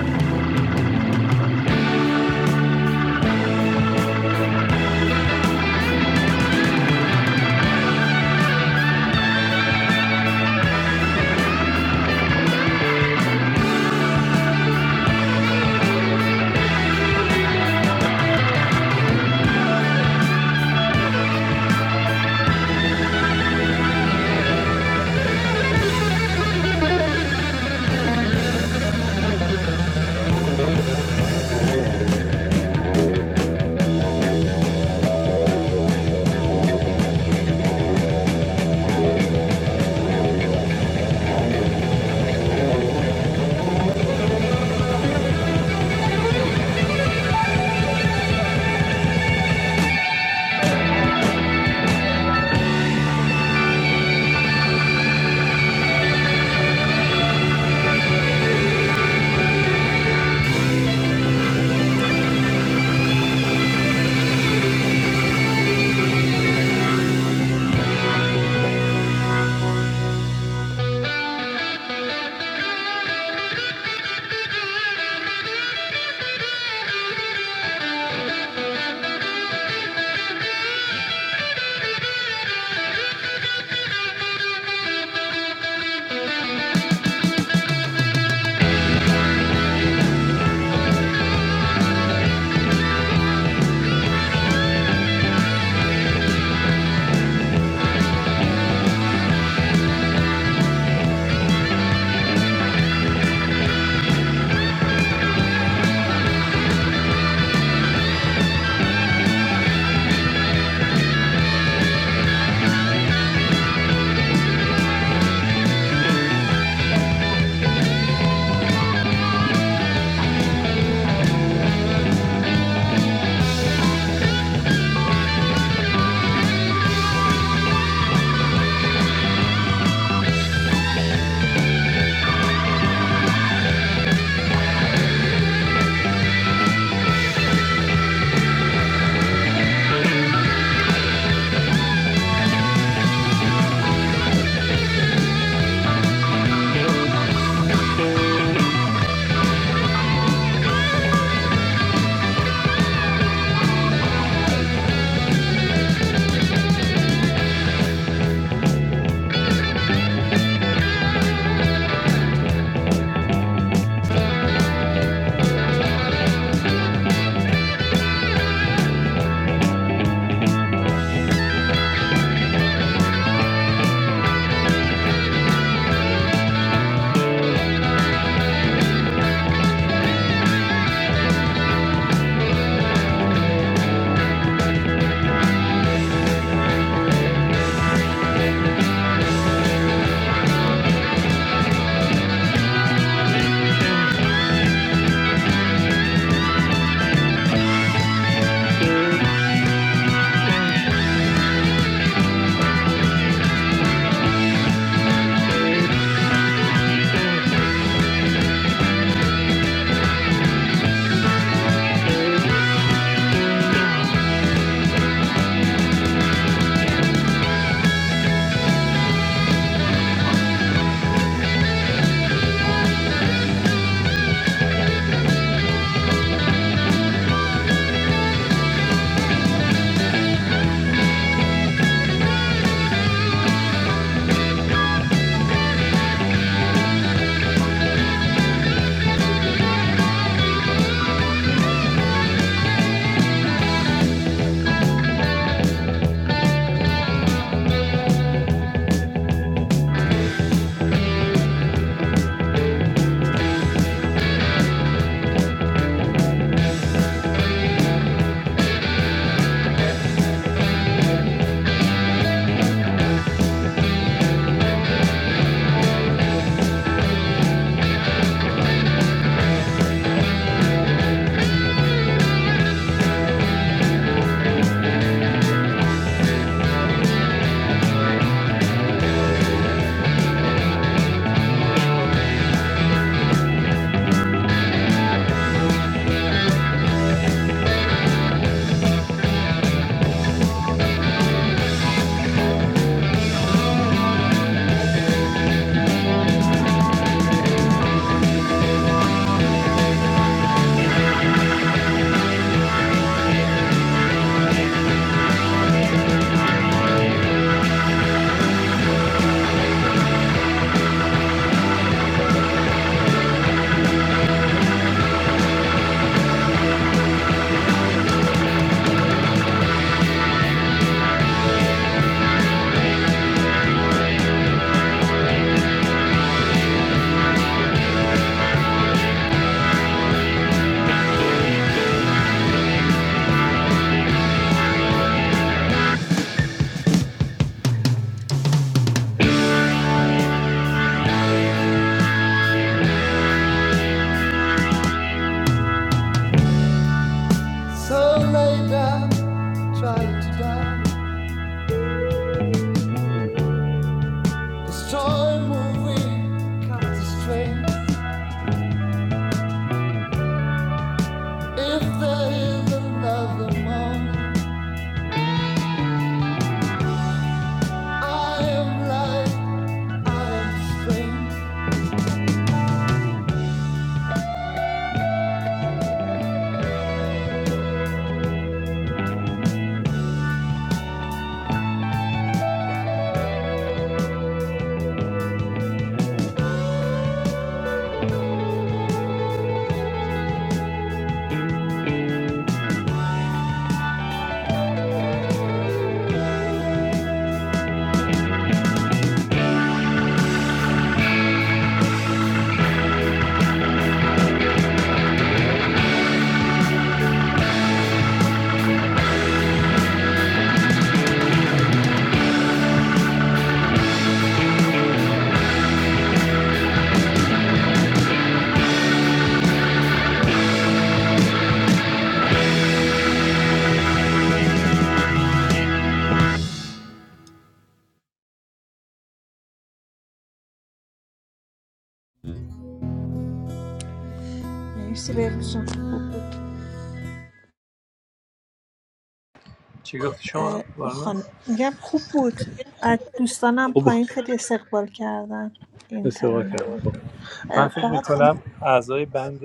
S1: So lay down, try to die. Destroy movie, cut the string. If there is another morning, I am light, I am spring.
S4: مرسی بهروز جان خوب بود
S2: چی گفتی شما
S4: اه،
S2: بارنا
S4: خان... میگم خوب بود از دوستانم پایین خیلی استقبال کردن این
S2: اشتباه
S4: ترانه
S2: کردم
S4: رو
S2: خب من
S4: اه،
S2: فکر
S4: فقط خان
S2: میکنم اعضای بند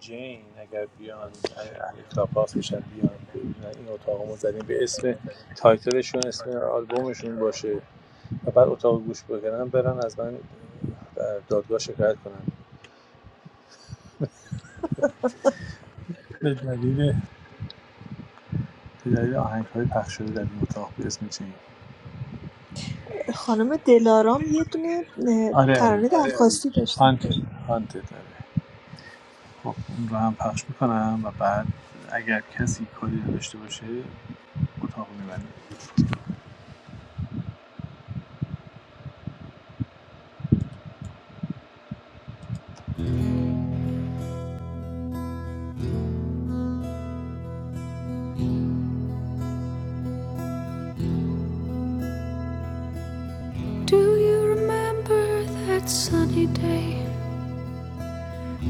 S2: جین اگر بیان اهل کلاب هاوس باشن بیان ببینن این اتاق ما زدیم به اسم تایتلشون اسم آلبومشون باشه و بعد اتاق گوش بکنن برن از من در دادگاه شکایت کنن به دلیل به دلیل آهنگ پخش شده در این اتاق به اسم جین
S4: خانم دلارام یه دونه اه،
S2: آره آره
S4: ترانه درخواستی داشتن
S2: هانتد هانتد آره خب اون رو هم پخش میکنم و بعد اگر کسی کاری نداشته باشه اتاق میبندم
S1: Do you remember that sunny day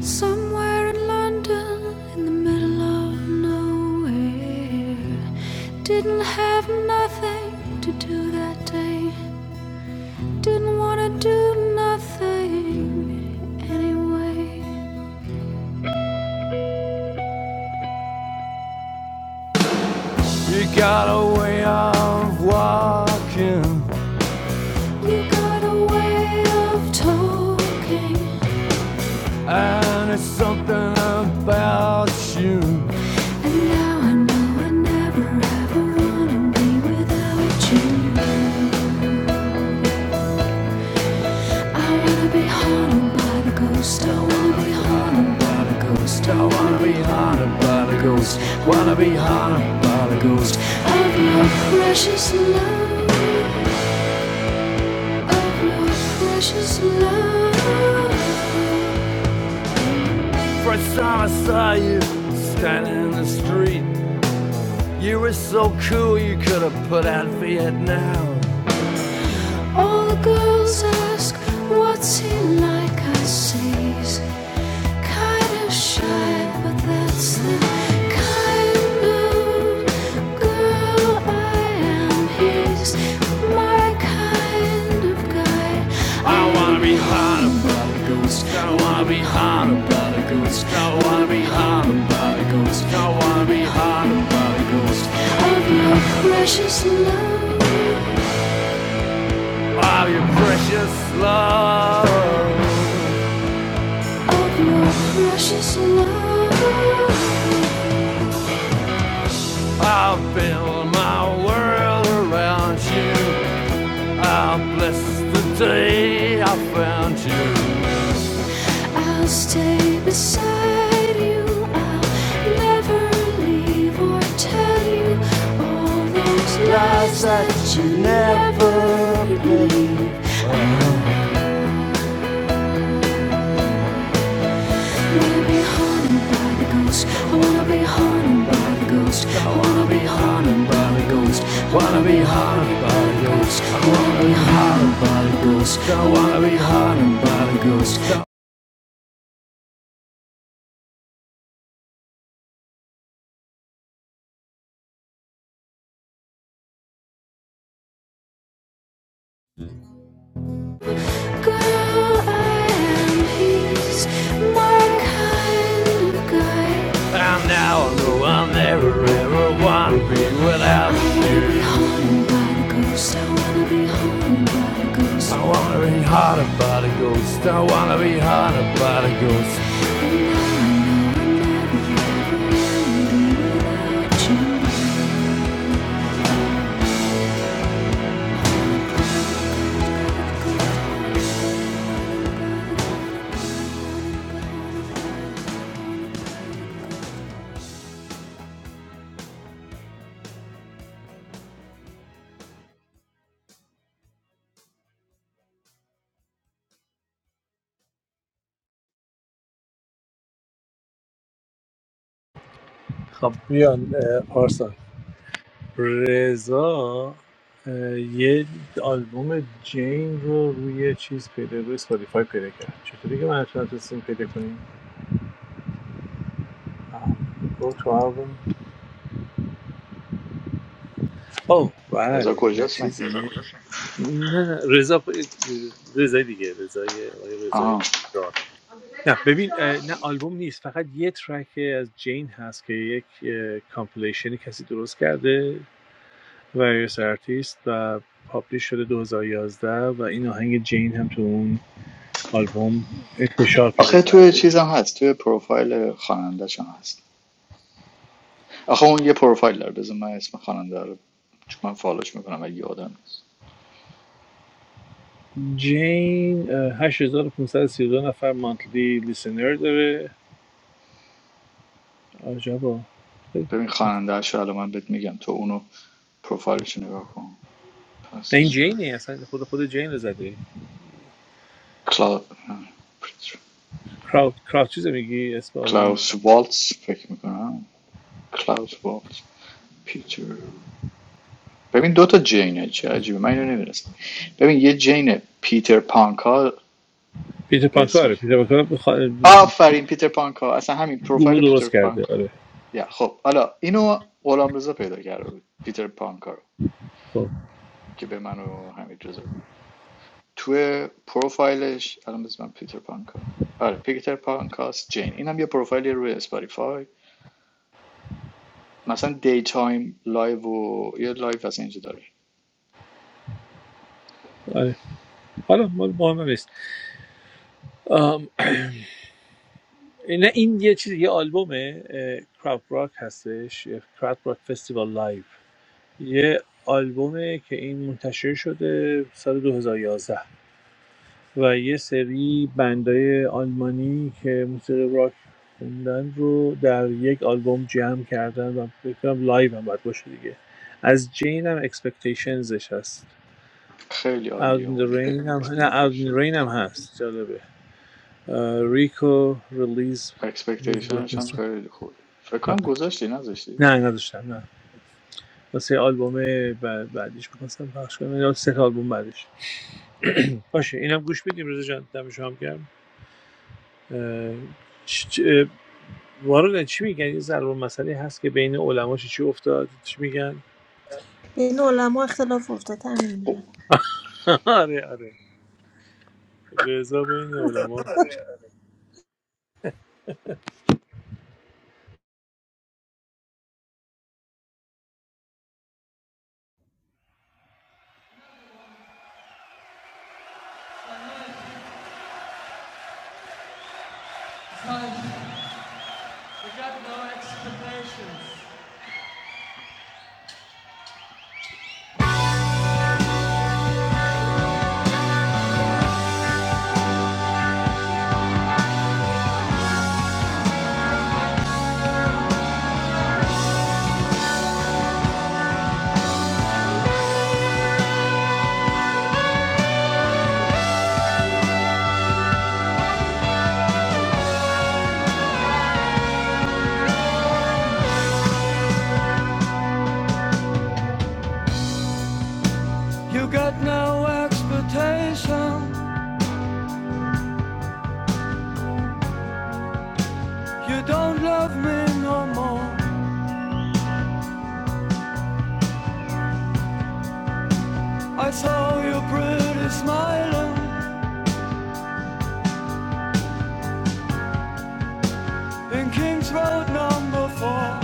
S1: Somewhere in London, in the middle of nowhere. Didn't have nothing to do that day. Didn't wanna do nothing anyway. You got a way of talking, and now I know I never ever wanna be without you. I wanna be haunted by the ghost. I wanna be haunted by your precious love. Precious love. First time I saw you standing in the street, you were so cool you could have put out Vietnam. All the girls ask, what's he like? I say he's kinda shy, but that's the kind of girl I am. He's my kind of guy. I I wanna be of your precious love, Of your precious love, of your precious love. I'll build my world around you. I'll bless the day I found you. I'll stay beside you. I'll never leave. Tell you I wanna be haunted by the ghost. I wanna be haunted by the ghost. I wanna be haunted by the ghost. I Wanna be haunted by the ghost. I wanna be haunted by the ghost. I wanna be haunted by the ghost. Girl, I am his, my kind of guy. I'm now the never ever want to be without you. haunted by the ghost. I wanna be haunted by the ghost. I wanna be haunted by the ghost. I wanna be haunted by the ghost.
S2: خب بیان اه، رضا یه آلبوم جین رو روی چیز پیدا روی اسپاتیفای پیدا کرد چطوری که من نتونستیم پیدا کنیم آه، Go to album او
S5: بذار
S2: بله نه
S5: کجاست من
S2: چیزی نه رضا رضای دیگه رضای آقای رضای
S5: آها
S2: دار نه ببین نه آلبوم نیست فقط یه ترک از جین هست که یک کامپلیشنی کسی درست کرده Various Artists و پابلیش شده 2011 و یازده و این آهنگ جین هم تو اون آلبوم انتشار پیدا
S5: آخه توی
S2: کرده
S5: چیزم هست توی پروفایل خواننده‌ش هم هست آخه اون یه پروفایل داره بذار من اسم خواننده رو چون من فالوش میکنم اگه یادم نیست
S2: جین اه، 8532 نفر مانتلی لیسنر داره عجبا
S5: ببین خواننده‌اش رو الان من بهت میگم تو اونو پروفایلش رو نگاه کن پس
S2: این
S5: نمبر
S2: جینه اصلا خود خود جین رو زده
S5: کلا...
S2: کراوت کراوت چیزه میگی اسم آلبوم
S5: کلاوس والتز فکر میکنم کلاوس والتز پیتر ببین دوتا جینه چه عجیبه من اینو نمیدونستم ببین یه جین پیتر پانکا
S2: پیتر
S5: به اسم
S2: پانکاره پیتر پانکاره بخ...
S5: آفرین پیتر پانکا اصلا همین
S2: گروه
S5: پروفایل پیتر
S2: درست کرده
S5: پانکا
S2: آره
S5: یا خب حالا اینو غلامرضا پیدا کرده بود پیتر پانکا رو
S2: خب
S5: که به من و حمید رضا بود. توی پروفایلش الان بذار من پیتر پانکا آره پیتر پانکاست جین اینم یه پروفایلی روی اسپاتیفای مثلا دی تایم لایو و یه لایو از اینجا داره
S2: آره حالا مال مهم هم نیست نه این یه چیز یه آلبومه کراپ راک هستش کراپ راک فستیوال لایو یه آلبومه که این منتشر شده سال 2011 و یازده و یه سری بندای آلمانی که موسیقی راک خوندن رو در یک آلبوم جمع کردن و فکر کنم لایو هم باید باشه دیگه از جین هم اکسپکتیشنزش هست
S5: خیلی
S2: Out
S5: عالی
S2: in the
S5: اون
S2: Rain هم نه Out in
S5: اکسپکتیشن
S2: the Rain هم هست جالبه ریکو ریلیز میوزیک
S5: اکسپکتیشنش هم
S2: ارکسترا،
S5: خیلی خوبه فکر کنم گذاشتی نذاشتی
S2: نه نداشتم نه واسه آلبوم ب- بعدیش میخواستم پخش کنم یا سه تا آلبوم بعدش باشه اینم گوش بدیم رضا جان دم شما گرم اه، چ- چ- اه، وارد چی میگن یه ضرب مسئله هست که بین علما چی چی افتاد چی میگن
S4: بین علما اختلاف افتاد همین
S5: خب.
S4: میگم
S2: آره آره رضا بین علما
S1: You don't love me no more. I saw your pretty smiling in King's Road number four.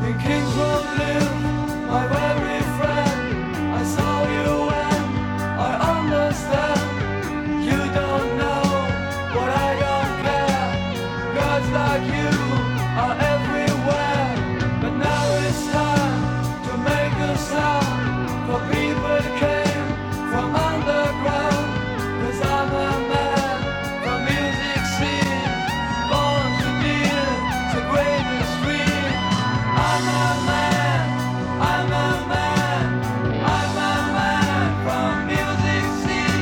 S1: You came from my very friend. I saw you and I understand. You don't know what I don't care. Gods like you are everywhere. But now it's time to make a sound. For people came from underground. i I'm a man from music scene. Born to deal the greatest dream. I'm a man, I'm a man. I see.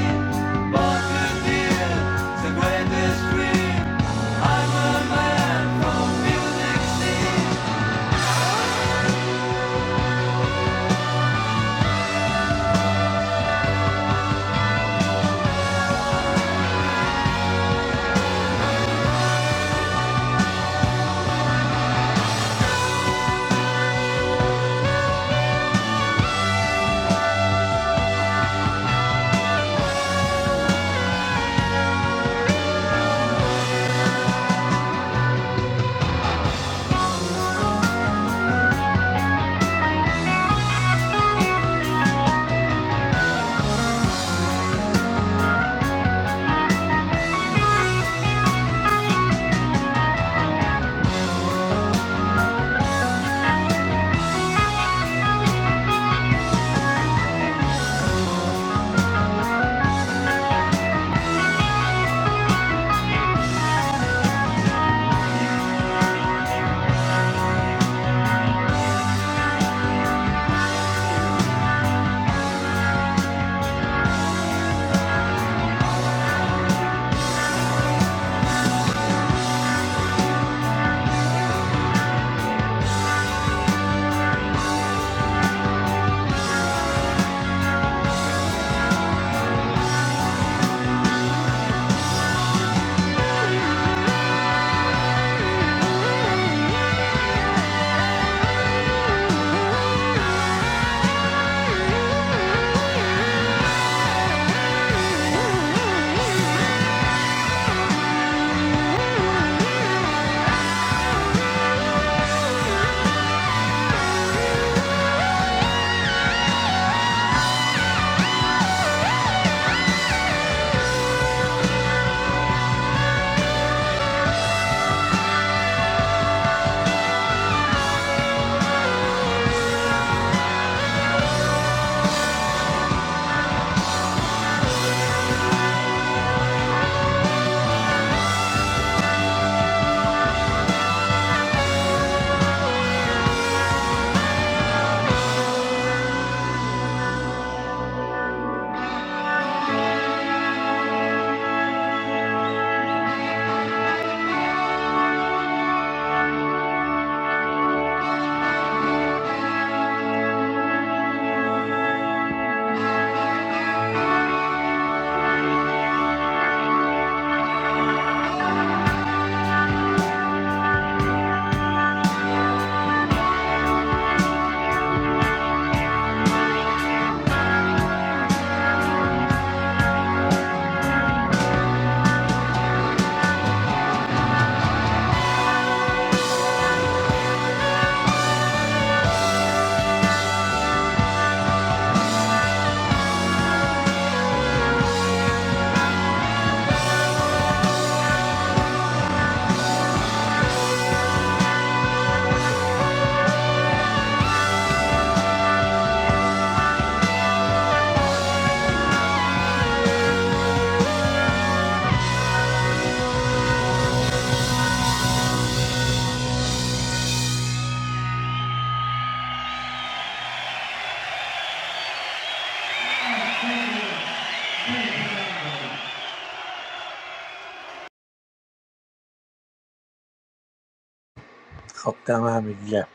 S2: خب دم همگی گرم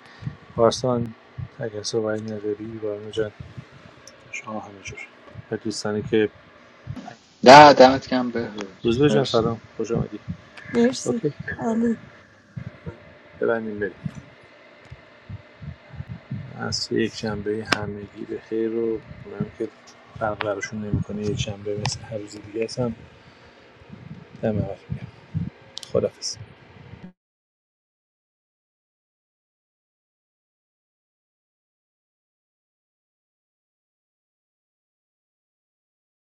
S2: پارسان اگر صحبت نداری بارنا جان شما همینجور و دوستانی که
S5: نه دمت گرم
S2: روز جان
S5: بهروز
S2: سلام خوش آمدی
S4: مرسی
S2: اوکی
S4: عالی
S2: ببندیم بریم عصر یکشنبه همگی به خیر و اونم که فرق براشون نمی‌کنه یک یکشنبه مثل هر روز دیگه است هم دم همتون گرم خداحافظ